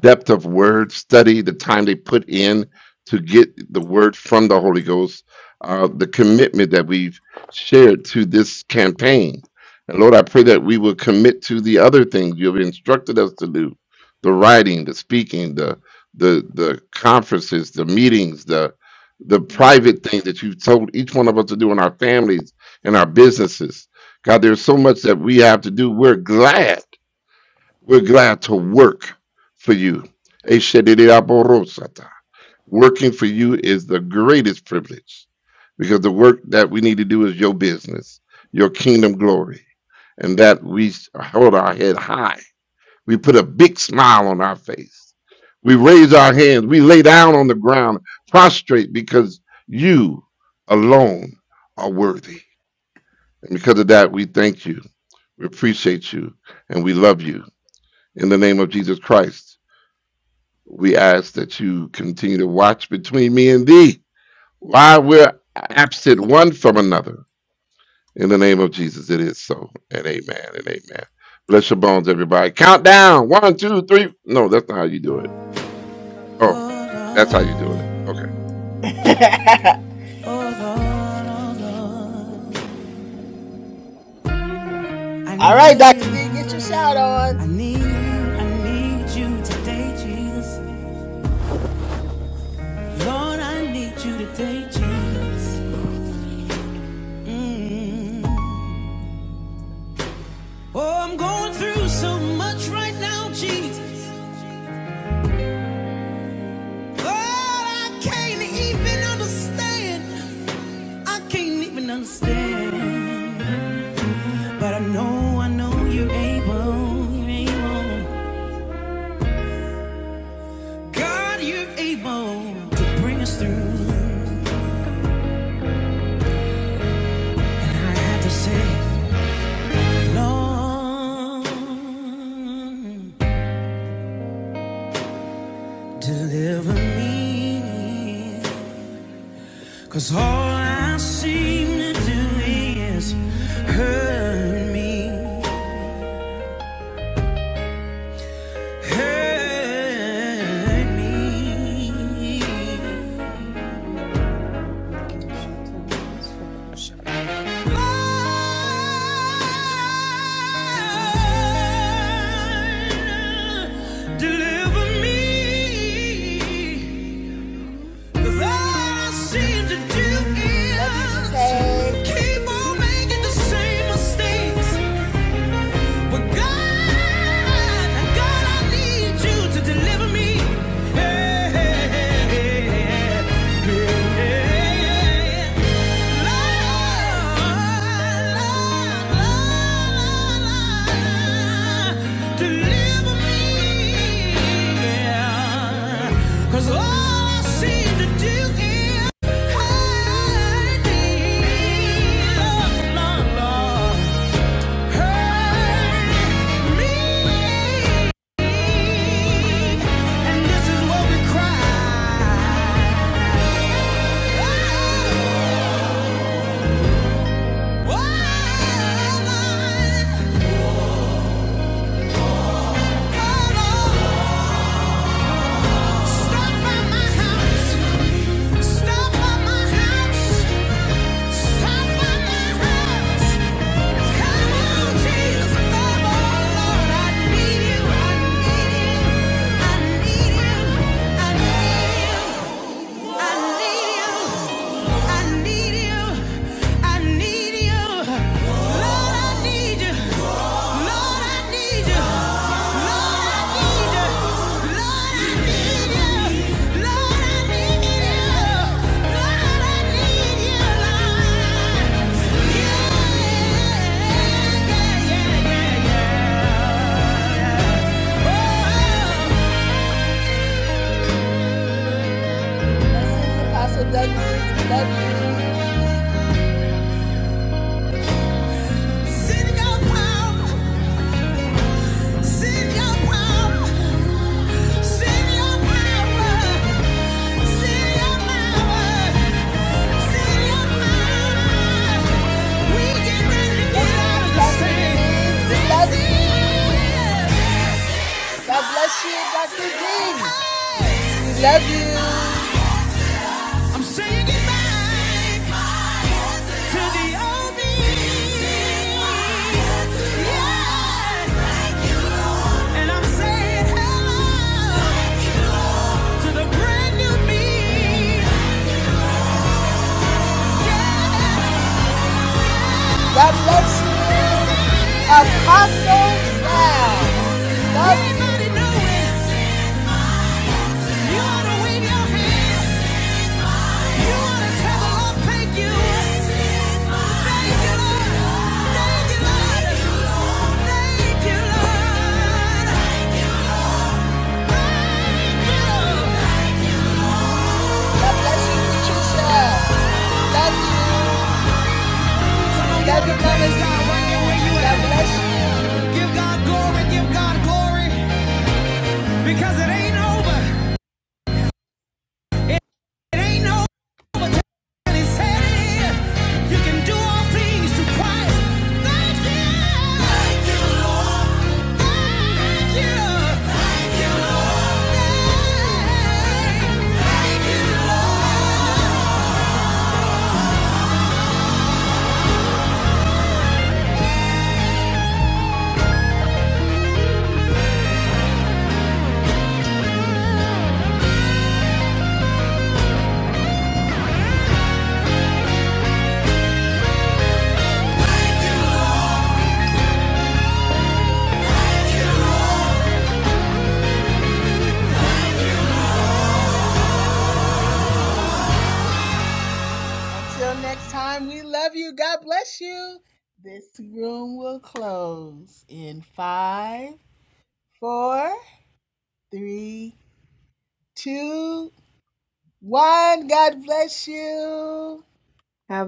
C: depth of word study, the time they put in to get the word from the Holy Ghost, uh, the commitment that we've shared to this campaign. And Lord, I pray that we will commit to the other things you've instructed us to do the writing, the speaking, the the the conferences, the meetings, the the private things that you've told each one of us to do in our families, and our businesses. God, there's so much that we have to do. We're glad we're glad to work for you. Eshedidiaborosata. Working for you is the greatest privilege because the work that we need to do is your business, your kingdom glory, and that we hold our head high. We put a big smile on our face. We raise our hands. We lay down on the ground, prostrate because you alone are worthy. And because of that, we thank you. We appreciate you and we love you in the name of Jesus Christ. We ask that you continue to watch between me and thee while we're absent one from another. In the name of Jesus, it is so. And amen and amen. Bless your bones, everybody. Count down. One, two, three. No, that's not how you do it. Oh, that's how you do it. Okay.
A: I need you, I need you today, Jesus. Lord, I need you today, Jesus. Mm. Oh, I'm going through so much right now, Jesus. But I can't even understand. I can't even understand. But I know, I know you're able. God, you're able to bring us through. And I have to say, Lord, deliver me. Cause all I seem to do is hurt me. hurt me.
D: Have
A: Lord, deliver me. 'Cause all I seem to do is keep on making the same mistakes. But God, God, I need you to deliver me. Hey, hey, hey, hey, hey. Cause all I seem to do is hide thee, Lord, Lord, Lord hurt me. And this is what we cry. Oh, woman, hold on. Stop by my house. Stop by my house. Stop by my house. Come on, Jesus, come on, Lord. I need you. I need you. I need you. I need you. Yeah. yeah, yeah, yeah, yeah. Oh. Send your power, send your power, send your power, send your power, send your power. We get ready to get of this. Saying goodbye to the old me. Yeah. And I'm saying hello to the brand new me. Yeah. God bless you, preachers. Give God glory, give God glory, because it ain't over. Christ. Thank you. Thank you, Lord. Thank you. Thank you, Lord. Thank you, Lord.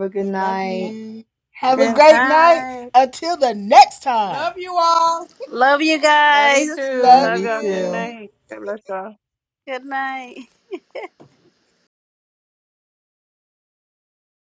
D: a good night.
E: Good night.
F: Love you all.
B: Love you
E: Love
B: guys.
E: you too.
D: Love
G: love
D: you
G: y'all. Good
D: too.
G: night. God bless y'all.
B: Good night.